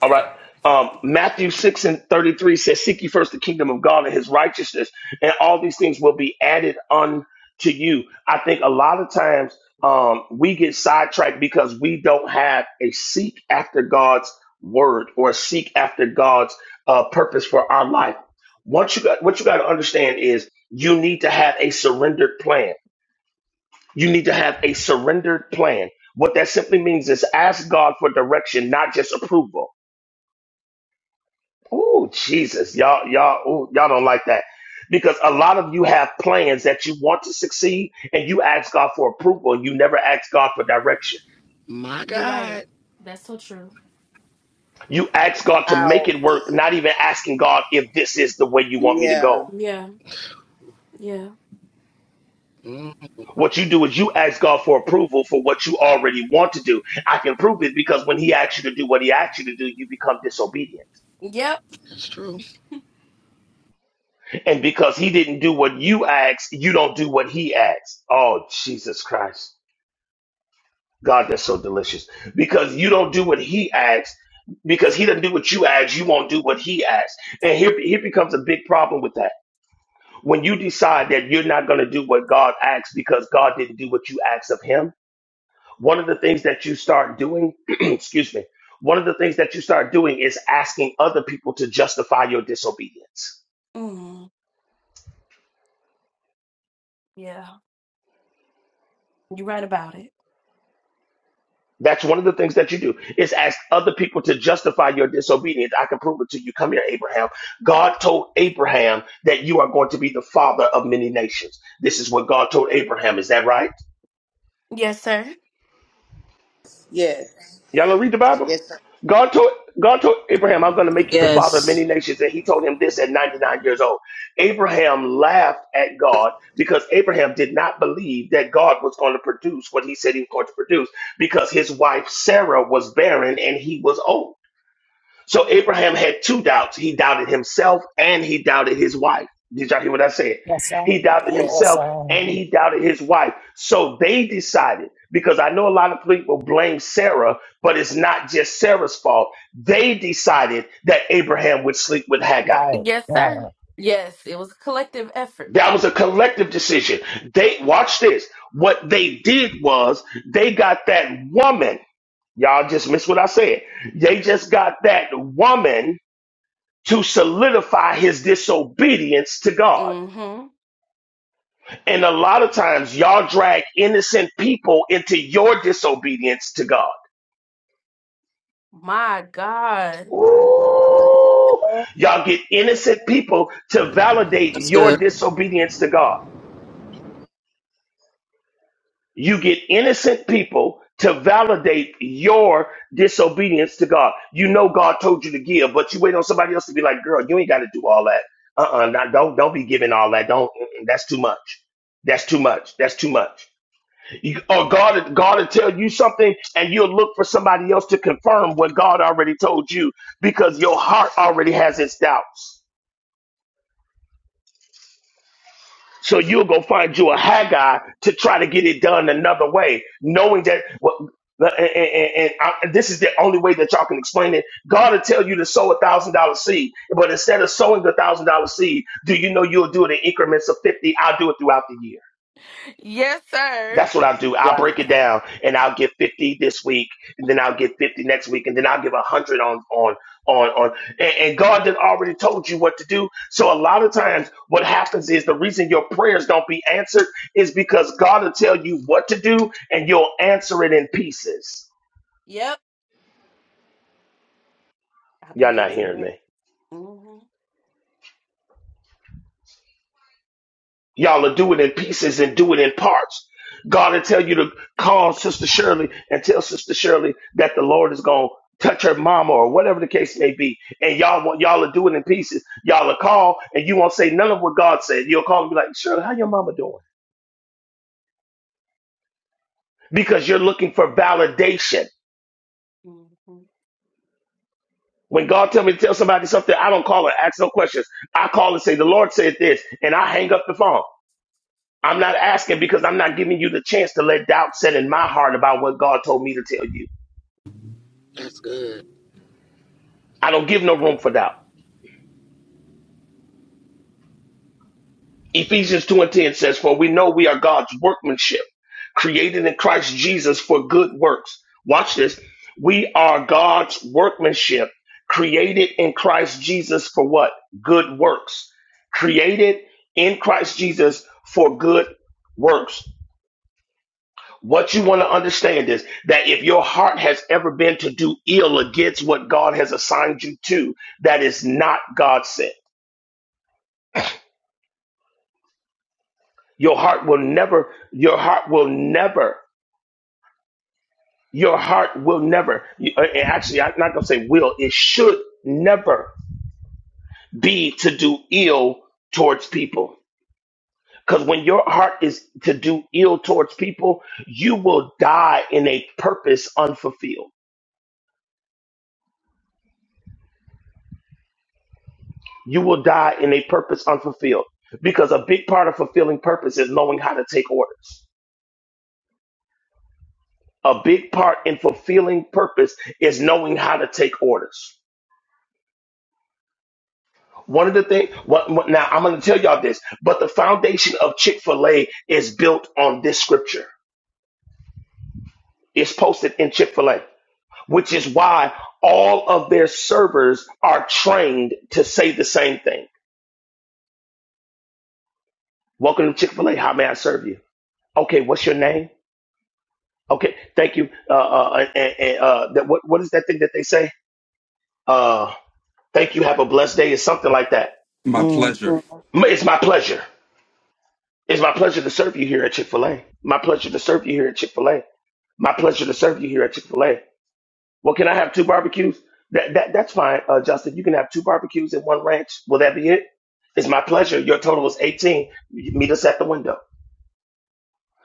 All right. Um, Matthew 6 and 33 says, Seek ye first the kingdom of God and his righteousness, and all these things will be added unto you. I think a lot of times um, we get sidetracked because we don't have a seek after God's word or seek after God's uh, purpose for our life. Once you got, what you got to understand is you need to have a surrendered plan. You need to have a surrendered plan. What that simply means is ask God for direction, not just approval. Oh, Jesus. Y'all, y'all, ooh, y'all don't like that. Because a lot of you have plans that you want to succeed and you ask God for approval and you never ask God for direction.
My
You're right.
God.
That's so true.
You ask God to make
Out.
it work, not even asking God if this is the way you want me to go.
Yeah.
Yeah. Yeah.
Mm,
What you do is you ask God for approval for what you already want to do. I can prove it because when He asks you to do what He asks you to do, you become disobedient.
Yep.
that's true.
And because He didn't do what you asked, you don't do what He asks. Oh, Jesus Christ. God, that's so delicious. Because you don't do what he asks, because he doesn't do what you ask, you won't do what he asks. And here, here becomes a big problem with that. When you decide that you're not going to do what God asks because God didn't do what you asked of him, one of the things that you start doing, [clears throat] excuse me, one of the things that you start doing is asking other people to justify your disobedience.
Mm. Yeah. You're right about it.
That's one of the things that you do is ask other people to justify your disobedience. I can prove it to you. Come here, Abraham. God told Abraham that you are going to be the father of many nations. This is what God told Abraham. Is that right?
Yes, sir.
Yes.
Y'all gonna read the Bible?
Yes, sir.
God told God told Abraham, I'm gonna make you the father of many
Yes,
nations, and he told him this at 99 years old. Abraham laughed at God because Abraham did not believe that God was going to produce what he said he was going to produce because his wife Sarah was barren and he was old. So Abraham had two doubts. He doubted himself and he doubted his wife. Did y'all hear what I said?
Yes, sir.
He doubted
Yeah.
Yes,
himself
sir.
and he doubted his wife. So they decided, because I know a lot of people blame Sarah, but it's not just Sarah's fault. They decided that Abraham would sleep with Haggai.
Right,
Yes, sir.
right.
Yes, it was a collective effort.
That was a collective decision. They watch this. What they did was they got that woman. Y'all just missed what I said. They just got that woman to solidify his disobedience to God.
Mm-hmm.
And a lot of times, y'all drag innocent people into your disobedience to God.
My God.
Ooh, y'all get innocent people to validate
that's
your
good.
disobedience to God. You get innocent people to validate your disobedience to God. You know God told you to give, but you wait on somebody else to be like, "Girl, you ain't got to do all that." Uh-uh, not, don't don't be giving all that. Don't. mm-mm, That's too much. That's too much. That's too much. You- Or God, God will tell you something, and you'll look for somebody else to confirm what God already told you, because your heart already has its doubts. So you'll go find you a Haggai to try to get it done another way, knowing that what. And, and- and I- this is the only way that y'all can explain it. God will tell you to sow a thousand dollar seed, but instead of sowing the thousand dollar seed, do you know you'll do it in increments of fifty? I'll do it throughout the year.
Yes, sir.
That's what I'll do. I'll break
Wow.
it down and I'll give 50 this week and then I'll give 50 next week and then I'll give 100 on, on, on, on. And, and God did already told you what to do. So a lot of times what happens is the reason your prayers don't be answered is because God will tell you what to do and you'll answer it in pieces.
Yep. I've been
Y'all not
guilty of
hearing
that.
me.
hmm
Y'all will do it in pieces and do it in parts. God will tell you to call Sister Shirley and tell Sister Shirley that the Lord is going to touch her mama or whatever the case may be. And y'all want y'all to do it in pieces. Y'all will call and you won't say none of what God said. You'll call and be like, Shirley, how your mama doing? Because you're looking for validation.
hmm
When God tell me to tell somebody something, I don't call and ask no questions. I call and say, the Lord said this, and I hang up the phone. I'm not asking because I'm not giving you the chance to let doubt set in my heart about what God told me to tell you.
That's good.
I don't give no room for doubt. Ephesians 2 and 10 says, For we know we are God's workmanship, created in Christ Jesus for good works. Watch this. We are God's workmanship, created in Christ Jesus for what? Good works. Created in Christ Jesus for good works. What you want to understand is that if your heart has ever been to do ill against what God has assigned you to, that is not God sent. Your heart will never, your heart will never, your heart will never, you- uh, and actually, I'm not going to say will, it should never be to do ill towards people. Because when your heart is to do ill towards people, you will die in a purpose unfulfilled. You will die in a purpose unfulfilled. Because a big part of fulfilling purpose is knowing how to take orders. A big part in fulfilling purpose is knowing how to take orders One of the things, what, what, now I'm going to tell y'all this, but the foundation of Chick fil A is built on this scripture. It's posted in Chick fil A, which is why all of their servers are trained to say the same thing. Welcome to Chick fil A. How may I serve you? Okay, what's your name? Okay, thank you. Uh, uh, uh, and, and, uh, that, what, what is that thing that they say? Uh, thank you. Have a blessed day, or something like that.
My
Mm.
pleasure.
M- It's my pleasure. It's my pleasure to serve you here at Chick fil A. My pleasure to serve you here at Chick fil A. My pleasure to serve you here at Chick Fil A. Well, can I have two barbecues? That, that that's fine, uh, Justin. You can have two barbecues and one ranch. Will that be it? It's my pleasure. Your total is eighteen. Meet us at the window.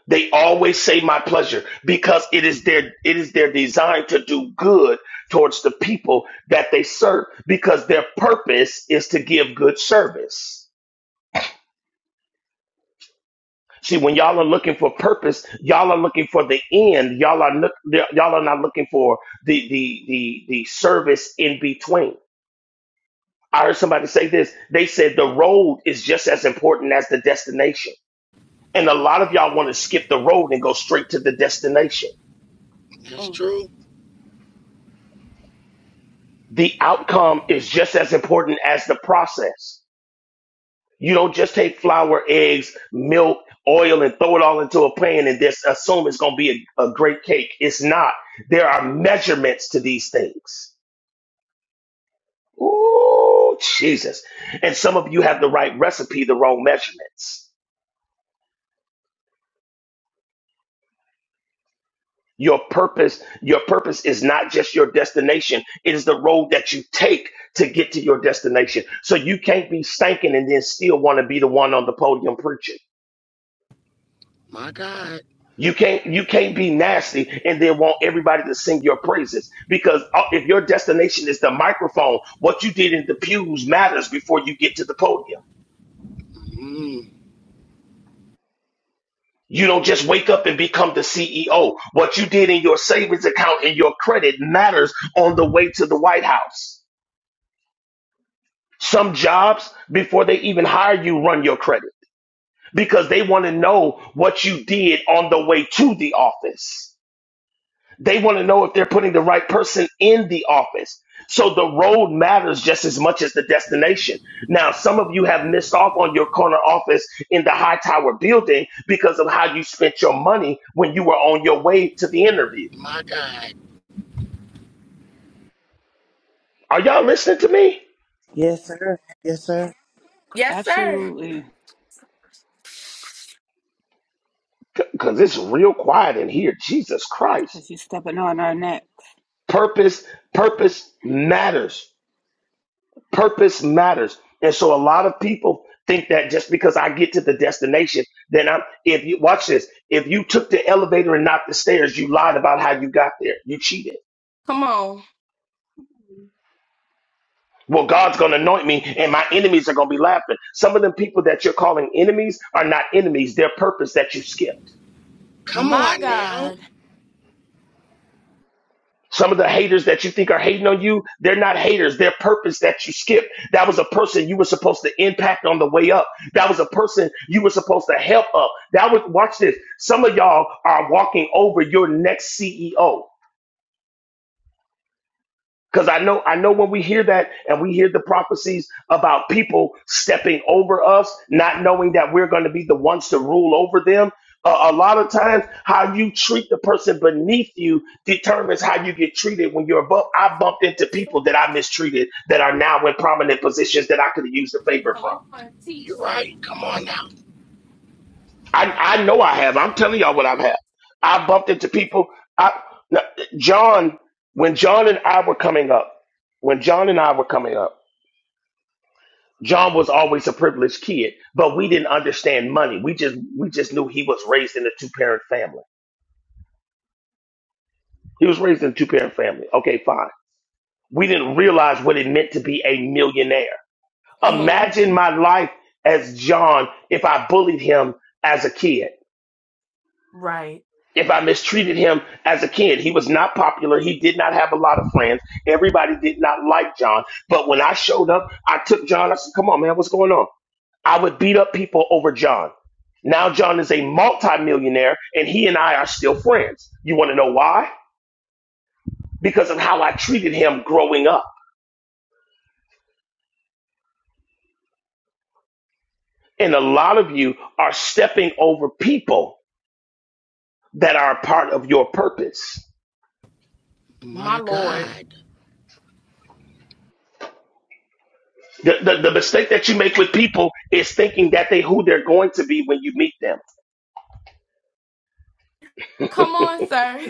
They always say my pleasure because it is their it is their design to do good towards the people that they serve because their purpose is to give good service. See, when y'all are looking for purpose, y'all are looking for the end. Y'all are look, y'all are not looking for the the the the service in between. I heard somebody say this. They said the road is just as important as the destination. And a lot of y'all want to skip the road and go straight to the destination.
That's
Mm.
true.
The outcome is just as important as the process. You don't just take flour, eggs, milk, oil, and throw it all into a pan and just assume it's going to be a, a great cake. It's not. There are measurements to these things. Ooh, Jesus. And some of you have the right recipe, the wrong measurements. Your purpose, your purpose is not just your destination. It is the road that you take to get to your destination. So you can't be stinking and then still want to be the one on the podium preaching.
My God.
You can't you can't be nasty and then want everybody to sing your praises because uh, if your destination is the microphone, what you did in the pews matters before you get to the podium.
Mm,
You don't just wake up and become the CEO. What you did in your savings account and your credit matters on the way to the White House. Some jobs before they even hire you run your credit because they want to know what you did on the way to the office. They want to know if they're putting the right person in the office. So the road matters just as much as the destination. Now, some of you have missed off on your corner office in the high tower building because of how you spent your money when you were on your way to the interview.
my God.
Are y'all listening to me?
Yes, sir. Yes, sir.
Yes, sir.
Absolutely.
Because it's real quiet in here. Jesus Christ.
Cause you stepping on our necks.
Purpose, purpose matters. Purpose matters. And so a lot of people think that just because I get to the destination, then I'm if you watch this, if you took the elevator and not the stairs, you lied about how you got there. You cheated.
Come on.
Well, God's gonna anoint me and my enemies are gonna be laughing. Some of them people that you're calling enemies are not enemies, they're purpose that you skip.
Come
My
on now.
God.
Some of the haters that you think are hating on you, they're not haters. They're purpose that you skipped. That was a person you were supposed to impact on the way up. That was a person you were supposed to help up. That was, watch this. Some of y'all are walking over your next CEO. Because I know, I know when we hear that and we hear the prophecies about people stepping over us, not knowing that we're going to be the ones to rule over them. Uh, a lot of times, how you treat the person beneath you determines how you get treated when you're above. I bumped into
Yes, sir.
people that I mistreated that are now in prominent positions that I could have used a favor from.
Come on. Teach,
You're
sir.
right. Come on now.
I, I know I have. I'm telling y'all what I've had. I bumped into people. I, John, when John and I were coming up, when John and I were coming up. John was always a privileged kid, but we didn't understand money. We just we just knew he was raised in a two parent family. He was raised in a two parent family. Okay, fine. We didn't realize what it meant to be a millionaire.
hmm
Imagine my life as John if I bullied him as a kid.
Right.
If I mistreated him as a kid, he was not popular. He did not have a lot of friends. Everybody did not like John. But when I showed up, I took John. I said, Come on, man, what's going on? I would beat up people over John. Now John is a multimillionaire and he and I are still friends. You want to know why? Because of how I treated him growing up. And a lot of you are stepping over people that are a part of your purpose.
My
My
Lord.
God.
The, the, the mistake that you make with people is thinking that they who they're going to be when you meet them.
Come on, sir.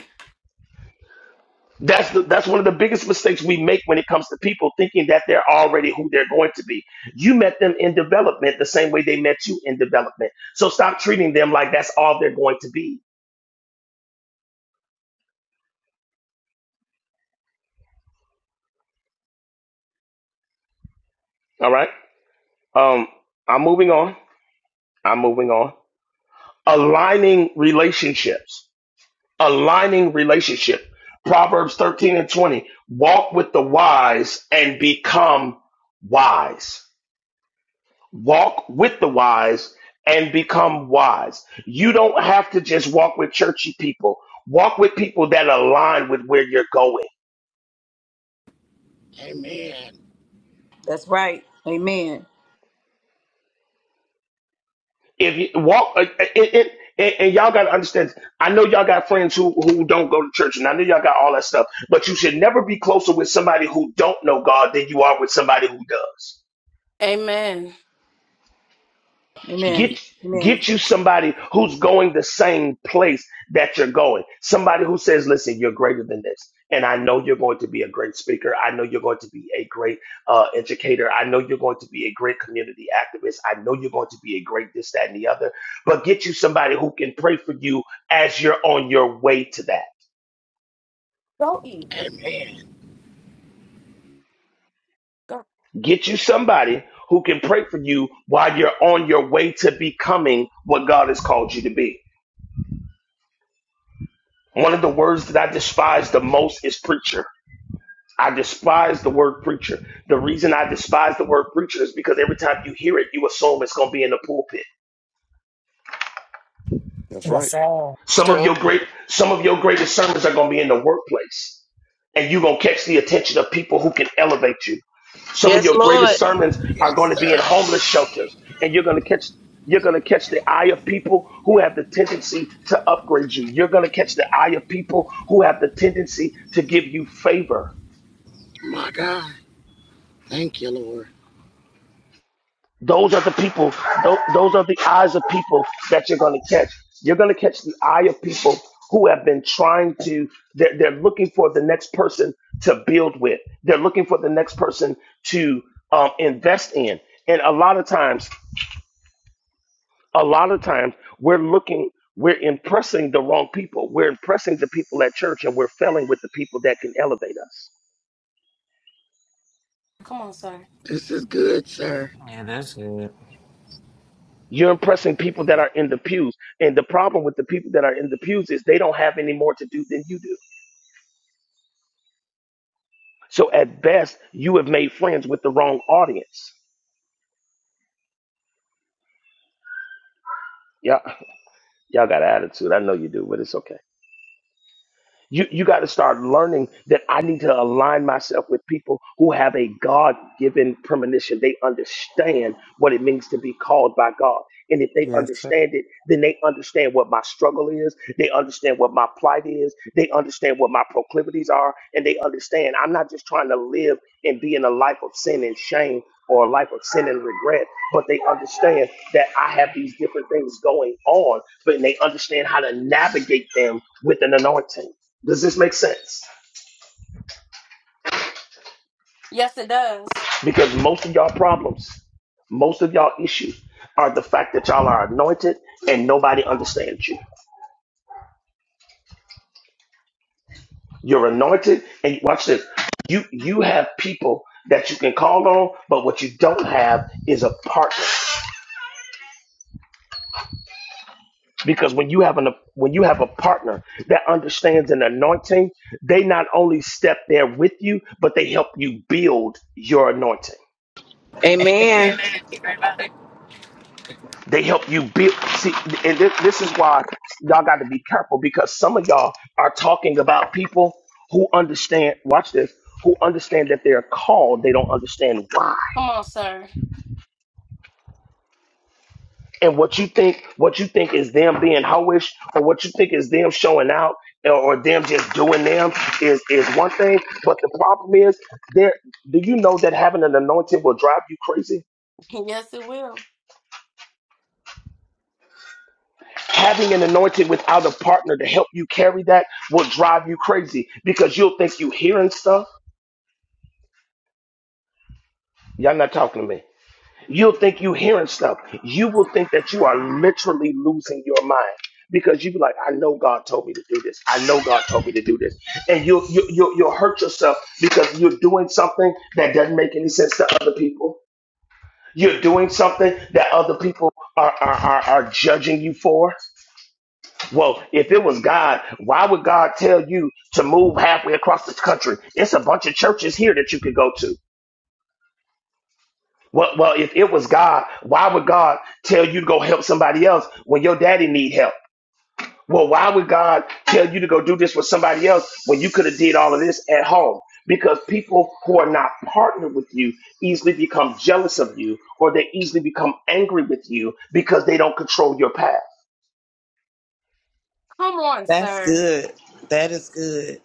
That's the that's one of the biggest mistakes we make when it comes to people thinking that they're already who they're going to be. You met them in development the same way they met you in development. So stop treating them like that's all they're going to be. All right. Um, I'm moving on. I'm moving on. Aligning relationships. Aligning relationship. Proverbs 13 and 20. Walk with the wise and become wise walk with the wise and become wise. You don't have to just walk with churchy people. Walk with people that align with where you're going.
Amen.
That's right. Amen.
If you walk, uh, it, it, and, and y'all got to understand, I know y'all got friends who, who don't go to church, and I know y'all got all that stuff, but you should never be closer with somebody who don't know God than you are with somebody who does.
Amen.
Amen.
Get
Amen.
get you somebody who's going the same place that you're going. Somebody who says, "Listen, you're greater than this." And I know you're going to be a great speaker. I know you're going to be a great uh, educator. I know you're going to be a great community activist. I know you're going to be a great this, that, and the other. But get you somebody who can pray for you as you're on your way to that.
Amen.
Get you somebody who can pray for you while you're on your way to becoming what God has called you to be. One of the words that I despise the most is preacher I despise the word preacher. The reason I despise the word preacher is because every time you hear it, you assume it's going to be in the pulpit.
That's
Yes,
right.
sir.
Some of your
True.
great, some of your greatest sermons are going to be in the workplace and you're going to catch the attention of people who can elevate you. Some of
Yes,
your greatest
Lord.
sermons are
Yes,
going to be in
sir.
homeless shelters and you're going to catch you're going to catch the eye of people who have the tendency to upgrade you. You're going to catch the eye of people who have the tendency to give you favor.
My God. Thank you, Lord.
Those are the people, tho- those are the eyes of people that you're going to catch. You're going to catch the eye of people who have been trying to, they're, they're looking for the next person to build with. They're looking for the next person to um, invest in. And a lot of times, a lot of times, we're looking, we're impressing the wrong people. We're impressing the people at church and we're failing with the people that can elevate us.
Come on, sir.
This is good, sir.
You're impressing people that are in the pews. And the problem with the people that are in the pews is they don't have any more to do than you do. So at best, you have made friends with the wrong audience. Y'all, y'all got an attitude. I know you do, but it's okay. You you got to start learning that I need to align myself with people who have a God given premonition. They understand what it means to be called by God. And if they
Yes, sir.
understand it, then they understand what my struggle is. They understand what my plight is. They understand what my proclivities are. And they understand I'm not just trying to live and be in a life of sin and shame or a life of sin and regret, but they understand that I have these different things going on, but they understand how to navigate them with an anointing. Does this make sense?
Yes, it does.
Because most of y'all problems, most of y'all issues are the fact that y'all are anointed and nobody understands you. You're anointed, and watch this. You you have people that you can call on, but what you don't have is a partner. Because when you have an when you have a partner that understands an anointing, they not only step there with you, but they help you build your anointing.
Amen.
Amen.
Amen.
They help you build. See, and thi- this is why y'all got to be careful because some of y'all are talking about people who understand. Watch this. Who understand that they're called? They don't understand why.
Come on, sir. [laughs]
and what you think what you think is them being hoish or what you think is them showing out or, or them just doing them is is one thing but the problem is there do you know that having an anointing will drive you crazy
Yes, it will.
having an anointing without a partner to help you carry that will drive you crazy because you'll think you hearing stuff y'all not talking to me You'll think you are hearing stuff. You will think that you are literally losing your mind because you be like, I know God told me to do this. I know God told me to do this. And you'll, you'll, you'll, you'll hurt yourself because you're doing something that doesn't make any sense to other people. You're doing something that other people are, are, are, are judging you for. Well, if it was God, why would God tell you to move halfway across the country? It's a bunch of churches here that you could go to. Well, well, if it was God, why would God tell you to go help somebody else when your daddy need help? Well, why would God tell you to go do this with somebody else when you could have did all of this at home? Because people who are not partnered with you easily become jealous of you, or they easily become angry with you because they don't control your path.
Come on,
That's
sir.
good. That is good.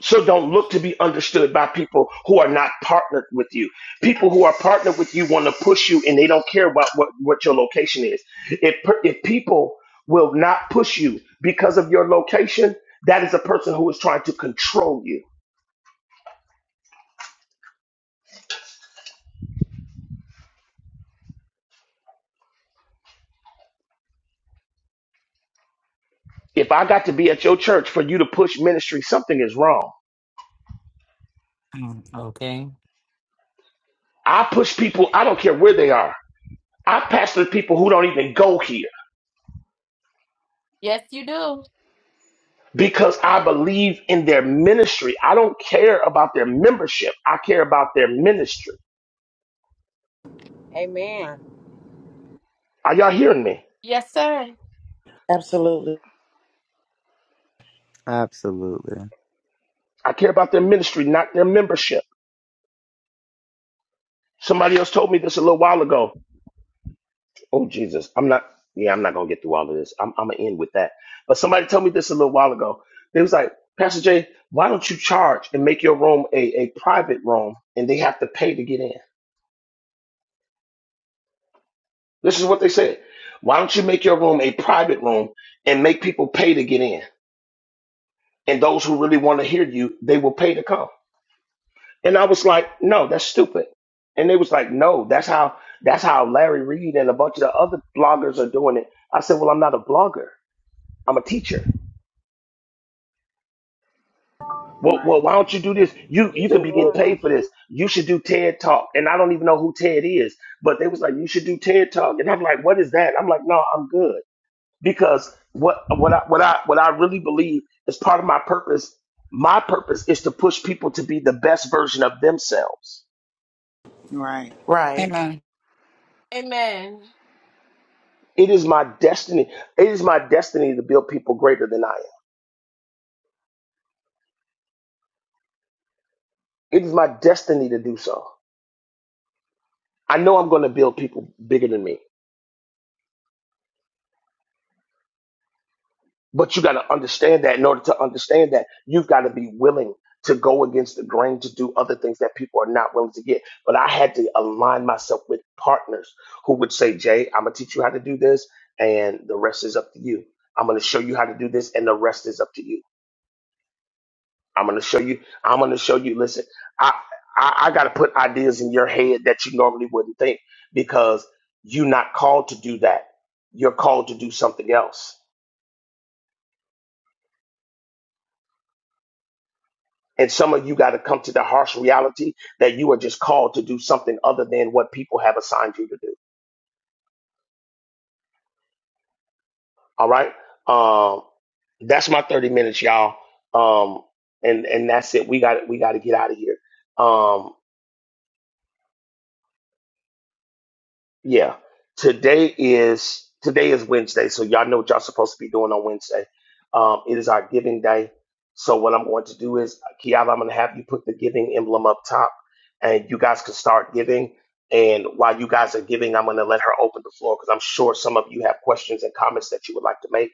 So don't look to be understood by people who are not partnered with you. People who are partnered with you want to push you and they don't care about what, what your location is. If, per- if people will not push you because of your location, that is a person who is trying to control you. If I got to be at your church for you to push ministry, something is wrong.
Mm, Okay.
I push people, I don't care where they are. I pastor people who don't even go here
Yes, you do.
because I believe in their ministry. I don't care about their membership. I care about their ministry.
Amen.
Are y'all hearing me?
Yes, sir.
Absolutely.
Absolutely.
I care about their ministry, not their membership. Somebody else told me this a little while ago. Oh Jesus, I'm not. Yeah, I'm not gonna get through all of this. I'm, I'm gonna end with that. But somebody told me this a little while ago. They was like, Pastor Jay, why don't you charge and make your room a, a private room, and they have to pay to get in? This is what they said. Why don't you make your room a private room and make people pay to get in? And those who really want to hear you, they will pay to come. And I was like, no, that's stupid. And they was like, no, that's how that's how Larry Reed and a bunch of the other bloggers are doing it. I said, well, I'm not a blogger. I'm a teacher. Well,
Right.
well, why don't you do this? You
Yes,
you could
What you
be
what
getting
are.
paid for this. You should do TED Talk. And I don't even know who Ted is, but they was like, you should do TED Talk. And I'm like, what is that? I'm like, no, I'm good because what what I what I what I really believe is part of my purpose. My purpose is to push people to be the best version of themselves
Right. Right.
Amen.
Amen.
It is my destiny. It is my destiny to build people greater than I am. It is my destiny to do so. I know I'm going to build people bigger than me, but you got to understand that. In order to understand that, you've got to be willing to go against the grain to do other things that people are not willing to get. But I had to align myself with partners who would say, Jay, I'm going to teach you how to do this, and the rest is up to you. I'm going to show you how to do this, and the rest is up to you. I'm gonna show you. I'm gonna show you. Listen, I I, I got to put ideas in your head that you normally wouldn't think because you're not called to do that. You're called to do something else. And some of you got to come to the harsh reality that you are just called to do something other than what people have assigned you to do. All right. Um, that's my 30 minutes, y'all. Um, and and that's it. We got we got to get out of here. Um. Yeah. Today is today is Wednesday, so y'all know what y'all supposed to be doing on Wednesday. Um, it is our giving day. So what I'm going to do is, Kiala, I'm going to have you put the giving emblem up top, and you guys can start giving. And while you guys are giving, I'm going to let her open the floor because I'm sure some of you have questions and comments that you would like to make,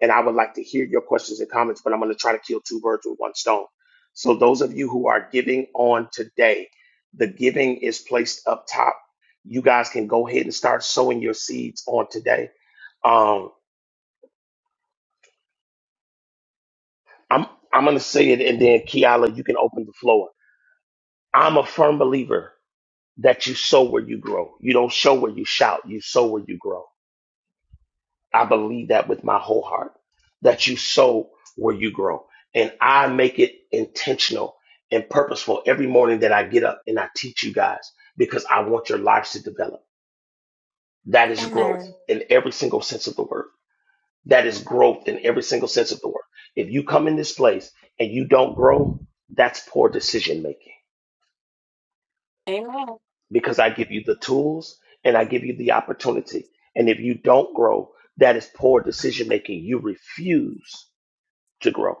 and I would like to hear your questions and comments. But I'm going to try to kill two birds with one stone. So those of you who are giving on today, the giving is placed up top you guys can go ahead and start sowing your seeds on today. Um, I'm I'm gonna say it, and then Kiala, you can open the floor. I'm a firm believer that you sow where you grow. You don't show where you shout. You sow where you grow. I believe that with my whole heart. That you sow where you grow, and I make it intentional and purposeful every morning that I get up and I teach you guys because I want your lives to develop. That is growth in every single sense of the word. That is growth in every single sense of the word. If you come in this place and you don't grow, that's poor decision making
Amen.
because I give you the tools and I give you the opportunity. And if you don't grow, that is poor decision making. You refuse to grow.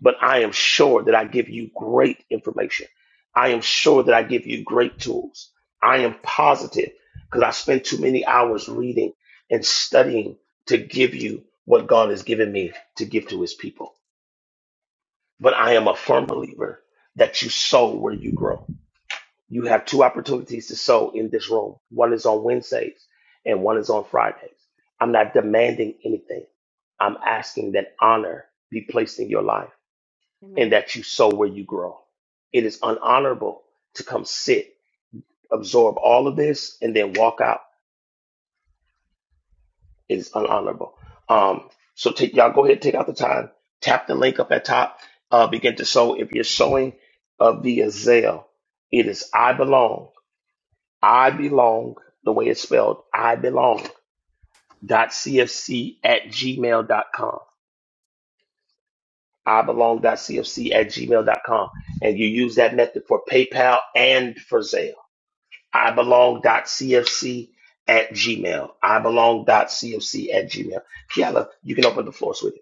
But I am sure that I give you great information. I am sure that I give you great tools. I am positive because I spend too many hours reading and studying to give you what God has given me to give to his people. But I am a firm believer that you sow where you grow. You have two opportunities to sow in this room. One is on Wednesdays and one is on Fridays. I'm not demanding anything. I'm asking that honor be placed in your life and that you sow where you grow. It is unhonorable to come sit, absorb all of this, and then walk out. is unhonorable. Um, so take y'all go ahead, take out the time, tap the link up at top, uh, begin to sow. If you're sowing uh, via Zelle, it is I belong, I belong, the way it's spelled, I belong. Dot cfc at gmail. dot com. I belong. Dot cfc at gmail. dot com. And you use that method for PayPal and for Zelle. I belong. Dot cfc at gmail. I belong. Dot cfc at gmail. Kiala, you can open the floor, sweetheart.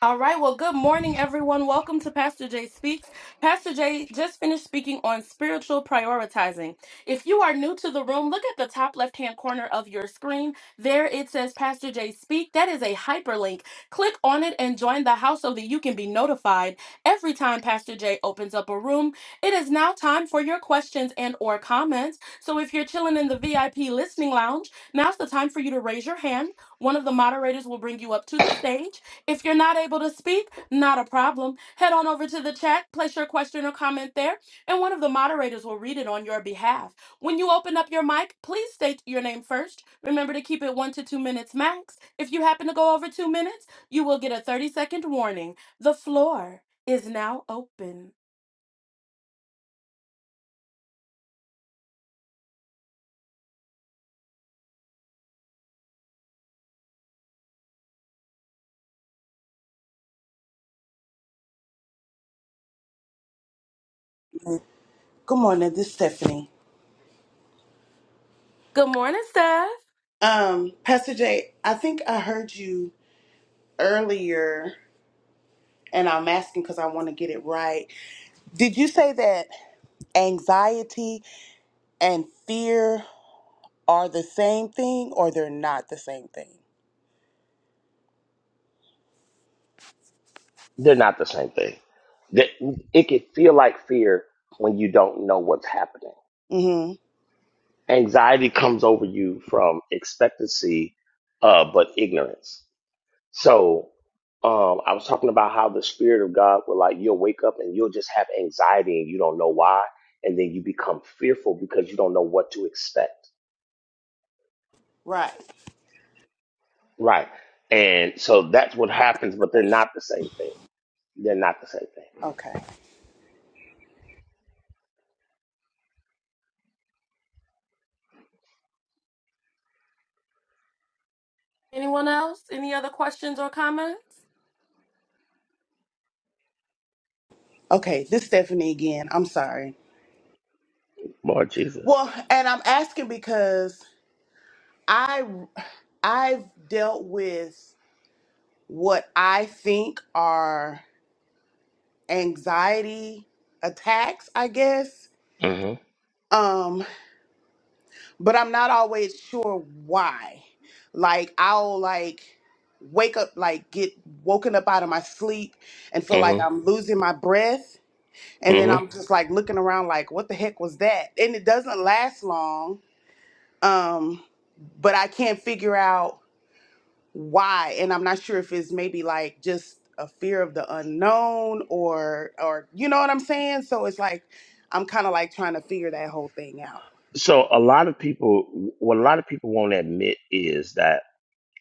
All right. Well, good morning, everyone. Welcome to Pastor Jay Speaks. Pastor Jay just finished speaking on spiritual prioritizing. If you are new to the room, look at the top left hand corner of your screen. There it says Pastor Jay Speak. That is a hyperlink. Click on it and join the house so that you can be notified every time Pastor Jay opens up a room. It is now time for your questions and or comments. So if you're chilling in the VIP listening lounge, now's the time for you to raise your hand. One of the moderators will bring you up to the stage if you're not able to speak, not a problem. Head on over to the chat, place your question or comment there, and one of the moderators will read it on your behalf. When you open up your mic, please state your name first. Remember to keep it one to two minutes max. If you happen to go over two minutes, you will get a 30 second warning. The floor is now open.
Good morning. This is Stephanie.
Good morning, Steph.
Um, Pastor Jay, I think I heard you earlier, and I'm asking because I want to get it right. Did you say that anxiety and fear are the same thing, or they're not the same thing?
They're not the same thing. That it can feel like fear when you don't know what's happening.
Mm-hmm.
Anxiety comes over you from expectancy, uh, but ignorance. So, um, I was talking about how the spirit of God will like you'll wake up and you'll just have anxiety and you don't know why, and then you become fearful because you don't know what to expect.
Right.
Right. And so that's what happens, but they're not the same thing. They're not the same thing.
Okay.
Anyone else? Any other questions or comments?
Okay. This is Stephanie again. I'm sorry.
Lord Jesus.
Well, and I'm asking because. I. I've dealt with what I think are anxiety attacks, I guess.
Mm-hmm.
Um, but I'm not always sure why. Like I'll like wake up like get woken up out of my sleep and feel like
Mm-hmm.
I'm losing my breath and then I'm just like looking around like what the heck was that? And it doesn't last long. Um, but I can't figure out why and i'm not sure if it's maybe like just a fear of the unknown or or you know what i'm saying so it's like i'm kind of like trying to figure that whole thing out
so a lot of people what a lot of people won't admit is that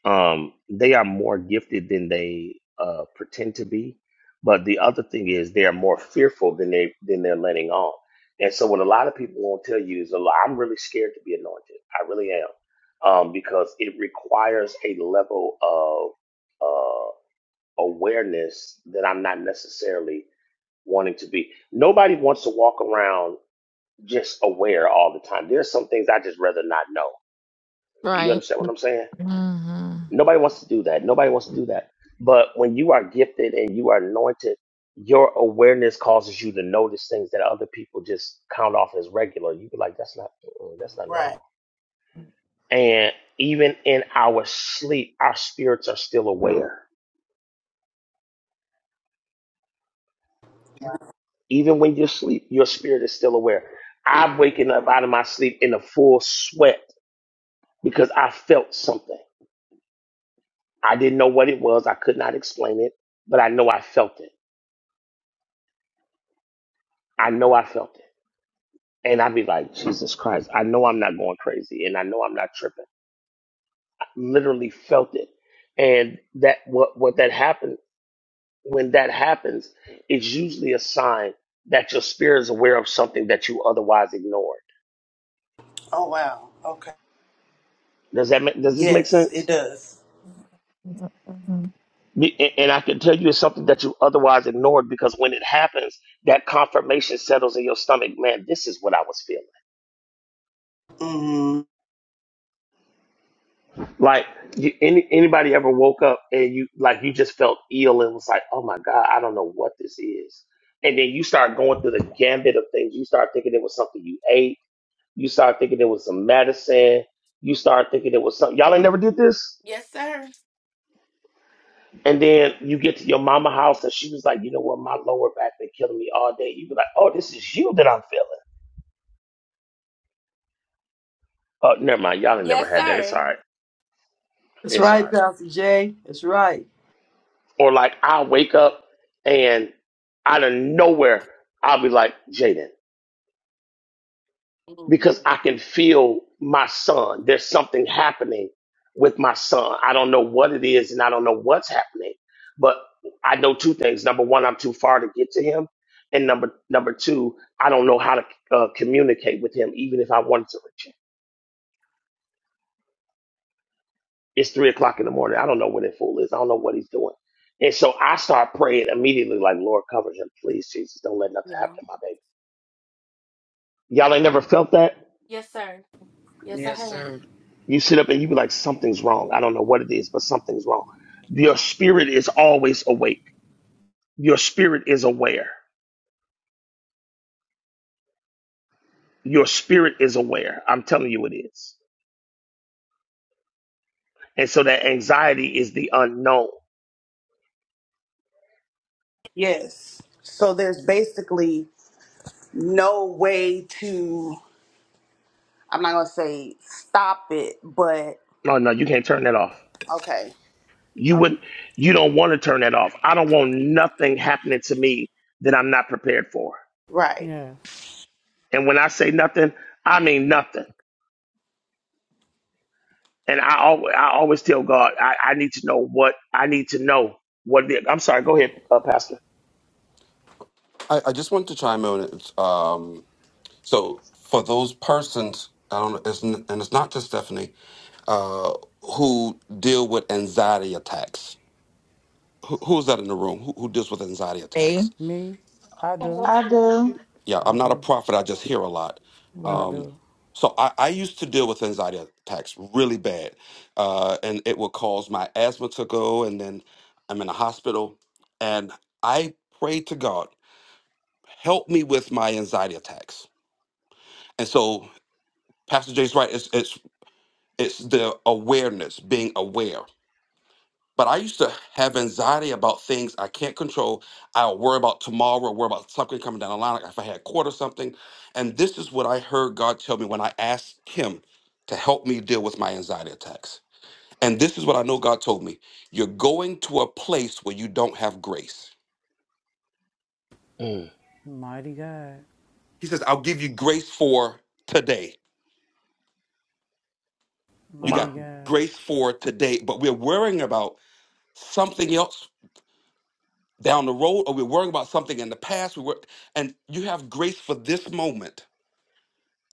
um they are more gifted than they uh pretend to be but the other thing is they are more fearful than they than they're letting on and so what a lot of people won't tell you is a i'm really scared to be anointed i really am um because it requires a level of uh awareness that i'm not necessarily wanting to be nobody wants to walk around just aware all the time. There's some things I just rather not know. You
Right.
understand what I'm saying?
hmm
Nobody wants to do that. Nobody wants to do that. But when you are gifted and you are anointed, your awareness causes you to notice things that other people just count off as regular. You be like, that's not, uh-uh, that's not
Right.
normal. And even in our sleep, our spirits are still aware. Even when you sleep, your spirit is still aware. I'm waking up out of my sleep in a full sweat because I felt something. I didn't know what it was. I could not explain it, but I know I felt it. I know I felt it. And I'd be like, Jesus Christ, I know I'm not going crazy and I know I'm not tripping. I literally felt it. And that what what that happened when that happens is usually a sign that your spirit is aware of something that you otherwise ignored.
Oh wow. Okay.
Does that make, does this make
Yes, it
sense?
does.
Be- And and I can tell you it's something that you otherwise ignored because when it happens, that confirmation settles in your stomach. Man, this is what I was feeling
hmm
Like you, any anybody ever woke up and you like you just felt ill and was like, oh my god, I don't know what this is, and then you start going through the gambit of things. You start thinking it was something you ate. You start thinking it was some medicine. You start thinking it was something y'all ain't never did this.
Yes, sir.
And then you get to your mama house and she was like, you know what, my lower back been killing me all day. You be like, oh, this is you that I'm feeling. Oh, never mind, y'all ain't never
Yes,
had that. It's
sir.
all right.
That's
It's all right.
right, Pastor Jay. That's right.
Or like I'll wake up and out of nowhere, I'll be like, Jaden, because
Mhm.
I can feel my son. There's something happening with my son. I don't know what it is and I don't know what's happening. But I know two things. Number one, I'm too far to get to him. And number number two, I don't know how to uh, communicate with him, even if I wanted to reach him. It's three o'clock in the morning. I don't know where that fool is. I don't know what he's doing. And so I start praying immediately, like, Lord, cover him, please, Jesus. Don't let nothing
Yeah.
happen to my baby. Y'all ain't never felt that?
Yes, sir. Yes, I
Yes,
have.
sir.
You sit up and you be like, something's wrong. I don't know what it is, but something's wrong. Your spirit is always awake. Your spirit is aware. Your spirit is aware. I'm telling you it is. And so that anxiety is the unknown.
yes so there's basically no way to i'm not gonna say stop it but
No, no, you can't turn that off.
okay
You would not you don't want to turn that off. I don't want nothing happening to me that I'm not prepared for.
right
Yes.
And when I say nothing, I mean nothing. And I always, I always tell God, I, I need to know what I need to know. What the, I'm sorry, go ahead, uh, Pastor.
I, I just wanted to chime in. It's, um, so for those persons, I don't know, it's, n- and it's not just Stephanie, uh, who deal with anxiety attacks. Who, who's that in the room? Who, who deals with anxiety attacks?
Me.
Me. I do.
I do.
yeah
I
i'm not a
do.
prophet i just hear a lot
I
Mm,
um
do.
so i, I used to deal with anxiety attacks really bad uh and it would cause my asthma to go and then i'm in the hospital and i prayed to god help me with my anxiety attacks and so pastor jay's right it's it's it's the awareness being aware But I used to have anxiety about things I can't control. I'll worry about tomorrow, worry about something coming down the line, like if I had caught or something. And this is what I heard God tell me when I asked Him to help me deal with my anxiety attacks. And this is what I know God told me You're going to a place where you don't have grace.
Mm,
Mighty God.
He says, I'll give you grace for today. You
Mighty
got
wow.
God.
grace for today, but we're worrying about something else down the road, or we're worrying about something in the past. We were, and you have grace for this moment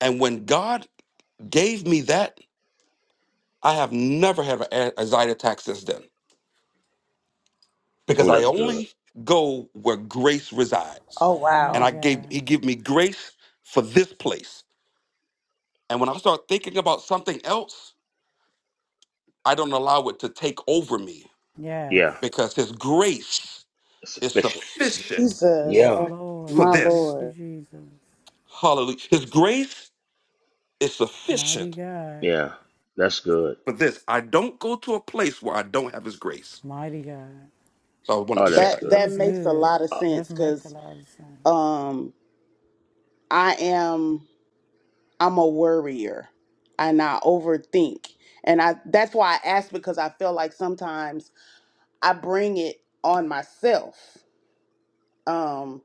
And when God gave me that, I have never had an anxiety attack since then because
Oh,
I
that's good.
only go where grace resides.
oh
And
Mighty
I
wow
gave
God.
he gave me grace for this place. And when I start thinking about something else, I don't allow it to take over me
Yes.
Yeah,
because his grace
it's
is
sufficient.
sufficient
jesus
Yes,
Yeah,
oh,
for
Lord.
my
Thank
this.
you,
lord
Jesus.
Hallelujah. His grace is
Mighty
sufficient
God.
yeah, that's good.
for this. I don't go to a place where I don't have his grace.
Mighty God.
So I wanted
Oh,
to share
that's
that
that.
That
good.
that
was
makes a
good.
lot of
Uh,
That's
sense
make a
because.
lot of sense.
um i am i'm a worrier and i overthink and i that's why i ask because i feel like sometimes i bring it on myself um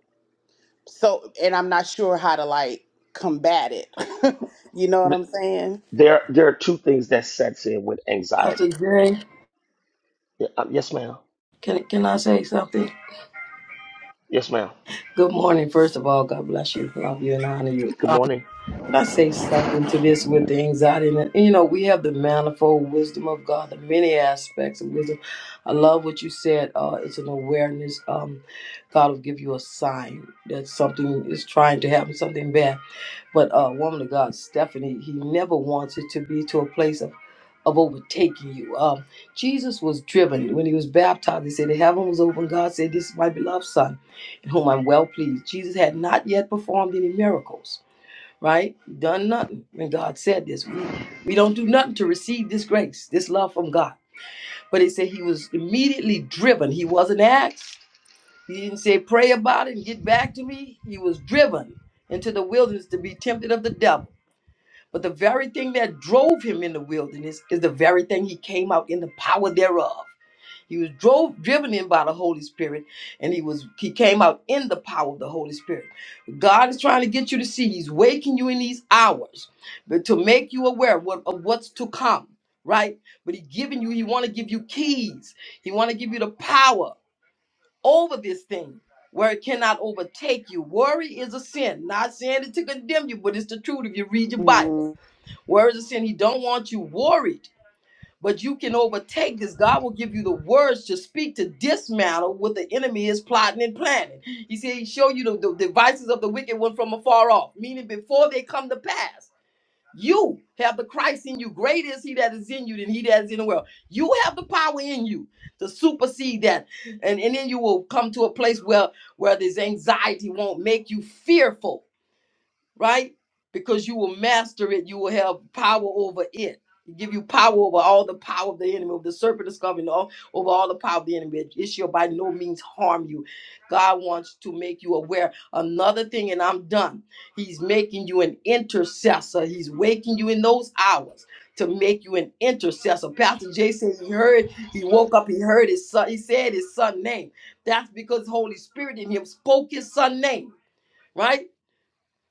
so and i'm not sure how to like combat it [laughs] you know what
th-
i'm saying
there, there are two things that sets in with
Pastor
anxiety.
Jay,
Yeah, uh, yes, ma'am.
can, can I say something?
Yes, ma'am.
Good morning. First of all, God bless you. Love you and honor you.
Good
Um,
morning.
can I say something to this with the anxiety? And, you know, we have the manifold wisdom of God, the many aspects of wisdom. I love what you said. Uh, it's an awareness. Um, God will give you a sign that something is trying to happen, something bad. But uh, woman of God, Stephanie, he never wants it to be to a place of, of overtaking you. Um, Jesus was driven when he was baptized. He said, The heaven was open. God said, This is my beloved Son, in whom I'm well pleased. Jesus had not yet performed any miracles, right? Done nothing. When God said this, we, we don't do nothing to receive this grace, this love from God. But he said he was immediately driven. He wasn't asked. He didn't say, Pray about it and get back to me. He was driven into the wilderness to be tempted of the devil. But the very thing that drove him in the wilderness is the very thing he came out in the power thereof. He was drove driven in by the Holy Spirit, and he was he came out in the power of the Holy Spirit. God is trying to get you to see. He's waking you in these hours, but to make you aware of, what, of what's to come, right? But he's giving you. He want to give you keys. He want to give you the power over this thing where it cannot overtake you. Worry is a sin. Not saying it to condemn you, but it's the truth if you read your Bible.
mm
Words of sin, he don't want you worried, but you can overtake this. God will give you the words to speak to dismantle what the enemy is plotting and planning. He said he show you the, the devices of the wicked one from afar off, meaning before they come to pass. You have the Christ in you. Greater is he that is in you than he that is in the world. You have the power in you to supersede that. And, and then you will come to a place where, where this anxiety won't make you fearful right? Because you will master it, you will have power over it. It give you power over all the power of the enemy, over the serpent of scorpion, all, over all the power of the enemy. It shall by no means harm you. God wants to make you aware. Another thing, and I'm done. He's making you an intercessor. He's waking you in those hours to make you an intercessor. Pastor Jay said he heard, he woke up, he heard his son, he said his son name. That's because Holy Spirit in him spoke his son name, right?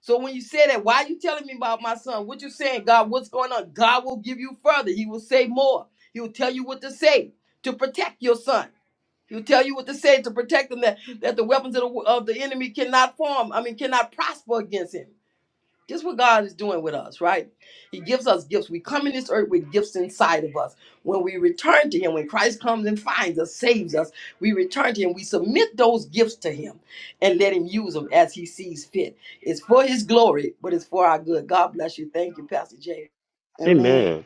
So when you say that, why are you telling me about my son? What you saying, God? What's going on? God will give you further. He will say more. He will tell you what to say to protect your son. He'll tell you what to say to protect him that, that the weapons of the, of the enemy cannot form, I mean, cannot prosper against him. Just what God is doing with us, right? He gives us gifts. We come in this earth with gifts inside of us. When we return to Him, when Christ comes and finds us, saves us, we return to Him. We submit those gifts to Him and let Him use them as He sees fit. It's for His glory, but it's for our good. God bless you. Thank you, Pastor Jay.
amen
Amen.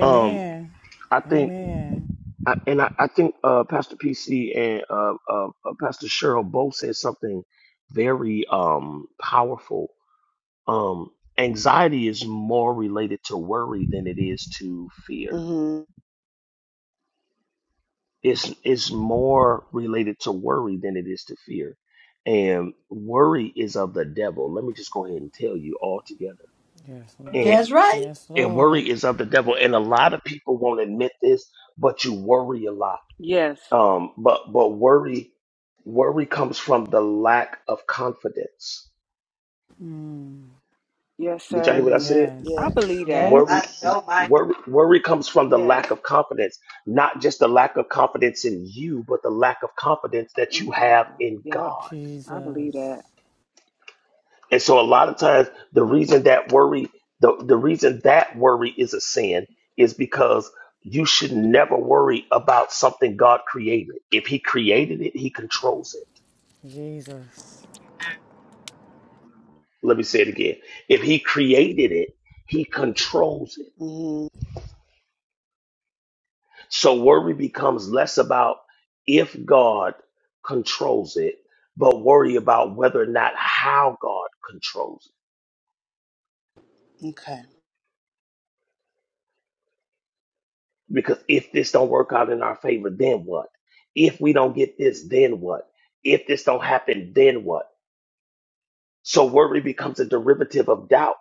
Um, I think,
Amen.
I, and I, I think uh, Pastor PC and uh, uh, uh, Pastor Cheryl both said something very um powerful um anxiety is more related to worry than it is to fear
mm-hmm.
it's it's more related to worry than it is to fear and worry is of the devil let me just go ahead and tell you all together
Yes, Lord.
and
That's right.
Yes,
and
Lord.
worry is of the devil and a lot of people won't admit this but you worry a lot
Yes.
um but but worry worry comes from the lack of confidence
Mm.
Yes,
did y'all hear what
sir.
i
Mm-hmm.
said
Yes.
I
yes
believe that.
Worry,
Yes.
worry, worry comes from the
Yes.
lack of confidence, not just the lack of confidence in you, but the lack of confidence that you
and
have
God.
in
Yup.
God.
I believe
Jesus.
that.
And so, a lot of times, the reason that worry, the, the reason that worry is a sin is because you should never worry about something God created. If He created it, He controls it.
Jesus.
Let me say it again. If He created it, He controls it.
mm-hmm.
So worry becomes less about if God controls it, but worry about whether or not how God controls
okay
it. Because if this don't work out in our favor, then what? If we don't get this, then what? If this don't happen, then what? So worry becomes a derivative of doubt.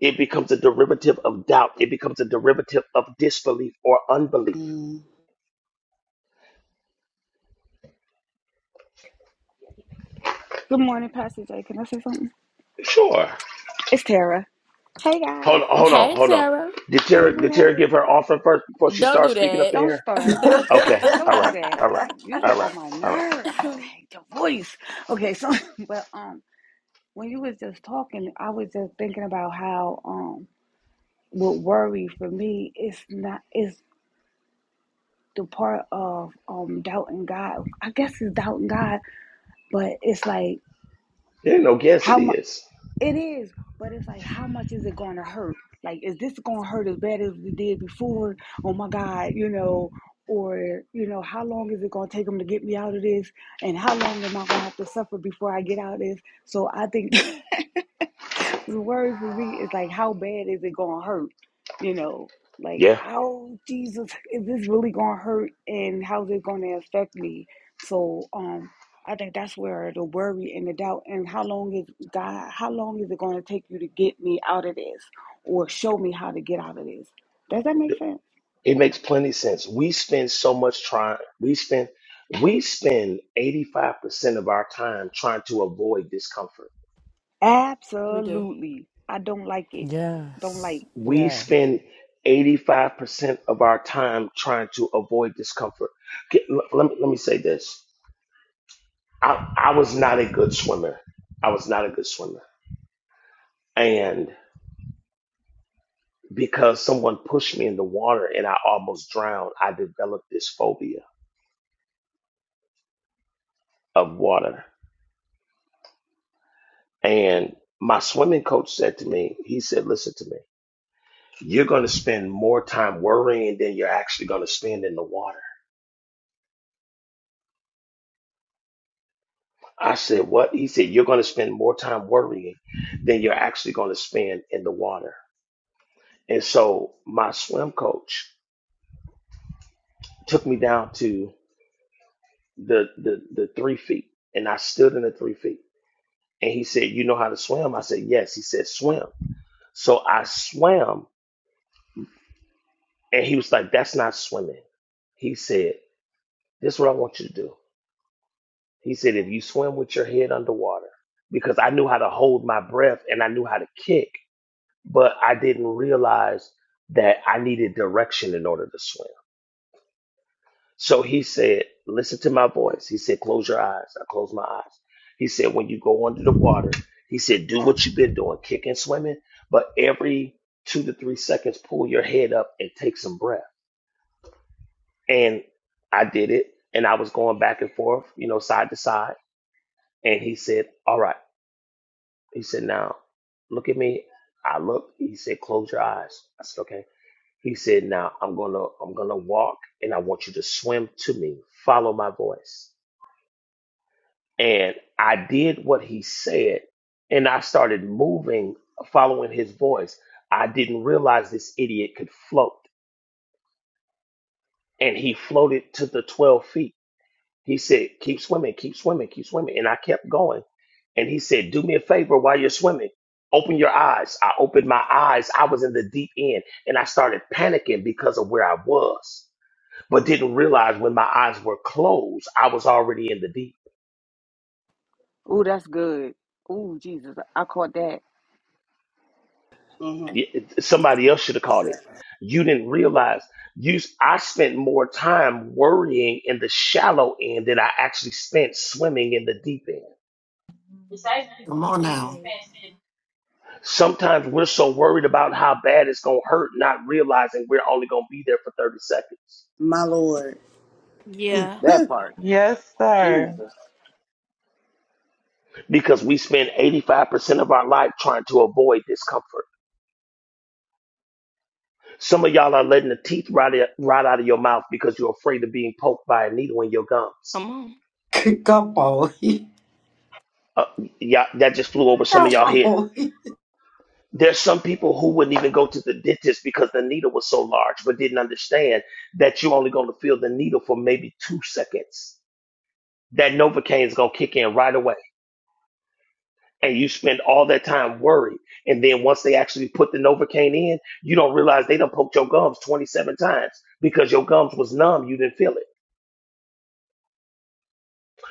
It becomes a derivative of doubt. It becomes a derivative of disbelief or unbelief.
mm-hmm.
Good morning, Pastor Jay. Can I say something?
Sure.
It's Tara. Hey guys.
Hold on, hold
Hey.
on,
Hey,
hold on.
Sarah.
Did
Hey
Tara,
boo
did Tara
hey.
give her offering first before she
Don't
starts
do
speaking up in
that.
Don't
here?
start.
[laughs]
I
Okay. All
don't do
right.
that.
[laughs]
All right.
You get
All right.
on my
All right.
nerve. I hate your voice. Okay, so [laughs] but um when you was just talking, I was just thinking about how um what worry for me is not is the part of um doubting God. I guess it's doubting God, but it's like
There ain't no guess
how
it
much.
is.
It is, but it's like, how much is it going to hurt? Like, is this going to hurt as bad as we did before? Oh my God, you know, or, you know, how long is it going to take them to get me out of this? And how long am I going to have to suffer before I get out of this? So I think. [laughs] So the word for me is like, how bad is it gonna hurt? You know, like,
Yeah.
oh Jesus, is this really gonna hurt? And how's it gonna affect me? So, um, I think that's where the worry and the doubt, and how long is God? How long is it gonna take you to get me out of this, or show me how to get out of this? Does that make sense?
It makes plenty sense. We spend so much trying we spend we spend 85% of our time trying to avoid discomfort.
Absolutely. I don't like it. Don't like.
Yes.
We
Yes.
spend 85% of our time trying to avoid discomfort. Get, l- let, me, let me say this. I, I was not a good swimmer. I was not a good swimmer. And because someone pushed me in the water and I almost drowned, I developed this phobia of water. And my swimming coach said to me, he said, listen to me, you're going to spend more time worrying than you're actually going to spend in the water. I said, what? He said, you're going to spend more time worrying than you're actually going to spend in the water. And so my swim coach took me down to the, the, the three feet and I stood in the three feet. And he said, you know how to swim? I said, yes. He said, swim. So I swam and he was like, that's not swimming. He said. This is what I want you to do. He said, if you swim with your head underwater, because I knew how to hold my breath and I knew how to kick, but I didn't realize that I needed direction in order to swim. So he said, listen to my voice. He said, close your eyes. I closed my eyes. He said, when you go under the water, he said, do what you've been doing, kicking, swimming, but every two to three seconds, pull your head up and take some breath. And I did it. And I was going back and forth, you know, side to side. And he said, All right. He said, Now look at me. I looked. He said, Close your eyes. I said, Okay. He said, Now I'm gonna I'm gonna walk and I want you to swim to me. Follow my voice. And I did what he said, and I started moving, following his voice. I didn't realize this idiot could float. And he floated to the 12 feet He said, keep swimming, keep swimming, keep swimming. And I kept going. And he said, do me a favor while you're swimming. Open your eyes. I opened my eyes. I was in the deep end and I started panicking because of where I was, but didn't realize when my eyes were closed, I was already in the deep.
Oh, that's good. Oh, Jesus, I caught that.
mm-hmm
Y- Somebody else should have called it. You didn't realize you, I spent more time worrying in the shallow end than I actually spent swimming in the deep end.
Come on now.
Sometimes we're so worried about how bad it's going to hurt, not realizing we're only going to be there for 30 seconds
my lord
Yeah,
That part.
Yes, sir.
Jesus.
because we spend 85% of our life trying to avoid discomfort. Some of y'all are letting the teeth rot, out- rot out of your mouth because you're afraid of being poked by a needle in your gums.
come
Come on.
Uh, yeah, that just flew over
[laughs]
some
Come
of y'all head.
on.
There's some people who wouldn't even go to the dentist because the needle was so large, but didn't understand that you're only going to feel the needle for maybe two seconds. That Novocaine is going to kick in right away and you spend all that time worried. And then once they actually put the Novocaine in, you don't realize they done poked your gums 27 times because your gums was numb. You didn't feel it.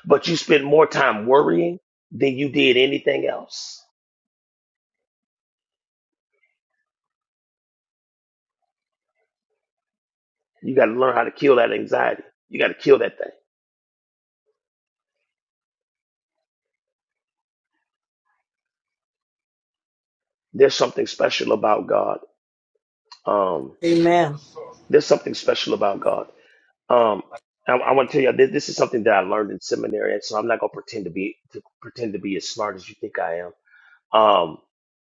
But you spend more time worrying than you did anything else. You got to learn how to kill that anxiety. You got to kill that thing. There's something special about God. Um,
Amen.
there's something special about God. Um, I, I want to tell you this, this is something that I learned in seminary, and so I'm not gonna pretend to be to pretend to be as smart as you think I am. Um,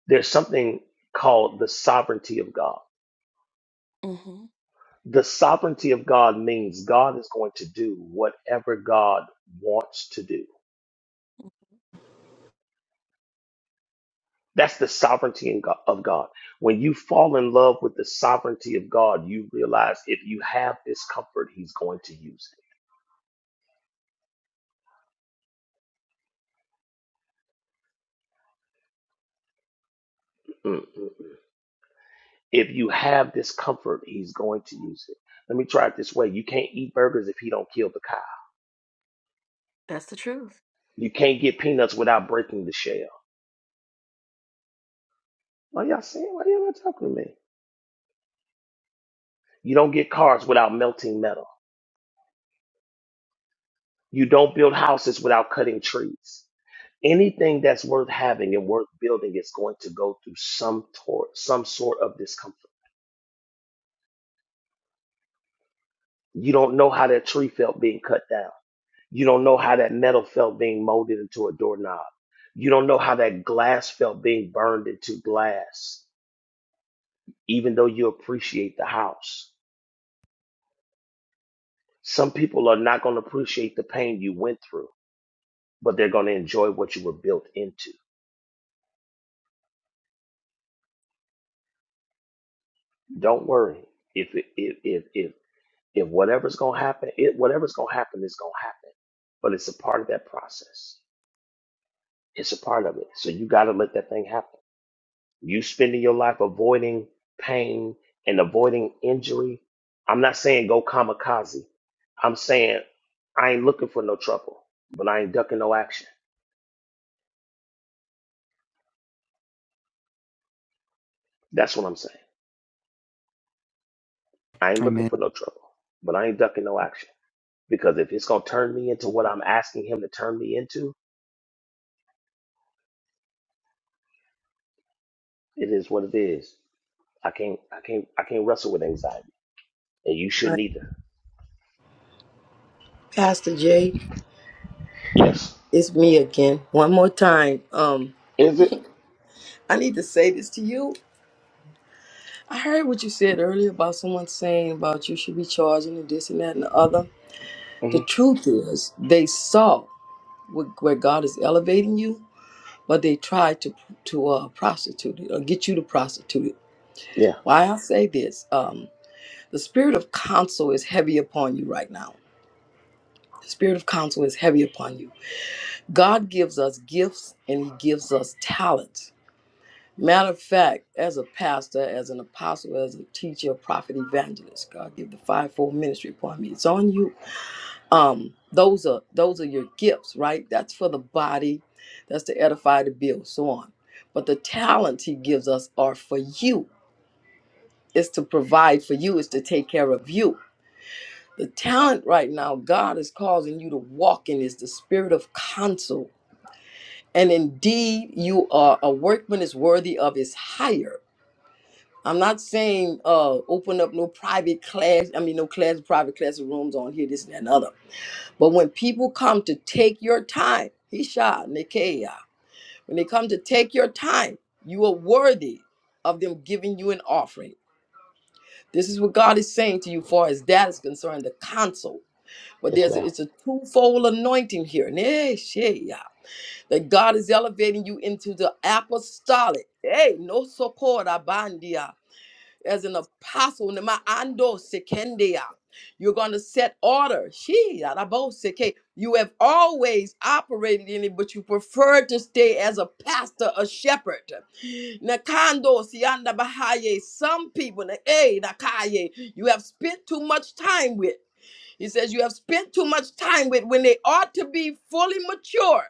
there's something called the sovereignty of God.
on.
The sovereignty of God means God is going to do whatever God wants to do. That's the sovereignty in Go- of God. When you fall in love with the sovereignty of God, you realize if you have discomfort, He's going to use it. Mm, mm, mm. If you have discomfort, He's going to use it. Let me try it this way: you can't eat burgers if He don't kill the cow. You can't get peanuts without breaking the shell. Why y'all saying? Why y'all not talking to me? You don't get cars without melting metal. You don't build houses without cutting trees. Anything that's worth having and worth building is going to go through some tor- some sort of discomfort. You don't know how that tree felt being cut down. You don't know how that metal felt being molded into a doorknob. You don't know how that glass felt being burned into glass, even though you appreciate the house. Some people are not going to appreciate the pain you went through, but they're going to enjoy what you were built into. Don't worry if if if if, If whatever's going to happen, it, whatever's going to happen is going to happen. But it's a part of that process. It's a part of it. So you got to let that thing happen. You spending your life avoiding pain and avoiding injury. I'm not saying go kamikaze. I'm saying I ain't looking for no trouble, but I ain't ducking no action. That's what I'm saying. I ain't looking
Amen.
for no trouble, but I ain't ducking no action. Because if it's gonna turn me into what I'm asking him to turn me into, it is what it is. I can't I can't I can't wrestle with anxiety. and you shouldn't either.
Pastor Jay,
Yes.
it's me again. One more time. Um,
Is it?
I need to say this to you. I heard what you said earlier about someone saying about you should be charging and this and that and the other.
hmm
The truth is, they saw wh- where God is elevating you, but they tried to to uh, prostitute it or get you to prostitute it.
Yeah.
Why I say this: um, the spirit of counsel is heavy upon you right now. The spirit of counsel is heavy upon you. God gives us gifts and He gives us talents Matter of fact, as a pastor, as an apostle, as a teacher, prophet, evangelist, God give the fivefold ministry upon me. It's on you. Um, those are those are your gifts, right? That's for the body, that's to edify, to build, so on. But the talents He gives us are for you. It's to provide for you. It's to take care of you. The talent right now, God is causing you to walk in is the spirit of counsel. And indeed, you are a workman is worthy of his hire I'm not saying uh open up no private class, I mean no class private class rooms on here, this and that and other. But when people come to take your time, Hisha, Nikea, when they come to take your time, you are worthy of them giving you an offering. This is what God is saying to you far as that is concerned, the counsel. But
Yes,
there's a,
ma'am.
it's a twofold anointing here. Ne shea, That God is elevating you into the apostolic. Hey, no socorra bandia as an apostle. Nema ando sekendia. You're going to set order. She, araboseke. You have always operated in it, but you prefer to stay as a pastor, a shepherd. Nakando sianda bahaye. Some people, na- eh, nakaye, you have spent too much time with. He says, You have spent too much time with when they ought to be fully mature.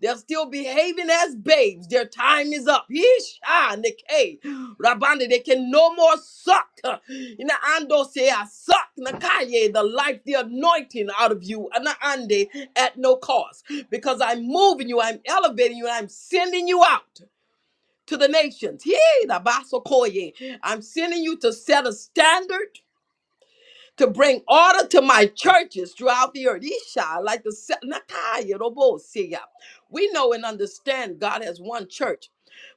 They're still behaving as babes. Their time is up. Yeesh, ah, Nikkei. Rabanda, they can no more suck. Ina ando say I suck Nakaye, the life, the anointing out of you. Ana ande at no cost. Because I'm moving you, I'm elevating you, and I'm sending you out to the nations. Yee, Rabasokoye. I'm sending you to set a standard to bring order to my churches throughout the earth. Isha, like the se- Nakaya, Robo, Siya. We know and understand God has one church.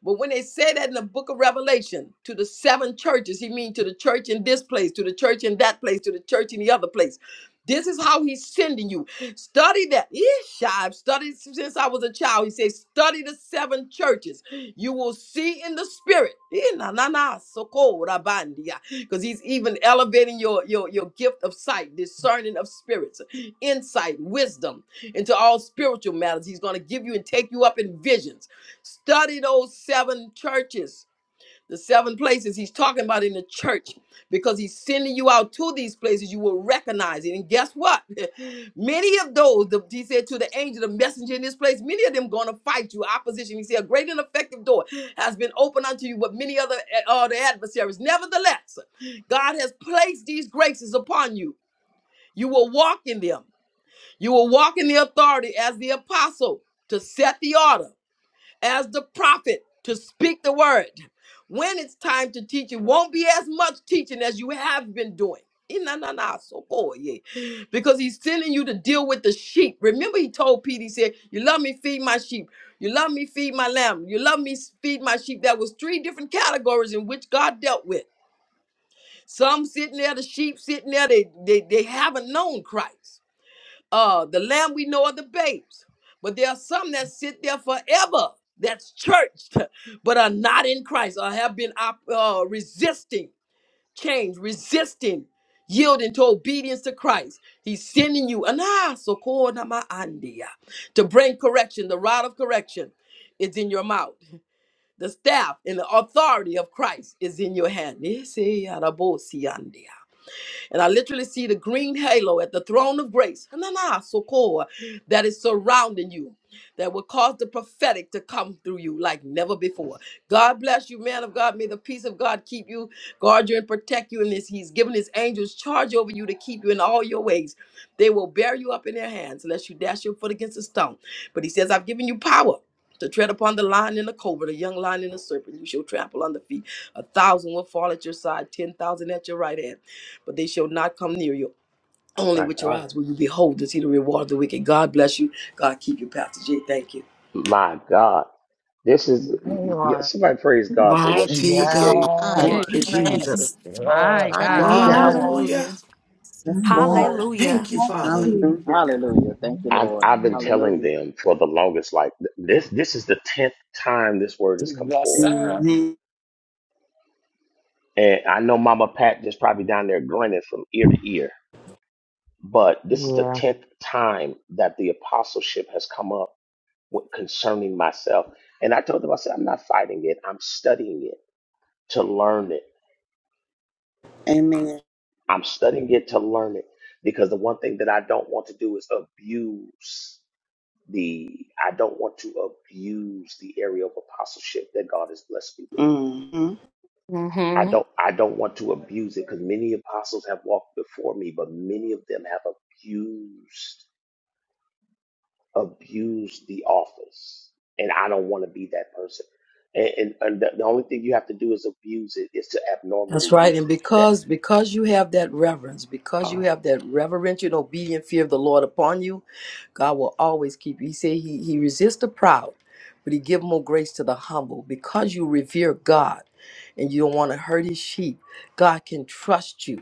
But when they say that in the book of Revelation to the seven churches, he means to the church in this place, to the church in that place, to the church in the other place. This is how he's sending you. Study that. Isha, I've studied since I was a child. He says, study the seven churches. You will see in the spirit. Eh, na, na, na, soko, rabandia because he's even elevating your, your your gift of sight discerning of spirits insight wisdom into all spiritual matters he's going to give you and take you up in visions study those seven churches the seven places he's talking about in the church because he's sending you out to these places you will recognize it and guess what [laughs] many of those the, he said to the angel the messenger in this place many of them going to fight you opposition he said a great and effective door has been opened unto you but many other uh, the adversaries nevertheless god has placed these graces upon you you will walk in them you will walk in the authority as the apostle to set the order as the prophet to speak the word. When it's time to teach, it won't be as much teaching as you have been doing. Ina na na, so cool, yeah. Because he's sending you to deal with the sheep. Remember, he told Peter, he said, You love me, feed my sheep. You love me, feed my lamb. You love me, feed my sheep. That was three different categories in which God dealt with. Some sitting there, the sheep sitting there, they, they, they haven't known Christ uh the lamb we know are the babes but there are some that sit there forever that's churched [laughs] but are not in christ or have been op- uh, resisting change resisting yielding to obedience to christ he's sending you "Ana sokona ma andia," to bring correction the rod of correction is in your mouth the staff and the authority of christ is in your hand Ese arabo si andia. And I literally see the green halo at the throne of grace, Hanana, Sokoa, that is surrounding you, that will cause the prophetic to come through you like never before. God bless you, man of God. May the peace of God keep you, guard you, and protect you in this. He's given his angels charge over you to keep you in all your ways. They will bear you up in their hands, lest you dash your foot against a stone. But he says, I've given you power to tread upon the lion and the cobra, the young lion and the serpent. You shall trample on the feet. A thousand will fall at your side, ten thousand at your right hand but they shall not come near you. Only
My
with your
God.
eyes will you behold and see the reward of the wicked. God bless you. God keep you, Pastor J. Thank you.
My God. This is yeah,
Lord.
somebody praise God for what she
Mighty
just
God.
gave.
Ah,
Thank
Hey,
lord
you,
thank you,
man.
Jesus.
Jesus.
Yes,
My
Lord.
My
mighty
God.
God.
Come
god
on.
Hallelujah.
yes lord
Thank you, Father.
Hallelujah.
hallelujah
Hallelujah. Thank you,
I've
Lord.
I've been telling
Hallelujah.
them for the longest. Like th- this, this is the tenth time this word has come
Yes,
forth,
sir.
Mm-hmm.
and I know Mama Pat just probably down there grinning from ear to ear. But this is the
Yeah.
tenth time that the apostleship has come up with concerning myself, and I told them I said I'm not fighting it. I'm studying it to learn it
Amen.
I'm studying it to learn it because the one thing that I don't want to do is abuse the I don't want to abuse the area of apostleship that God has blessed me with.
Mm-hmm.
hmm
I don't I don't want to abuse it because many apostles have walked before me, but many of them have abused abused the office. And I don't want to be that person. And, and, and the, the only thing you have to do is abuse it, is to abnormally
That's right.
use
And
it. That
because because you have that reverence, because you
oh
have that reverential and obedient fear of the Lord upon you, God will always keep you. He said he, he resists the proud, but he give more grace to the humble. Because you revere God and you don't want to hurt his sheep, God can trust you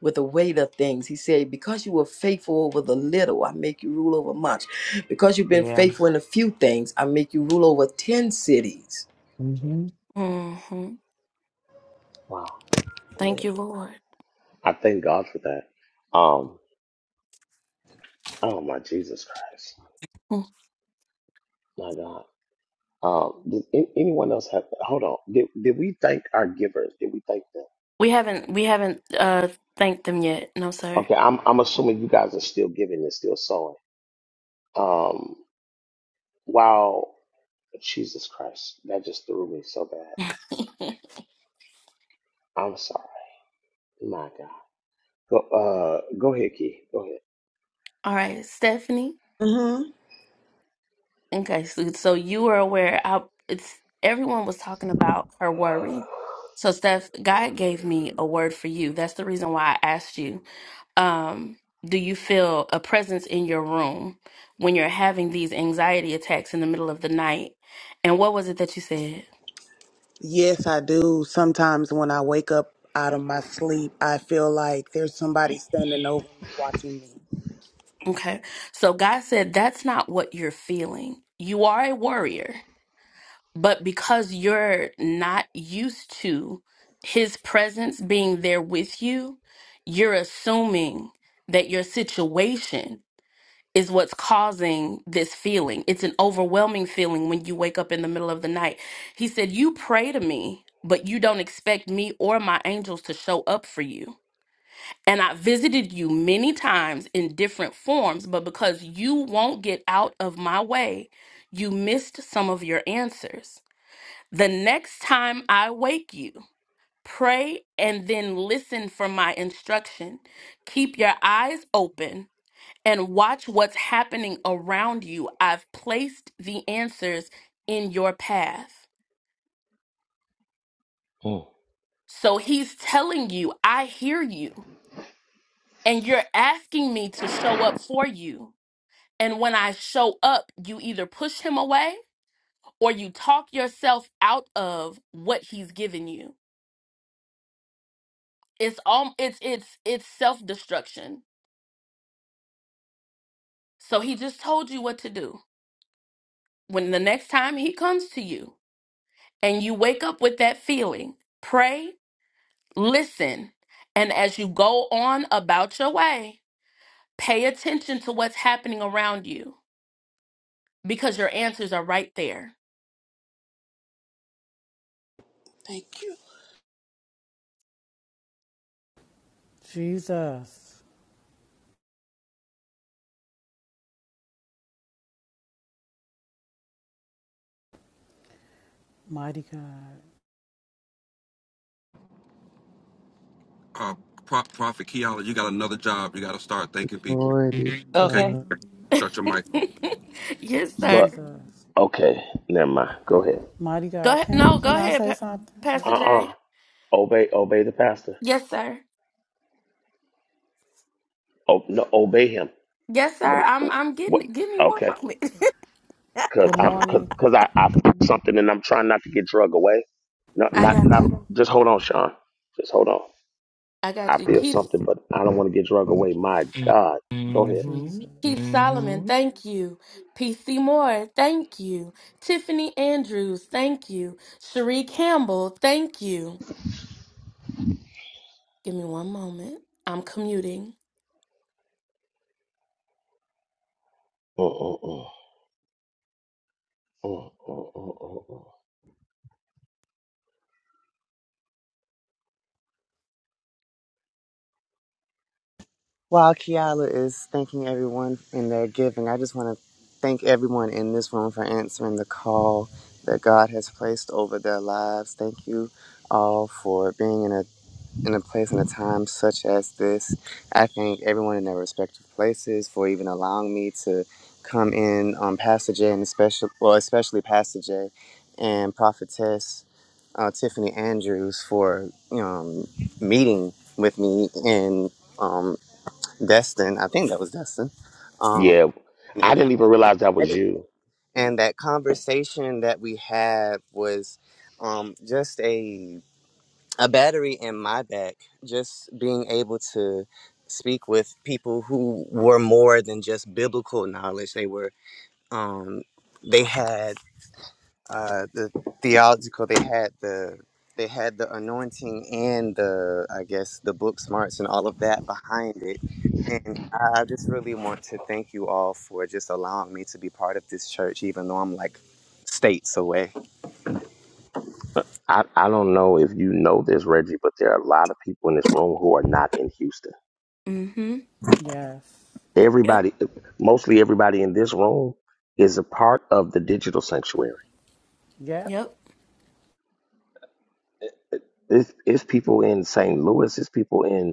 with the weight of things. He said, Because you were faithful over the little, I make you rule over much. Because you've been
Yeah.
faithful in a few things, I make you rule over 10 cities.
hmm
hmm hmm
wow.
Thank you, Lord.
I thank God for that. Um, Oh my Jesus Christ,
Mm.
my God. Um, did a- anyone else have? Hold on. Did did we thank our givers? Did we thank them?
We haven't we haven't uh thanked them yet. No, sir.
Okay, I'm I'm assuming you guys are still giving and still sowing. Um, wow, Jesus Christ, that just threw me so bad. I'm sorry, my God. Go uh, go ahead, Key. Go ahead.
All right, Stephanie.
Mm-hmm.
Okay, so, so you were aware. I it's everyone was talking about her worry. So Steph, God gave me a word for you. That's the reason why I asked you. Um, do you feel a presence in your room when you're having these anxiety attacks in the middle of the night? And what was it that you said?
Yes, I do. Sometimes when I wake up out of my sleep, I feel like there's somebody standing over me watching me.
Okay. So God said that's not what you're feeling. You are a worrier. But because you're not used to his presence being there with you, you're assuming that your situation is what's causing this feeling. It's an overwhelming feeling when you wake up in the middle of the night. He said, You pray to me, but you don't expect me or my angels to show up for you. And I visited you many times in different forms, but because you won't get out of my way, you missed some of your answers. The next time I wake you, pray and then listen for my instruction. Keep your eyes open and watch what's happening around you. I've placed the answers in your path.
Mm.
So he's telling you, I hear you, and you're asking me to show up for you. And when I show up, you either push him away or you talk yourself out of what he's given you. It's all it's it's it's self-destruction So he just told you what to do. When the next time he comes to you and you wake up with that feeling, pray, listen, and as you go on about your way, pay attention to what's happening around you because your answers are right there.
Thank you.
Jesus. Mighty God.
uh, Pro- Prophet Keala, you got another job. You got to start thanking people.
Glory be to
Okay,
Okay.
God.
shut your mic. off.
[laughs] yes, sir.
But
Jesus.
okay, never mind. Go ahead.
Mighty
Go
God.
ahead.
Can,
No,
can
go
I
ahead,
say
Pa-
something? Uh,
Uh
Pastor
uh
Jay.
obey obey the pastor.
Yes, sir.
Oh no, obey him.
Yes,
What?
sir. I'm
he-
I'm getting
What?
it. Give me one
okay.
moment.
because
good
I'm because
morning.
cause 'cause I I felt something and I'm trying not to get drug away. Not
[laughs] I
not
got
not.
you.
Just hold on, Sean. Just hold on.
[laughs] I
I
got you.
feel
Keith.
something, but I don't want to get drug away. My God, go ahead.
Mm-hmm.
Jesus.
Keith Solomon,
Mm-hmm.
thank you. PC Moore, thank you. Tiffany Andrews, thank you. Cherie Campbell, thank you. Give me one moment. I'm commuting.
Mm, mm, mm, mm, mm, mm, mm, mm.
While Kiala is thanking everyone in their giving, I just want to thank everyone in this room for answering the call that God has placed over their lives. Thank you all for being in a in a place and a time such as this. I thank everyone in their respective places for even allowing me to come in on Pastor Jay and especially well, especially Pastor Jay and Prophetess uh, Tiffany Andrews for um, meeting with me and um, Destin. I think that was Destin. Um,
Yeah, I
and
didn't even realize that was you.
and that conversation that we had was um, just a a battery in my back. Just being able to speak with people who were more than just biblical knowledge. They were um, they had uh, the theological. They had the they had the anointing and the I guess the book smarts and all of that behind it. And I I just really want to thank you all for just allowing me to be part of this church, even though I'm like states away.
I, I don't know if you know this, Reggie, but there are a lot of people in this room who are not in Houston.
Mm-hmm.
Yes.
Yep.
Everybody, mostly everybody in this room, is a part of the digital sanctuary.
Yep.
Yep.
It's, it's people in St. Louis. It's people in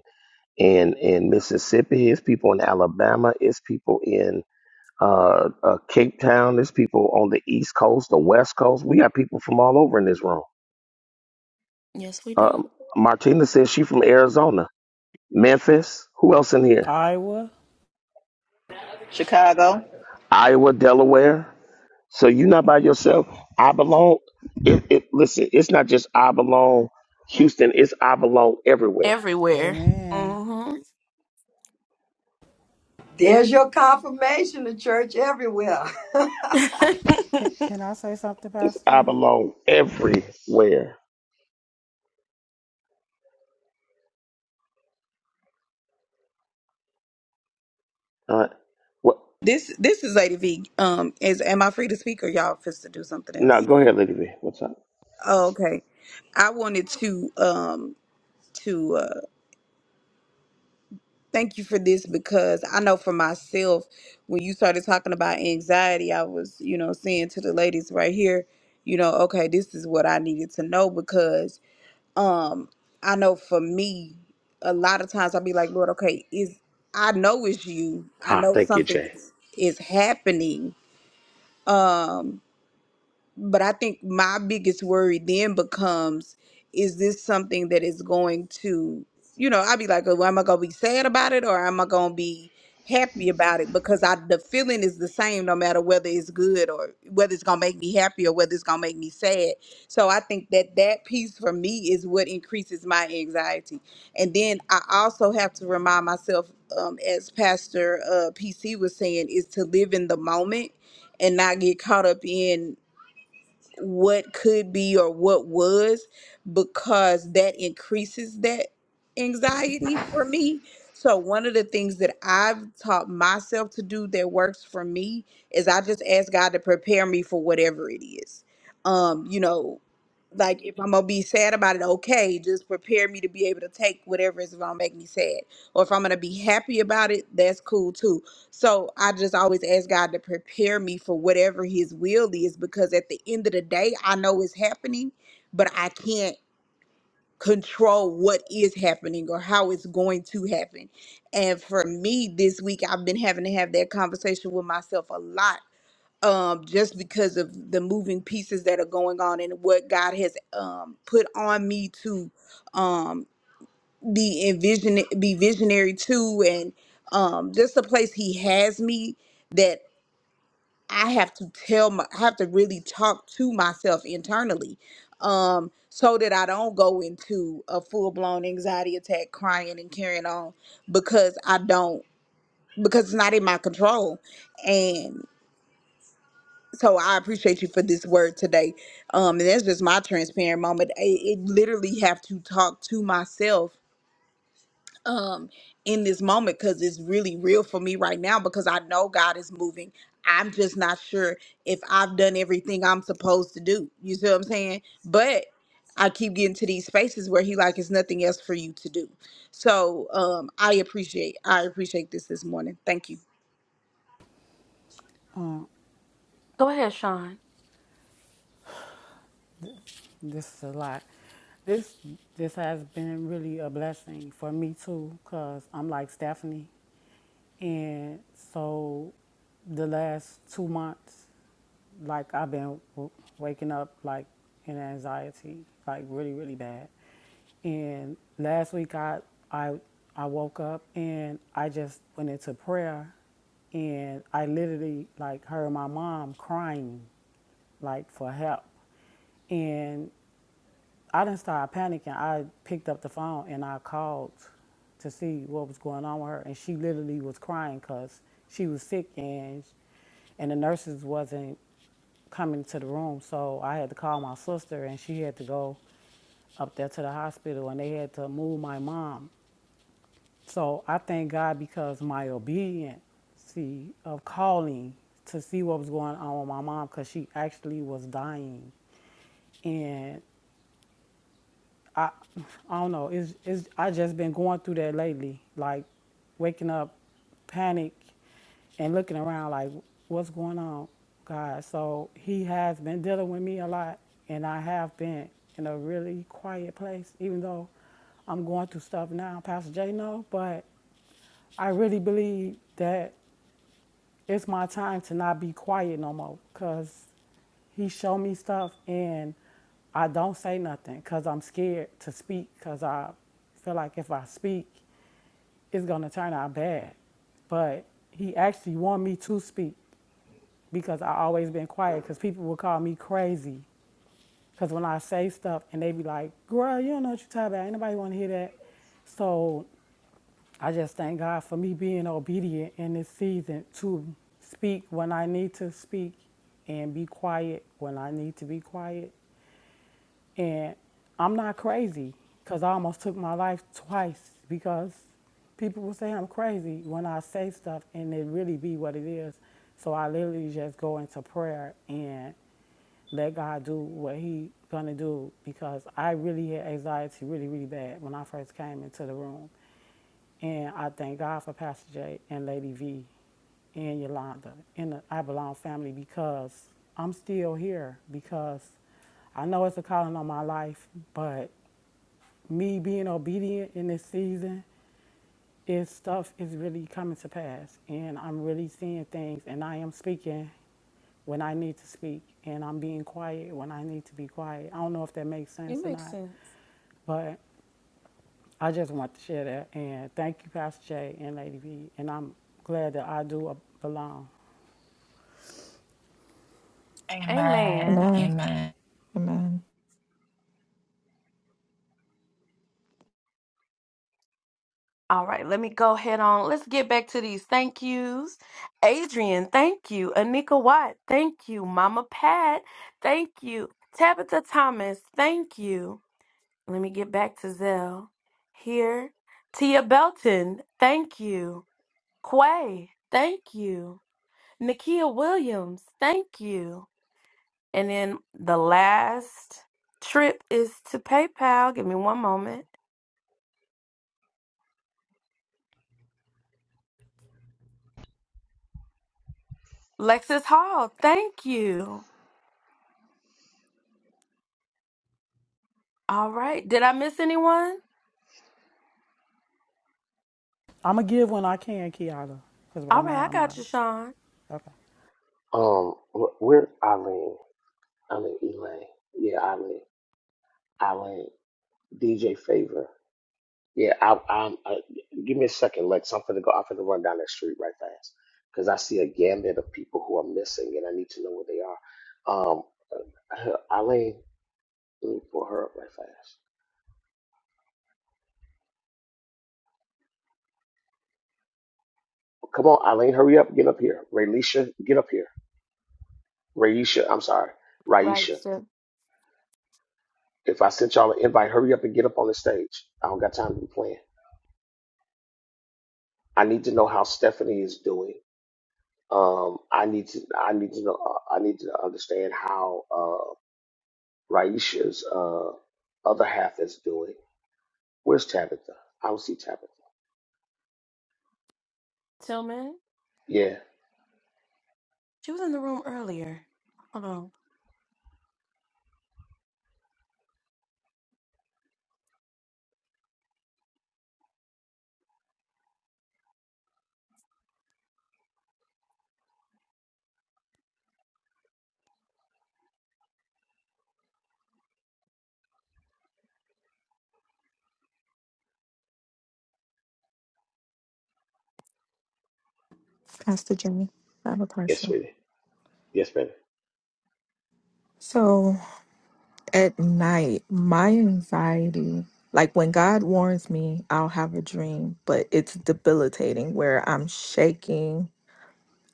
in in Mississippi. It's people in Alabama. It's people in uh, uh, Cape Town. There's people on the East Coast, the West Coast. We got people from all over in this room.
Yes, we do.
Um, Martina says she's from Arizona, Memphis. Who else in here?
Iowa.
Chicago.
Iowa, Delaware. So you're not by yourself. I belong. It, it, listen, it's not just I belong Houston. It's I belong everywhere.
Everywhere.
Amen.
Mm-hmm.
There's your confirmation, the church everywhere.
[laughs]
Can, can I say something,
It's I
Pastor?
belong everywhere. Uh, what?
This this is Lady V. Um, is am I free to speak or y'all fist to do something
No,
else?
go ahead, Lady B. What's up?
Oh, okay. I wanted to um to uh thank you for this because I know for myself when you started talking about anxiety, I was, you know, saying to the ladies right here, you know, okay, this is what I needed to know because um i know for me a lot of times i'll be like lord okay is i know it's you i
Ah,
know
thank you,
something
Jay.
is, is happening Um, but I think my biggest worry then becomes is this something that is going to, you know, I'd be like, oh, am I going to be sad about it or am I going to be happy about it? Because I, the feeling is the same no matter whether it's good or whether it's going to make me happy or whether it's going to make me sad. So I think that that piece for me is what increases my anxiety. And then I also have to remind myself, um, as Pastor uh, PC was saying, is to live in the moment and not get caught up in what could be or what was because that increases that anxiety for me. So one of the things that I've taught myself to do that works for me is I just ask God to prepare me for whatever it is. Um, you know, like if I'm gonna be sad about it, okay, just prepare me to be able to take whatever is gonna make me sad. Or if I'm gonna be happy about it, that's cool too so I just always ask God to prepare me for whatever His will is because at the end of the day, I know it's happening, but I can't control what is happening or how it's going to happen. And for me, this week, I've been having to have that conversation with myself a lot. Um, just because of the moving pieces that are going on and what God has um, put on me to um, be envision, be visionary to, and um, just the place He has me that. I have to tell my, I have to really talk to myself internally, um, so that I don't go into a full blown anxiety attack, crying and carrying on because I don't because it's not in my control. And so I appreciate you for this word today. Um, and that's just my transparent moment. I, it literally have to talk to myself um in this moment because it's really real for me right now because I know God is moving. I'm just not sure if I've done everything I'm supposed to do. You see what I'm saying? But I keep getting to these spaces where he like it's nothing else for you to do. So um I appreciate I appreciate this this morning. Thank you.
Go ahead, Sean.
This is a lot. This this has been really a blessing for me too, cause I'm like Stephanie, and so the last two months, like I've been w- waking up like in anxiety, like really really bad. And last week I I I woke up and I just went into prayer, and I literally like heard my mom crying like for help. And I didn't start panicking. I picked up the phone and I called to see what was going on with her. And she literally was crying because she was sick and and the nurses wasn't coming to the room. So I had to call my sister and she had to go up there to the hospital and they had to move my mom. So I thank God because my obedience of calling to see what was going on with my mom because she actually was dying. And I, I don't know. It's, it's I just been going through that lately, like waking up, panic, and looking around like what's going on, God. So He has been dealing with me a lot, and I have been in a really quiet place, even though I'm going through stuff now. Pastor Jay, no, but I really believe that it's my time to not be quiet no more because he showed me stuff and I don't say nothing because I'm scared to speak because I feel like if I speak, it's going to turn out bad. But he actually wanted me to speak because I always been quiet because people would call me crazy because when I say stuff and they be like, girl, you don't know what you're talking about. Ain't nobody want to hear that. So I just thank God for me being obedient in this season to speak when I need to speak and be quiet when I need to be quiet. And I'm not crazy because I almost took my life twice because people will say I'm crazy when I say stuff and it really be what it is. So I literally just go into prayer and let God do what he gonna do because I really had anxiety really, really bad when I first came into the room. And I thank God for Pastor Jay and Lady V and Yolanda and the I Belong family because I'm still here because I know it's a calling on my life, but me being obedient in this season is stuff is really coming to pass and I'm really seeing things and I am speaking when I need to speak and I'm being quiet when I need to be quiet. I don't know if that makes sense or not, but I just want to share that and thank you, Pastor Jay and Lady B. And I'm glad that I do belong.
Amen.
Amen.
Amen.
Amen.
Amen.
All right, let me go ahead on. Let's get back to these thank yous. Adrian, thank you. Anika Watt, thank you. Mama Pat, thank you. Tabitha Thomas, thank you. Let me get back to Zell here. Tia Belton, thank you. Quay, thank you. Nakia Williams, thank you. And then the last trip is to PayPal. Give me one moment. Lexus Hall, thank you. All right. Did I miss anyone?
I'm going to give when I can, Kiana, because right
All right,
now
I
I'm not.
got you, Sean.
Okay.
Um, wh- where Eileen? Eileen Elaine. Yeah, Eileen. Eileen. DJ Favor. Yeah, I, I'm. Uh, give me a second, Lex. I'm finna go. I'm finna run down that street right fast because I see a gambit of people who are missing, and I need to know where they are. Um, her- Eileen, let me pull her up right fast. Come on, Eileen, hurry up, get up here. Raylisha, get up here. Raisha, I'm sorry,
Right,
Raisha.
sir.
If I sent y'all an invite, hurry up and get up on the stage. I don't got time to be playing. I need to know how Stephanie is doing Um, I need to I need to know uh, I need to understand how uh, Raisha's uh, other half is doing. Where's Tabitha? I don't see Tabitha.
Tillman.
Yeah.
She was in the room earlier. Hold on.
Pastor Jenny, I have a
Yes,
question.
sweetie. Yes, baby.
So at night, my anxiety, like when God warns me, I'll have a dream, but it's debilitating where I'm shaking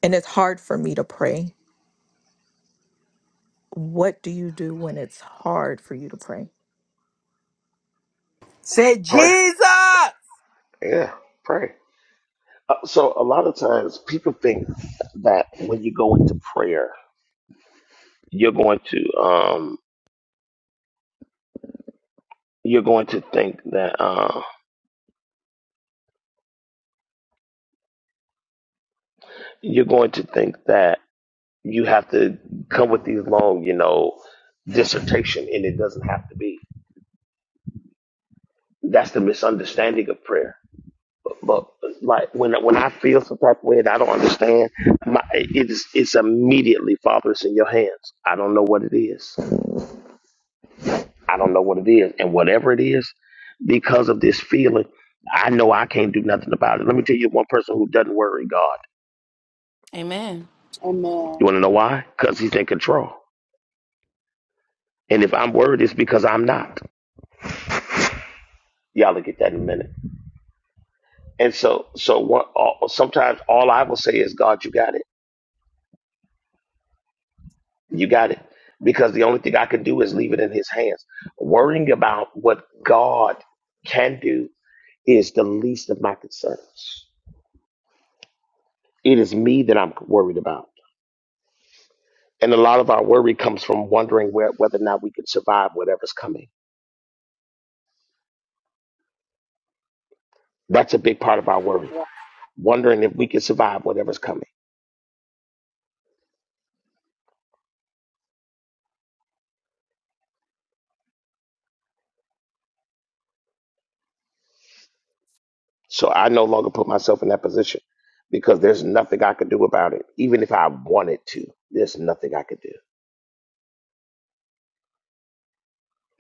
and it's hard for me to pray. What do you do when it's hard for you to pray?
[laughs] Say
Pray.
Jesus!
Yeah. Pray. Uh, so a lot of times people think that when you go into prayer, you're going to um you're going to think that uh you're going to think that you have to come with these long, you know, dissertation and it doesn't have to be. That's the misunderstanding of prayer. But like when when I feel some type of way and I don't understand, my, it's it's immediately Father, it's in your hands. I don't know what it is. I don't know what it is, and whatever it is, because of this feeling, I know I can't do nothing about it. Let me tell you one person who doesn't worry God.
Amen.
Amen. Well,
You want to know why? Because He's in control. And if I'm worried, it's because I'm not. Y'all will get that in a minute. And so so what? All, sometimes all I will say is, God, you got it. You got it. Because the only thing I can do is leave it in his hands. Worrying about what God can do is the least of my concerns. It is me that I'm worried about. And a lot of our worry comes from wondering where, whether or not we can survive whatever's coming. That's a big part of our worry, wondering if we can survive whatever's coming. So I no longer put myself in that position because there's nothing I can do about it. Even if I wanted to, there's nothing I could do.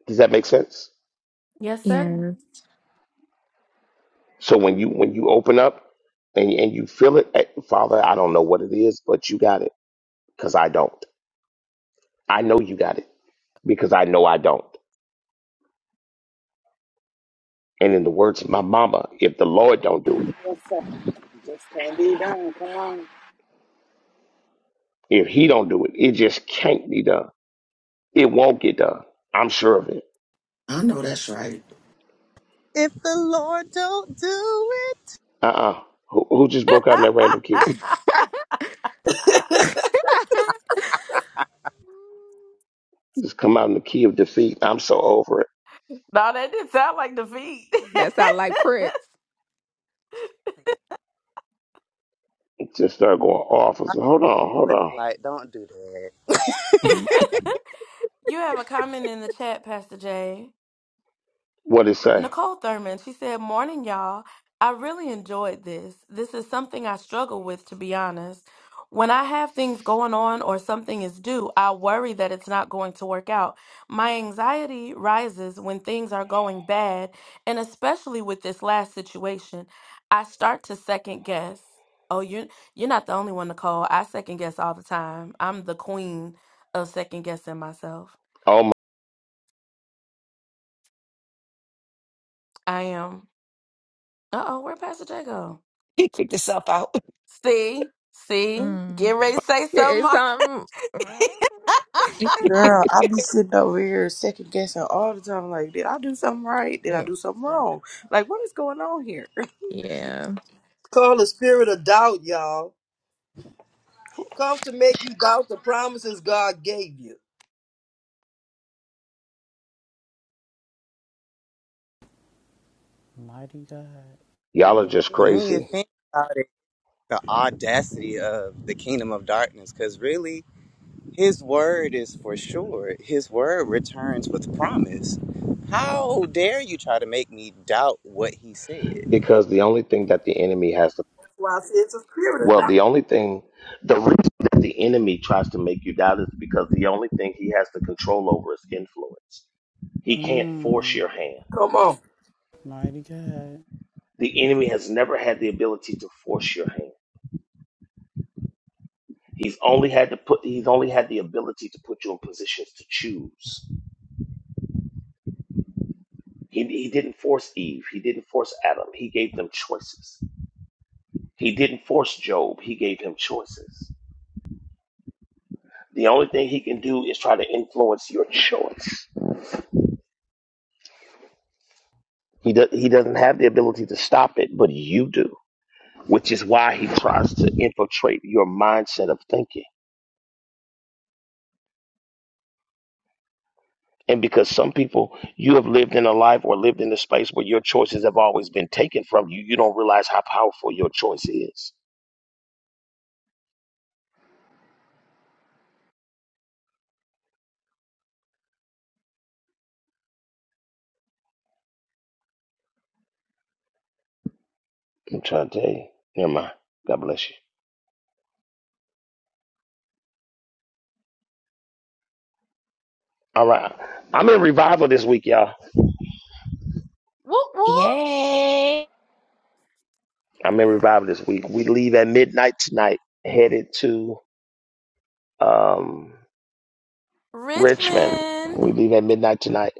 Does that make sense?
Yes, sir.
Yes.
So when you when you open up and, and you feel it, eh, Father, I don't know what it is, but you got it because I don't. I know you got it because I know I don't. And in the words of my mama, if the Lord don't do it,
yes, sir. Just can't be done. Come on.
if He don't do it, it just can't be done. It won't get done. I'm sure of it.
I know that's right.
If the Lord don't do it,
Uh uh Who, who just broke out in that random key?
[laughs]
Just come out in the key of defeat. I'm so over it.
No, that didn't sound like defeat.
that sound like Prince.
It Just start going off. I
I
said, hold on, hold
was
on.
like, don't do that. [laughs]
[laughs] you have a comment in the chat, Pastor Jay.
What did it say?
Nicole Thurman, she said, Morning, y'all. I really enjoyed this. This is something I struggle with, to be honest. When I have things going on or something is due, I worry that it's not going to work out. My anxiety rises when things are going bad, and especially with this last situation, I start to second guess. Oh, you're you're not the only one, Nicole. I second guess all the time. I'm the queen of second guessing myself.
Oh my,
I am. Uh oh, where'd Pastor J go?
He picked himself out.
See, see, get
Mm.
ready to say
It
something.
is
Ma.
something. Mm.
Girl, I be sitting over here second guessing all the time. Like, did I do something right? Did I
Mm,
do something wrong? Like, what is going on here?
[laughs] Yeah.
Call the spirit of doubt, y'all. Comes to make you doubt the promises God gave you.
Mighty God.
y'all are just
And when you
crazy
think about it, the audacity of the kingdom of darkness, because really. His word is for sure. His word returns with promise. How dare you try to make me doubt what he said?
because the only thing that the enemy has.
That's why I say it's a spirit of
Well, the
doubt.
only thing, the reason that the enemy tries to make you doubt is because the only thing he has the control over is influence. He can't force
Mm,
your hand.
Come on.
mighty God.
The enemy has never had the ability to force your hand. He's only had to put. He's only had the ability to put you in positions to choose. He, he didn't force Eve. He didn't force Adam. He gave them choices. He didn't force Job. He gave him choices. The only thing he can do is try to influence your choice. He, do, he doesn't have the ability to stop it, but you do. which is why he tries to infiltrate your mindset of thinking. And because some people, you have lived in a life or lived in a space where your choices have always been taken from you, you don't realize how powerful your choice is. I'm trying to tell you. Never mind. God bless you. All right. I'm in revival this week, y'all.
Whoop whoop,
Yay.
I'm in revival this week. We leave at midnight tonight, headed to um, Richmond.
Richmond.
We leave at midnight tonight.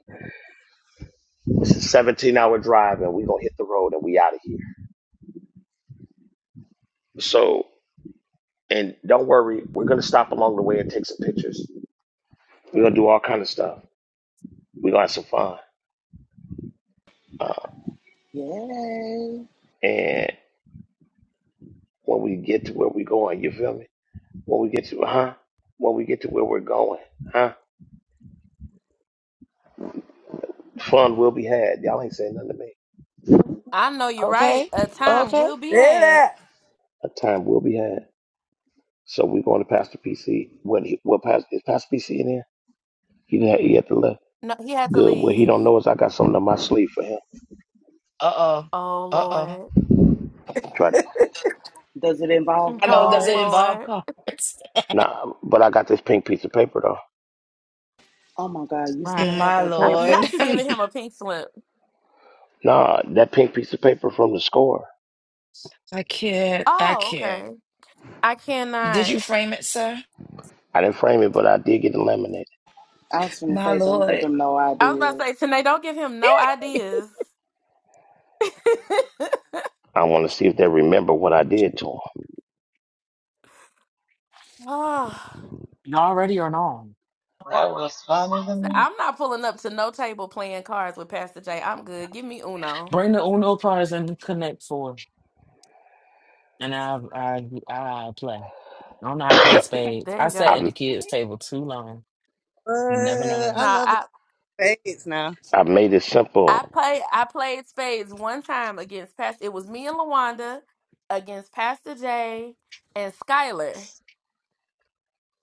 It's a 17 hour drive, and we're going to hit the road and we out of here. So And don't worry, we're gonna stop along the way and take some pictures. We're gonna do all kind of stuff. We're gonna have some fun. Uh,
Yay.
and when we get to where we're going, you feel me? When we get to huh? When we get to where we're going, huh? Fun will be had. Y'all ain't saying nothing to me.
I know you're right.
Okay.
A time
Okay.
will be had.
Say
A time will be had. So we're going to Pastor PC. When he what Pastor is Pastor PC in there? He didn't have, he had to left.
No, he had to
Good. What he
leave.
don't know is I got something in my sleeve for him.
Uh oh.
Oh
Uh oh.
Lord,
Try
Does it involve
[laughs]
I know it
oh
doesn't
cards?
involve
Lord.
cards.
nah, but I got this pink piece of paper though.
Oh my God, you
Right.
still have
My
that
That'll
Lord.
paper?
Not
[laughs]
you giving
I
him a pink slip.
Nah, that pink piece of paper from the score.
can't. I
Oh,
can't.
okay. I
Did you
cannot.
frame it, sir?
I didn't frame it, but I did get eliminated.
I was going to
My
say, don't give
Lord.
him no
I was about
idea.
to say, Tanae, don't give him no ideas. [laughs]
I want to see if they remember what I did to
oh,
Y'all ready or not?
That was funny to me.
I'm not pulling up to no table playing cards with Pastor J. I'm good. Give me Uno.
Bring the Uno cards and connect four. And I I I play. I don't know how to play
them.
spades.
There
I
you
[coughs]
sat at
go.
I
the kids' table too long.
Uh,
Never learned.
I love
No,
a fades now.
I made it
I
simple.
play I played spades one time against Pastor. It was me and Lawanda against Pastor Jay and Skylar.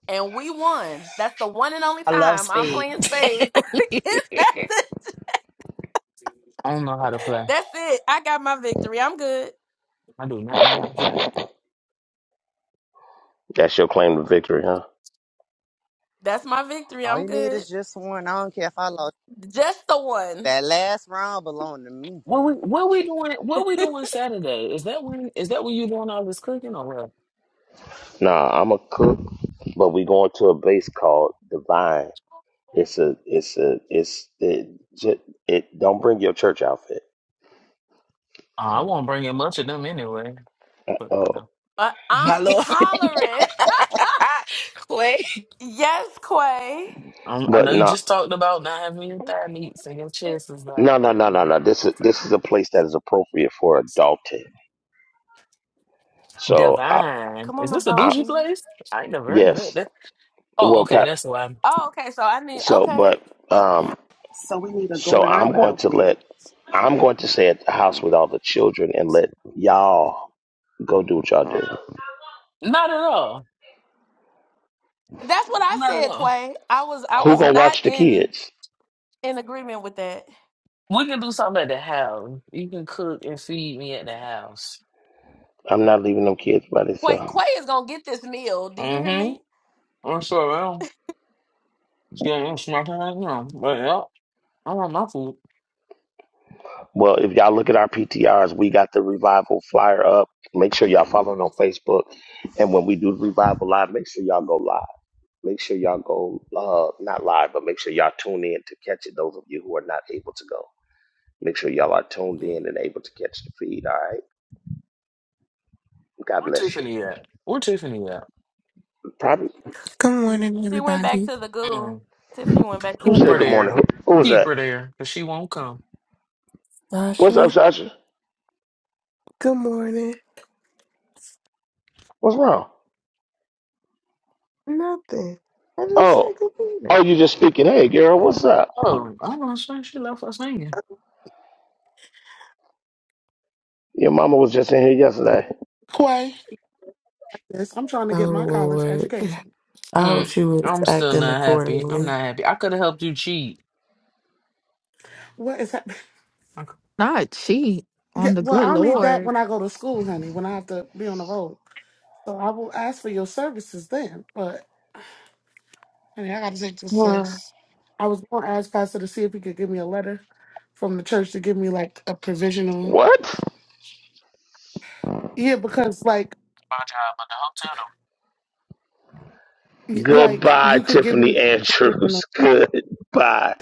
And we won. That's the one and only
I love
time I'm
speed.
playing
[laughs]
spades [laughs] against Pastor. Jay.
I don't know how to play.
That's it. I got my victory. I'm good.
I do not know how to play.
That's your claim to victory, huh?
That's my victory.
All
I'm
you need
good.
is just one. I don't care if I lost
Just the one.
that last round belonged to me.
What we what we doing what we
[laughs]
doing Saturday? Is that when is that when you doing all this cooking or what?
Nah, I'm a cook, but we going to a base called Divine. It's a it's a it's it it, it don't bring your church outfit.
Uh, I won't bring in much of them anyway. But
Oh,
I know.
Uh,
My
I'm
Lord.
hollering.
[laughs] Quay.
[laughs] yes, Quay.
Um, I
but
know you
no,
just talked about not having your thigh meats and your chest is out,
no, no,
but
no, no,
you
no.
know, I
This is
it's, say
this is a
no.
place that is appropriate for adulting. So I,
Divine.
Come
Is
on,
this a
adult
I
bougie place? I ain't never heard of that.
yes.
That- Oh,
Well,
okay,
Pat.
that's why.
Oh, okay. So I need
So,
okay.
but um,
So we need a
So
going
I'm
out
going to
outfit.
let I'm going to stay at the house with all the children and let y'all go do what y'all do.
Not at all.
That's what I
Not at
said,
all.
Quay. I was I
Who
was
gonna
not
watch the
in.
kids?
in agreement with that.
We can do something at the house. You can cook and feed me at the house.
I'm not leaving them kids by
Wait,
themselves.
Quay is gonna get this meal. Do you hear
Mm-hmm.
me?
What's up, man? Yeah, I'm sorry, I don't. She ain't smacking right now. But yeah, I want my food.
Well, if y'all look at our PTRs, we got the revival flyer up. Make sure y'all following on Facebook. And when we do revival live, make sure y'all go live. Make sure y'all go uh not live, but make sure y'all tune in to catch it. Those of you who are not able to go, make sure y'all are tuned
Yeah.
in and able to catch the feed. All right. God
Where
bless you.
Tiffany at? Where Tiffany at?
Probably
Good morning,
She went back
everybody.
to the goo.
Mm.
Tiffany went back to
Who
the
Keep
said
her
good
goo.
morning?
there.
Who, who was
Keep
that?
her there, because she won't come.
What's up,
Sasha,
Sasha?
good morning.
What's wrong?
Nothing. I just
Oh,
said good morning.
oh, you just speaking. Hey, girl, what's up?
Oh, I don't know. She she left us hanging.
Your mama was just in here yesterday.
Quay, yes, I'm trying to
Oh,
get my college
Lord.
education.
I hope
Mm,
she was
I'm still
acting
not happy. I'm
accordingly.
not happy. I could have helped you cheat.
What is that? [laughs]
I could-
not cheat on
Yeah,
the
well,
good
I'll need that
Lord.
when I go to school, honey, when I have to be on the road. So I will ask for your services then. But, honey, I got to take this
Well,
test.
my
I was going to ask Pastor to see if he could give me a letter from the church to give me, like, a provisional.
What?
Yeah, because, like,
job at the hotel. though.
y- like
Goodbye,
you could give me
Tiffany
a
Andrews.
provisional.
[laughs] Goodbye.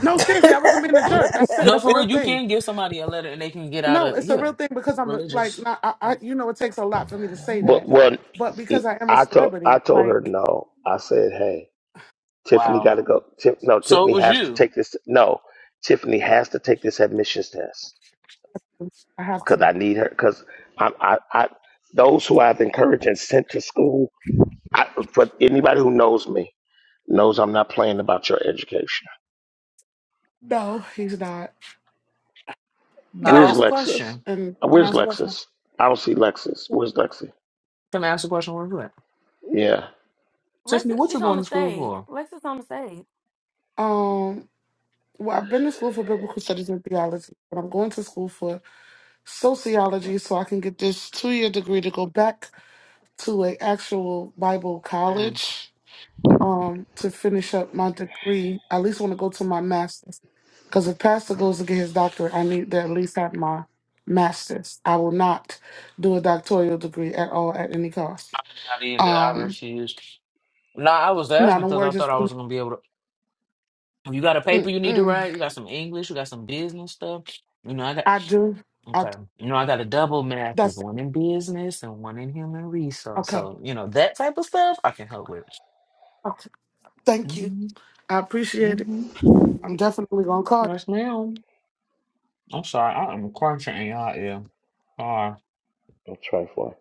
No, seriously, I wasn't being a jerk.
that.
That's
[laughs]
it.
No,
That's the
for
real
real, you
thing.
can give somebody a letter and they can get out
No,
of
it's a
yeah,
real thing because I'm a- like
religious.
not I, I you know it takes a lot for me to say
Mhm.
But
that,
when
but because I am a
I told I
celebrity,
told her
like
no, I said, hey, Tiffany got
Wow.
to go. Tiff, no,
So it
Tiffany
was
has to
you.
take this. No, Tiffany has to take this admissions test
I have
because
to.
I need her. Because I, I, I, those who I've encouraged and sent to school I, for anybody who knows me, knows I'm not playing about your education.
No, he's not.
Can I
Where's
Nope.
ask a
Lexus?
question?
And
Uh,
Can I
Where's
ask a question?
Lexus? I don't see Lexus. Where's Lexi?
Can I ask a question real quick?
Yeah,
Lex,
Tiffany, what
she's
you
on
going
the
to school
stage.
for?
Lex on the stage.
um well, I've been to school for biblical studies and theology, but I'm going to school for sociology so I can get this two-year degree to go back to a actual Bible
Mm,
college um to finish up my degree. I at least want to go to my master's. Because if Pastor goes to get his doctorate, I need to at least have my master's. I will not do a doctoral degree at all at any cost.
I did the I
Um,
refused. No, I was
no,
asking
don't
because
worry,
I thought
just
I was going to be able to. You got a paper you need to
mm-mm.
write. You got some English. You got some business stuff. You know, I got.
I do. I do.
Okay. You know, I got a double master's,
That's it.
one in business and one in human resource.
okay.
So, you know, that type of stuff I can help with.
Okay. Thank you.
Mm-hmm.
I appreciate it.
Mm-hmm.
I'm definitely gonna call you.
Yes, ma'am. I'm sorry. I am crunching in y'all ear. Sorry.
I'm trying for it.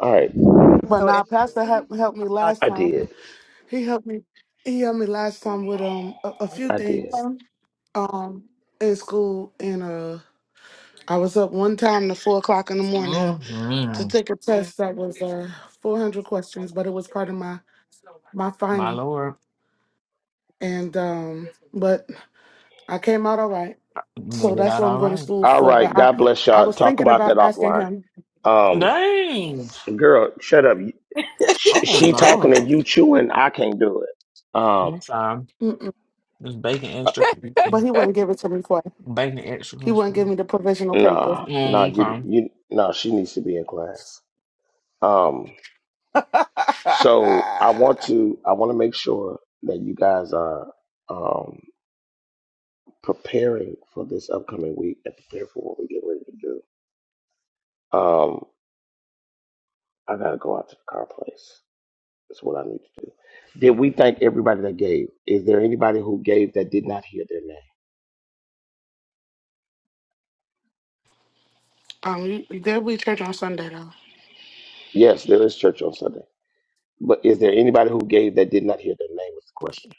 All right,
But
So
now
if
Pastor helped helped me
y'all.
last
I
time.
did.
He helped me he helped me last time with um a, a few
I did.
things.
Okay.
Um in school and uh I was up one time to four o'clock in the morning to
Mm-hmm.
take a test that was uh, 400 questions, but it was part of my my
My
final.
Lord.
And um, but I came out all right,
you
so
Made it
that's
out
what I'm
all
going to
right.
school
All
for. But
right.
I
God bless
I
y'all.
was
Talk
thinking
about
about
that
asking
offline.
him,
Um,
Dang.
girl, shut up. She,
Oh, my
she talking and
God.
you chewing. I can't do it. Um,
I'm sorry.
mm-mm,
This bacon
uh,
extra creepy.
but he wouldn't give it to me for.
Bacon extra
He
crispy.
wouldn't give me the provisional paper.
nah, nah.
Mm,
You,
okay.
you, nah. She needs to be in class. Um.
[laughs]
So I want to I want to make sure that you guys are um, preparing for this upcoming week and prepare for what we get ready to do. Um, I gotta go out to the car place. That's what I need to do. Did we thank everybody that gave? Is there anybody who gave that did not hear their name?
um, you- there'll be church on Sunday though.
Yes, there is church on Sunday. But is there anybody who gave that did not hear their name? Is the question.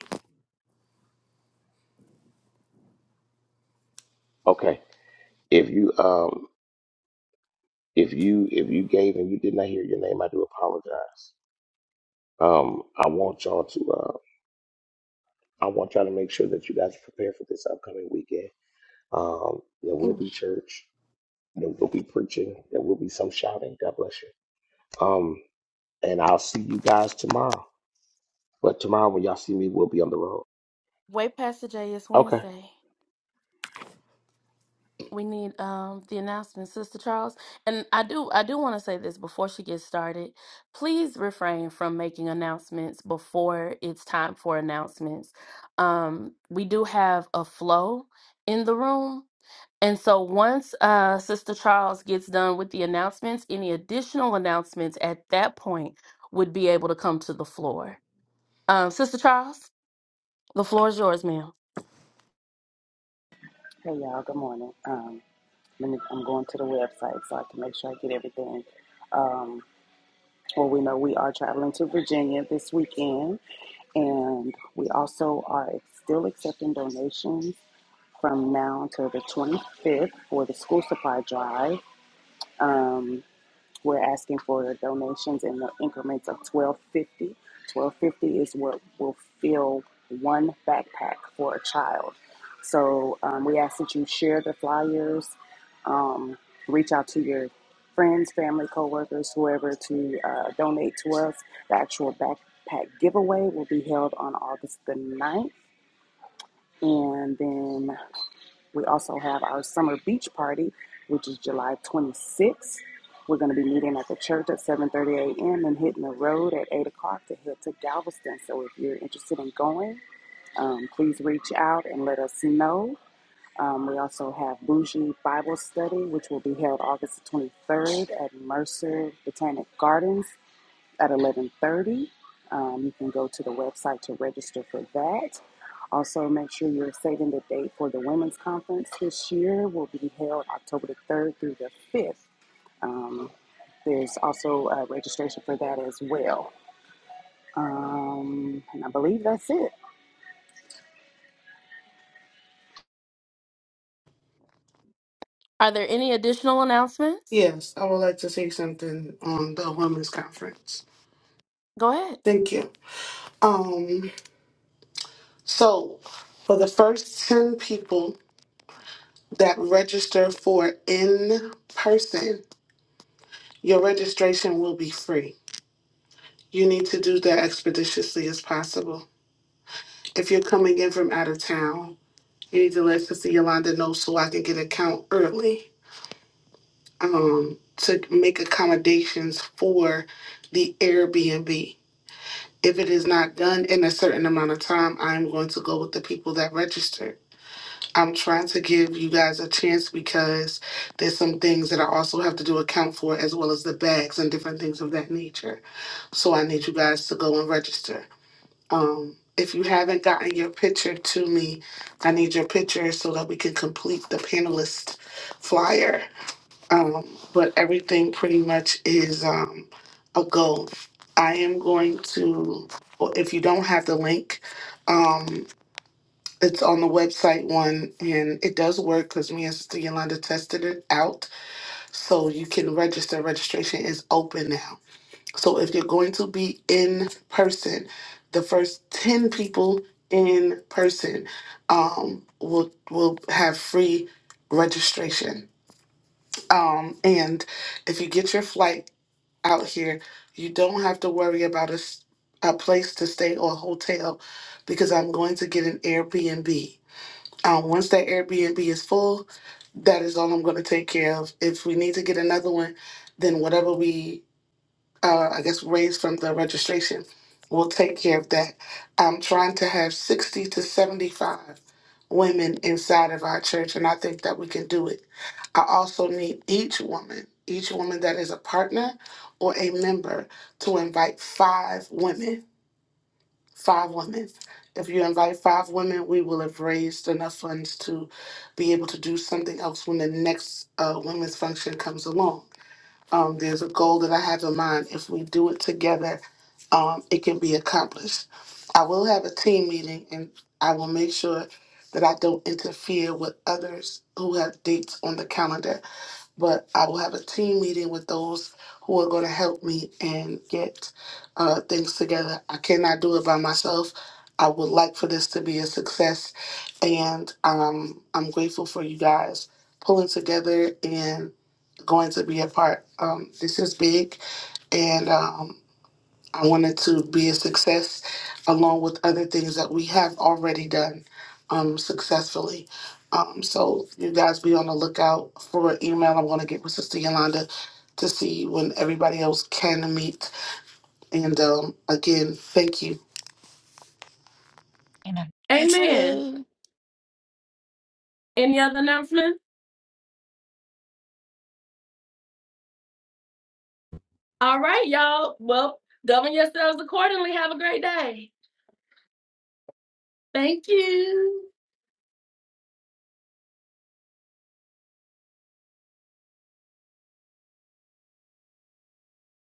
Okay. If you um if you if you gave and you did not hear your name, I do apologize. Um, I want y'all to. uh, I want y'all to make sure that you guys are prepared for this upcoming weekend. Um, there will
Mm.
be church, there will be preaching, there will be some shouting. God bless you. Um, and I'll see you guys tomorrow. But tomorrow, when y'all see me, we'll be on the road.
Way past the J is
Okay.
Wednesday. We need um the announcement, Sister Charles. And I do I do want to say this before she gets started. Please refrain from making announcements before it's time for announcements. Um, we do have a flow in the room And so once uh, Sister Charles gets done with the announcements, any additional announcements at that point would be able to come to the floor. Um, Sister Charles, the floor is yours, ma'am.
Hey, y'all. Good morning. Um, Let me, I'm going to the website so I can make sure I get everything. Um, well, we know we are traveling to Virginia this weekend, and we also are still accepting donations from now until the 25th for the school supply drive. Um, we're asking for donations in the increments of 1250. 1250 is what will fill one backpack for a child. So um, we ask that you share the flyers, um, reach out to your friends, family, coworkers, whoever to uh, donate to us. The actual backpack giveaway will be held on August the ninth, And then we also have our summer beach party, which is July 26th. We're going to be meeting at the church at 7:30 a.m. and hitting the road at 8 o'clock to head to Galveston. So if you're interested in going, um, please reach out and let us know. Um, we also have Bougie Bible Study, which will be held August 23rd at Mercer Botanic Gardens at 11:30. Um, you can go to the website to register for that. Also, make sure you're saving the date for the women's conference this year. Will be held October the 3rd through the 5th. Um, there's also a registration for that as well. Um, and I believe that's it.
Are there any additional announcements?
Yes, I would like to say something on the women's conference.
Go ahead.
Thank you. Um. So, for the first 10 people that register for in person, your registration will be free. You need to do that expeditiously as possible. If you're coming in from out of town, you need to let Sister Yolanda know so I can get a count early um, to make accommodations for the Airbnb. If it is not done in a certain amount of time, I'm going to go with the people that registered I'm trying to give you guys a chance because there's some things that I also have to do account for, as well as the bags and different things of that nature. So I need you guys to go and register. Um, if you haven't gotten your picture to me, I need your picture so that we can complete the panelist flyer. Um, but everything pretty much is um, a go. I am going to, well, if you don't have the link, um, it's on the website one and it does work because me and Sister Yolanda tested it out. So you can register. Registration is open now. So if you're going to be in person, the first 10 people in person um, will will have free registration. Um, and if you get your flight out here, you don't have to worry about a, s- a place to stay or a hotel because I'm going to get an Airbnb um, once that Airbnb is full, that is all I'm going to take care of. If we need to get another one, then whatever we, uh, I guess, raise from the registration, we'll take care of that. I'm trying to have 60 to 75 women inside of our church, and I think that we can do it. I also need each woman, each woman that is a partner or a member, to invite five women five women. If you invite five women, we will have raised enough funds to be able to do something else when the next uh, women's function comes along. Um, there's a goal that I have in mind. If we do it together, um, it can be accomplished. I will have a team meeting and I will make sure that I don't interfere with others who have dates on the calendar but I will have a team meeting with those who are going to help me and get uh, things together. I cannot do it by myself. I would like for this to be a success, and um, I'm grateful for you guys pulling together and going to be a part. Um, this is big, and um, I wanted to be a success along with other things that we have already done um, successfully. Um, so you guys be on the lookout for an email I'm going to get with Sister Yolanda to see when everybody else can meet. And um, again, thank you
And I- You
Amen.
too.
Any other announcements? All right, y'all. Well, govern yourselves accordingly. Have a great day. Thank you.